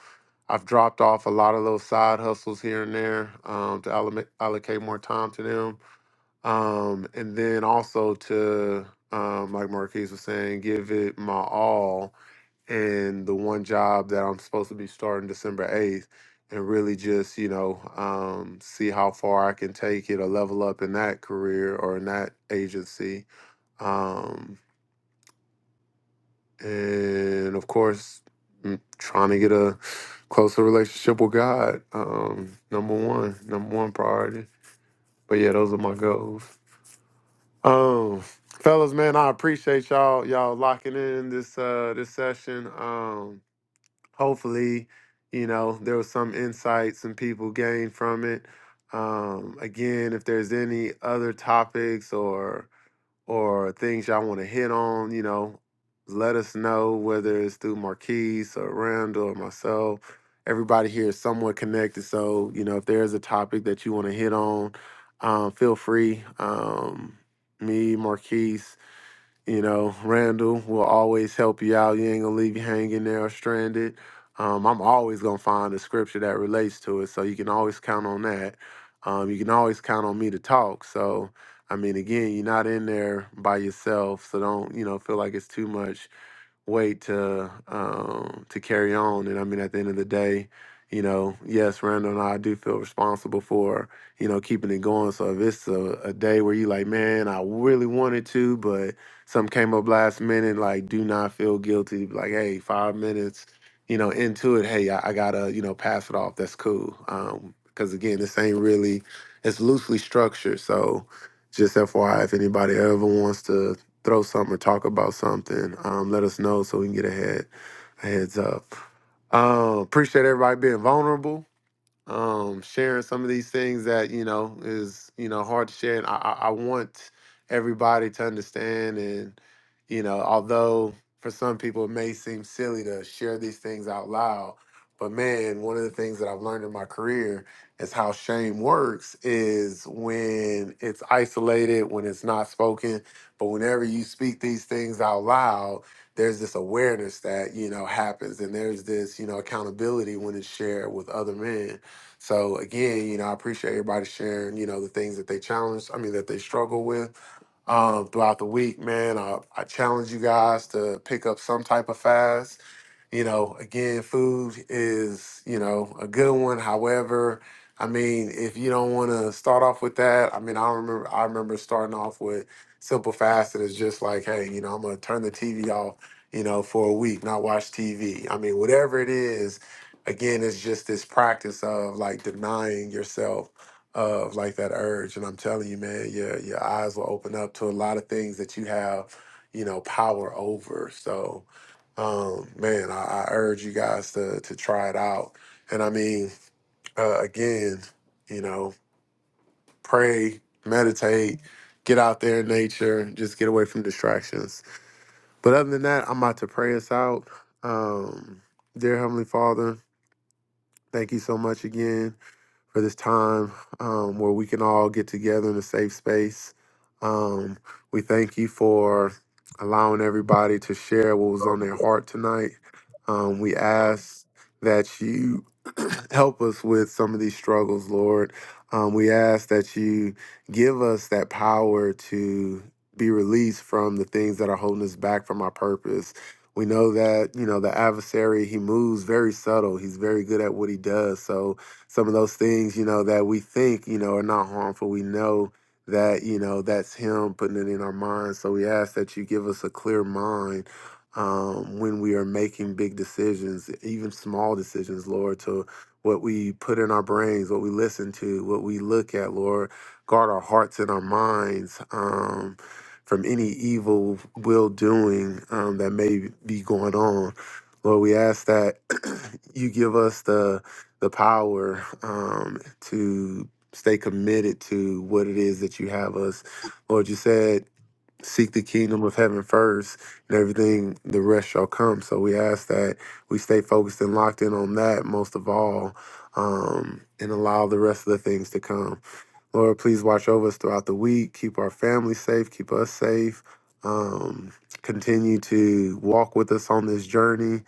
I've dropped off a lot of those side hustles here and there um, to allocate allocate more time to them, um, and then also to um, like Marquise was saying, give it my all and the one job that I'm supposed to be starting December 8th and really just, you know, um, see how far I can take it or level up in that career or in that agency. Um, and of course, mm, trying to get a closer relationship with God. Um, number one, number one priority. But yeah, those are my goals. Um, fellas, man, I appreciate y'all, y'all locking in this, uh, this session. Um hopefully, you know, there was some insight some people gained from it. Um, again, if there's any other topics or or things y'all want to hit on, you know, let us know whether it's through Marquise or Randall or myself. Everybody here is somewhat connected, so you know if there's a topic that you want to hit on, um, feel free. Um, me, Marquise, you know, Randall will always help you out. You ain't gonna leave you hanging there or stranded. Um, I'm always gonna find a scripture that relates to it, so you can always count on that. Um, you can always count on me to talk. So, I mean, again, you're not in there by yourself, so don't you know feel like it's too much wait to um, to carry on. And I mean, at the end of the day, you know, yes, Randall and I do feel responsible for you know keeping it going. So if it's a, a day where you like, man, I really wanted to, but something came up last minute, like, do not feel guilty. Like, hey, five minutes, you know, into it, hey, I, I gotta you know pass it off. That's cool. Um, because again, this ain't really it's loosely structured, so just FYI, if anybody ever wants to throw something or talk about something, um, let us know so we can get a head a heads up. Um, appreciate everybody being vulnerable um, sharing some of these things that you know is you know hard to share. And I, I, I want everybody to understand. And you know, although for some people it may seem silly to share these things out loud, but man, one of the things that I've learned in my career is how shame works. Is when it's isolated, when it's not spoken. But whenever you speak these things out loud, there's this awareness that you know happens, and there's this you know accountability when it's shared with other men so again, you know, I appreciate everybody sharing, you know, the things that they challenge, I mean, that they struggle with um, throughout the week, man. I, I challenge you guys to pick up some type of fast. You know, again, food is, you know, a good one. However, I mean, if you don't want to start off with that, I mean, I remember I remember starting off with simple fast that is just like, hey, you know, I'm gonna turn the TV off, you know, for a week, not watch TV. I mean, whatever it is, again, it's just this practice of like denying yourself of like that urge. And I'm telling you, man, your your eyes will open up to a lot of things that you have, you know, power over. So, um, man, I, I urge you guys to to try it out. And I mean, uh, again, you know, pray, meditate, get out there in nature, just get away from distractions. But other than that, I'm about to pray us out. Um, dear Heavenly Father, thank you so much again. for this time um, where we can all get together in a safe space. Um, we thank you for allowing everybody to share what was on their heart tonight. Um, we ask that you help us with some of these struggles, Lord. Um, we ask that you give us that power to be released from the things that are holding us back from our purpose. We know that, you know, the adversary, he moves very subtle. He's very good at what he does. So, some of those things, you know, that we think, you know, are not harmful. We know that, you know, that's Him putting it in our minds. So we ask that you give us a clear mind um, when we are making big decisions, even small decisions, Lord, to what we put in our brains, what we listen to, what we look at, Lord. Guard our hearts and our minds. Um, from any evil will doing um, that may be going on. Lord, we ask that you give us the the power um, to stay committed to what it is that you have us. Lord, you said, seek the kingdom of heaven first, and everything, the rest shall come. So we ask that we stay focused and locked in on that most of all. Um, and allow the rest of the things to come. Lord, please watch over us throughout the week. Keep our family safe. Keep us safe. Um, continue to walk with us on this journey.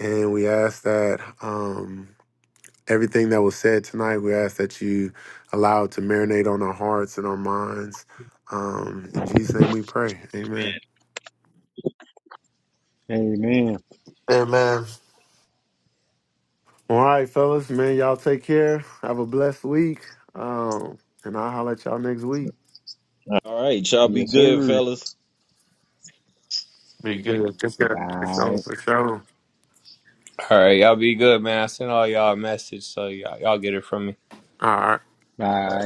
And we ask that. Um, everything that was said tonight, we ask that you allow it to marinate on our hearts and our minds. Um, in Jesus' name we pray. Amen.
Amen.
Amen.
Well, All right, fellas, man, y'all take care. Have a blessed week. Um, and I'll holler at y'all next week.
All right, y'all be
Yes,
good,
sir.
fellas.
Be good. Take care.
For
Bye.
sure, for sure.
All right, y'all be good, man. I sent all y'all a message, so y'all, y'all get it from me.
All right.
All right.
bye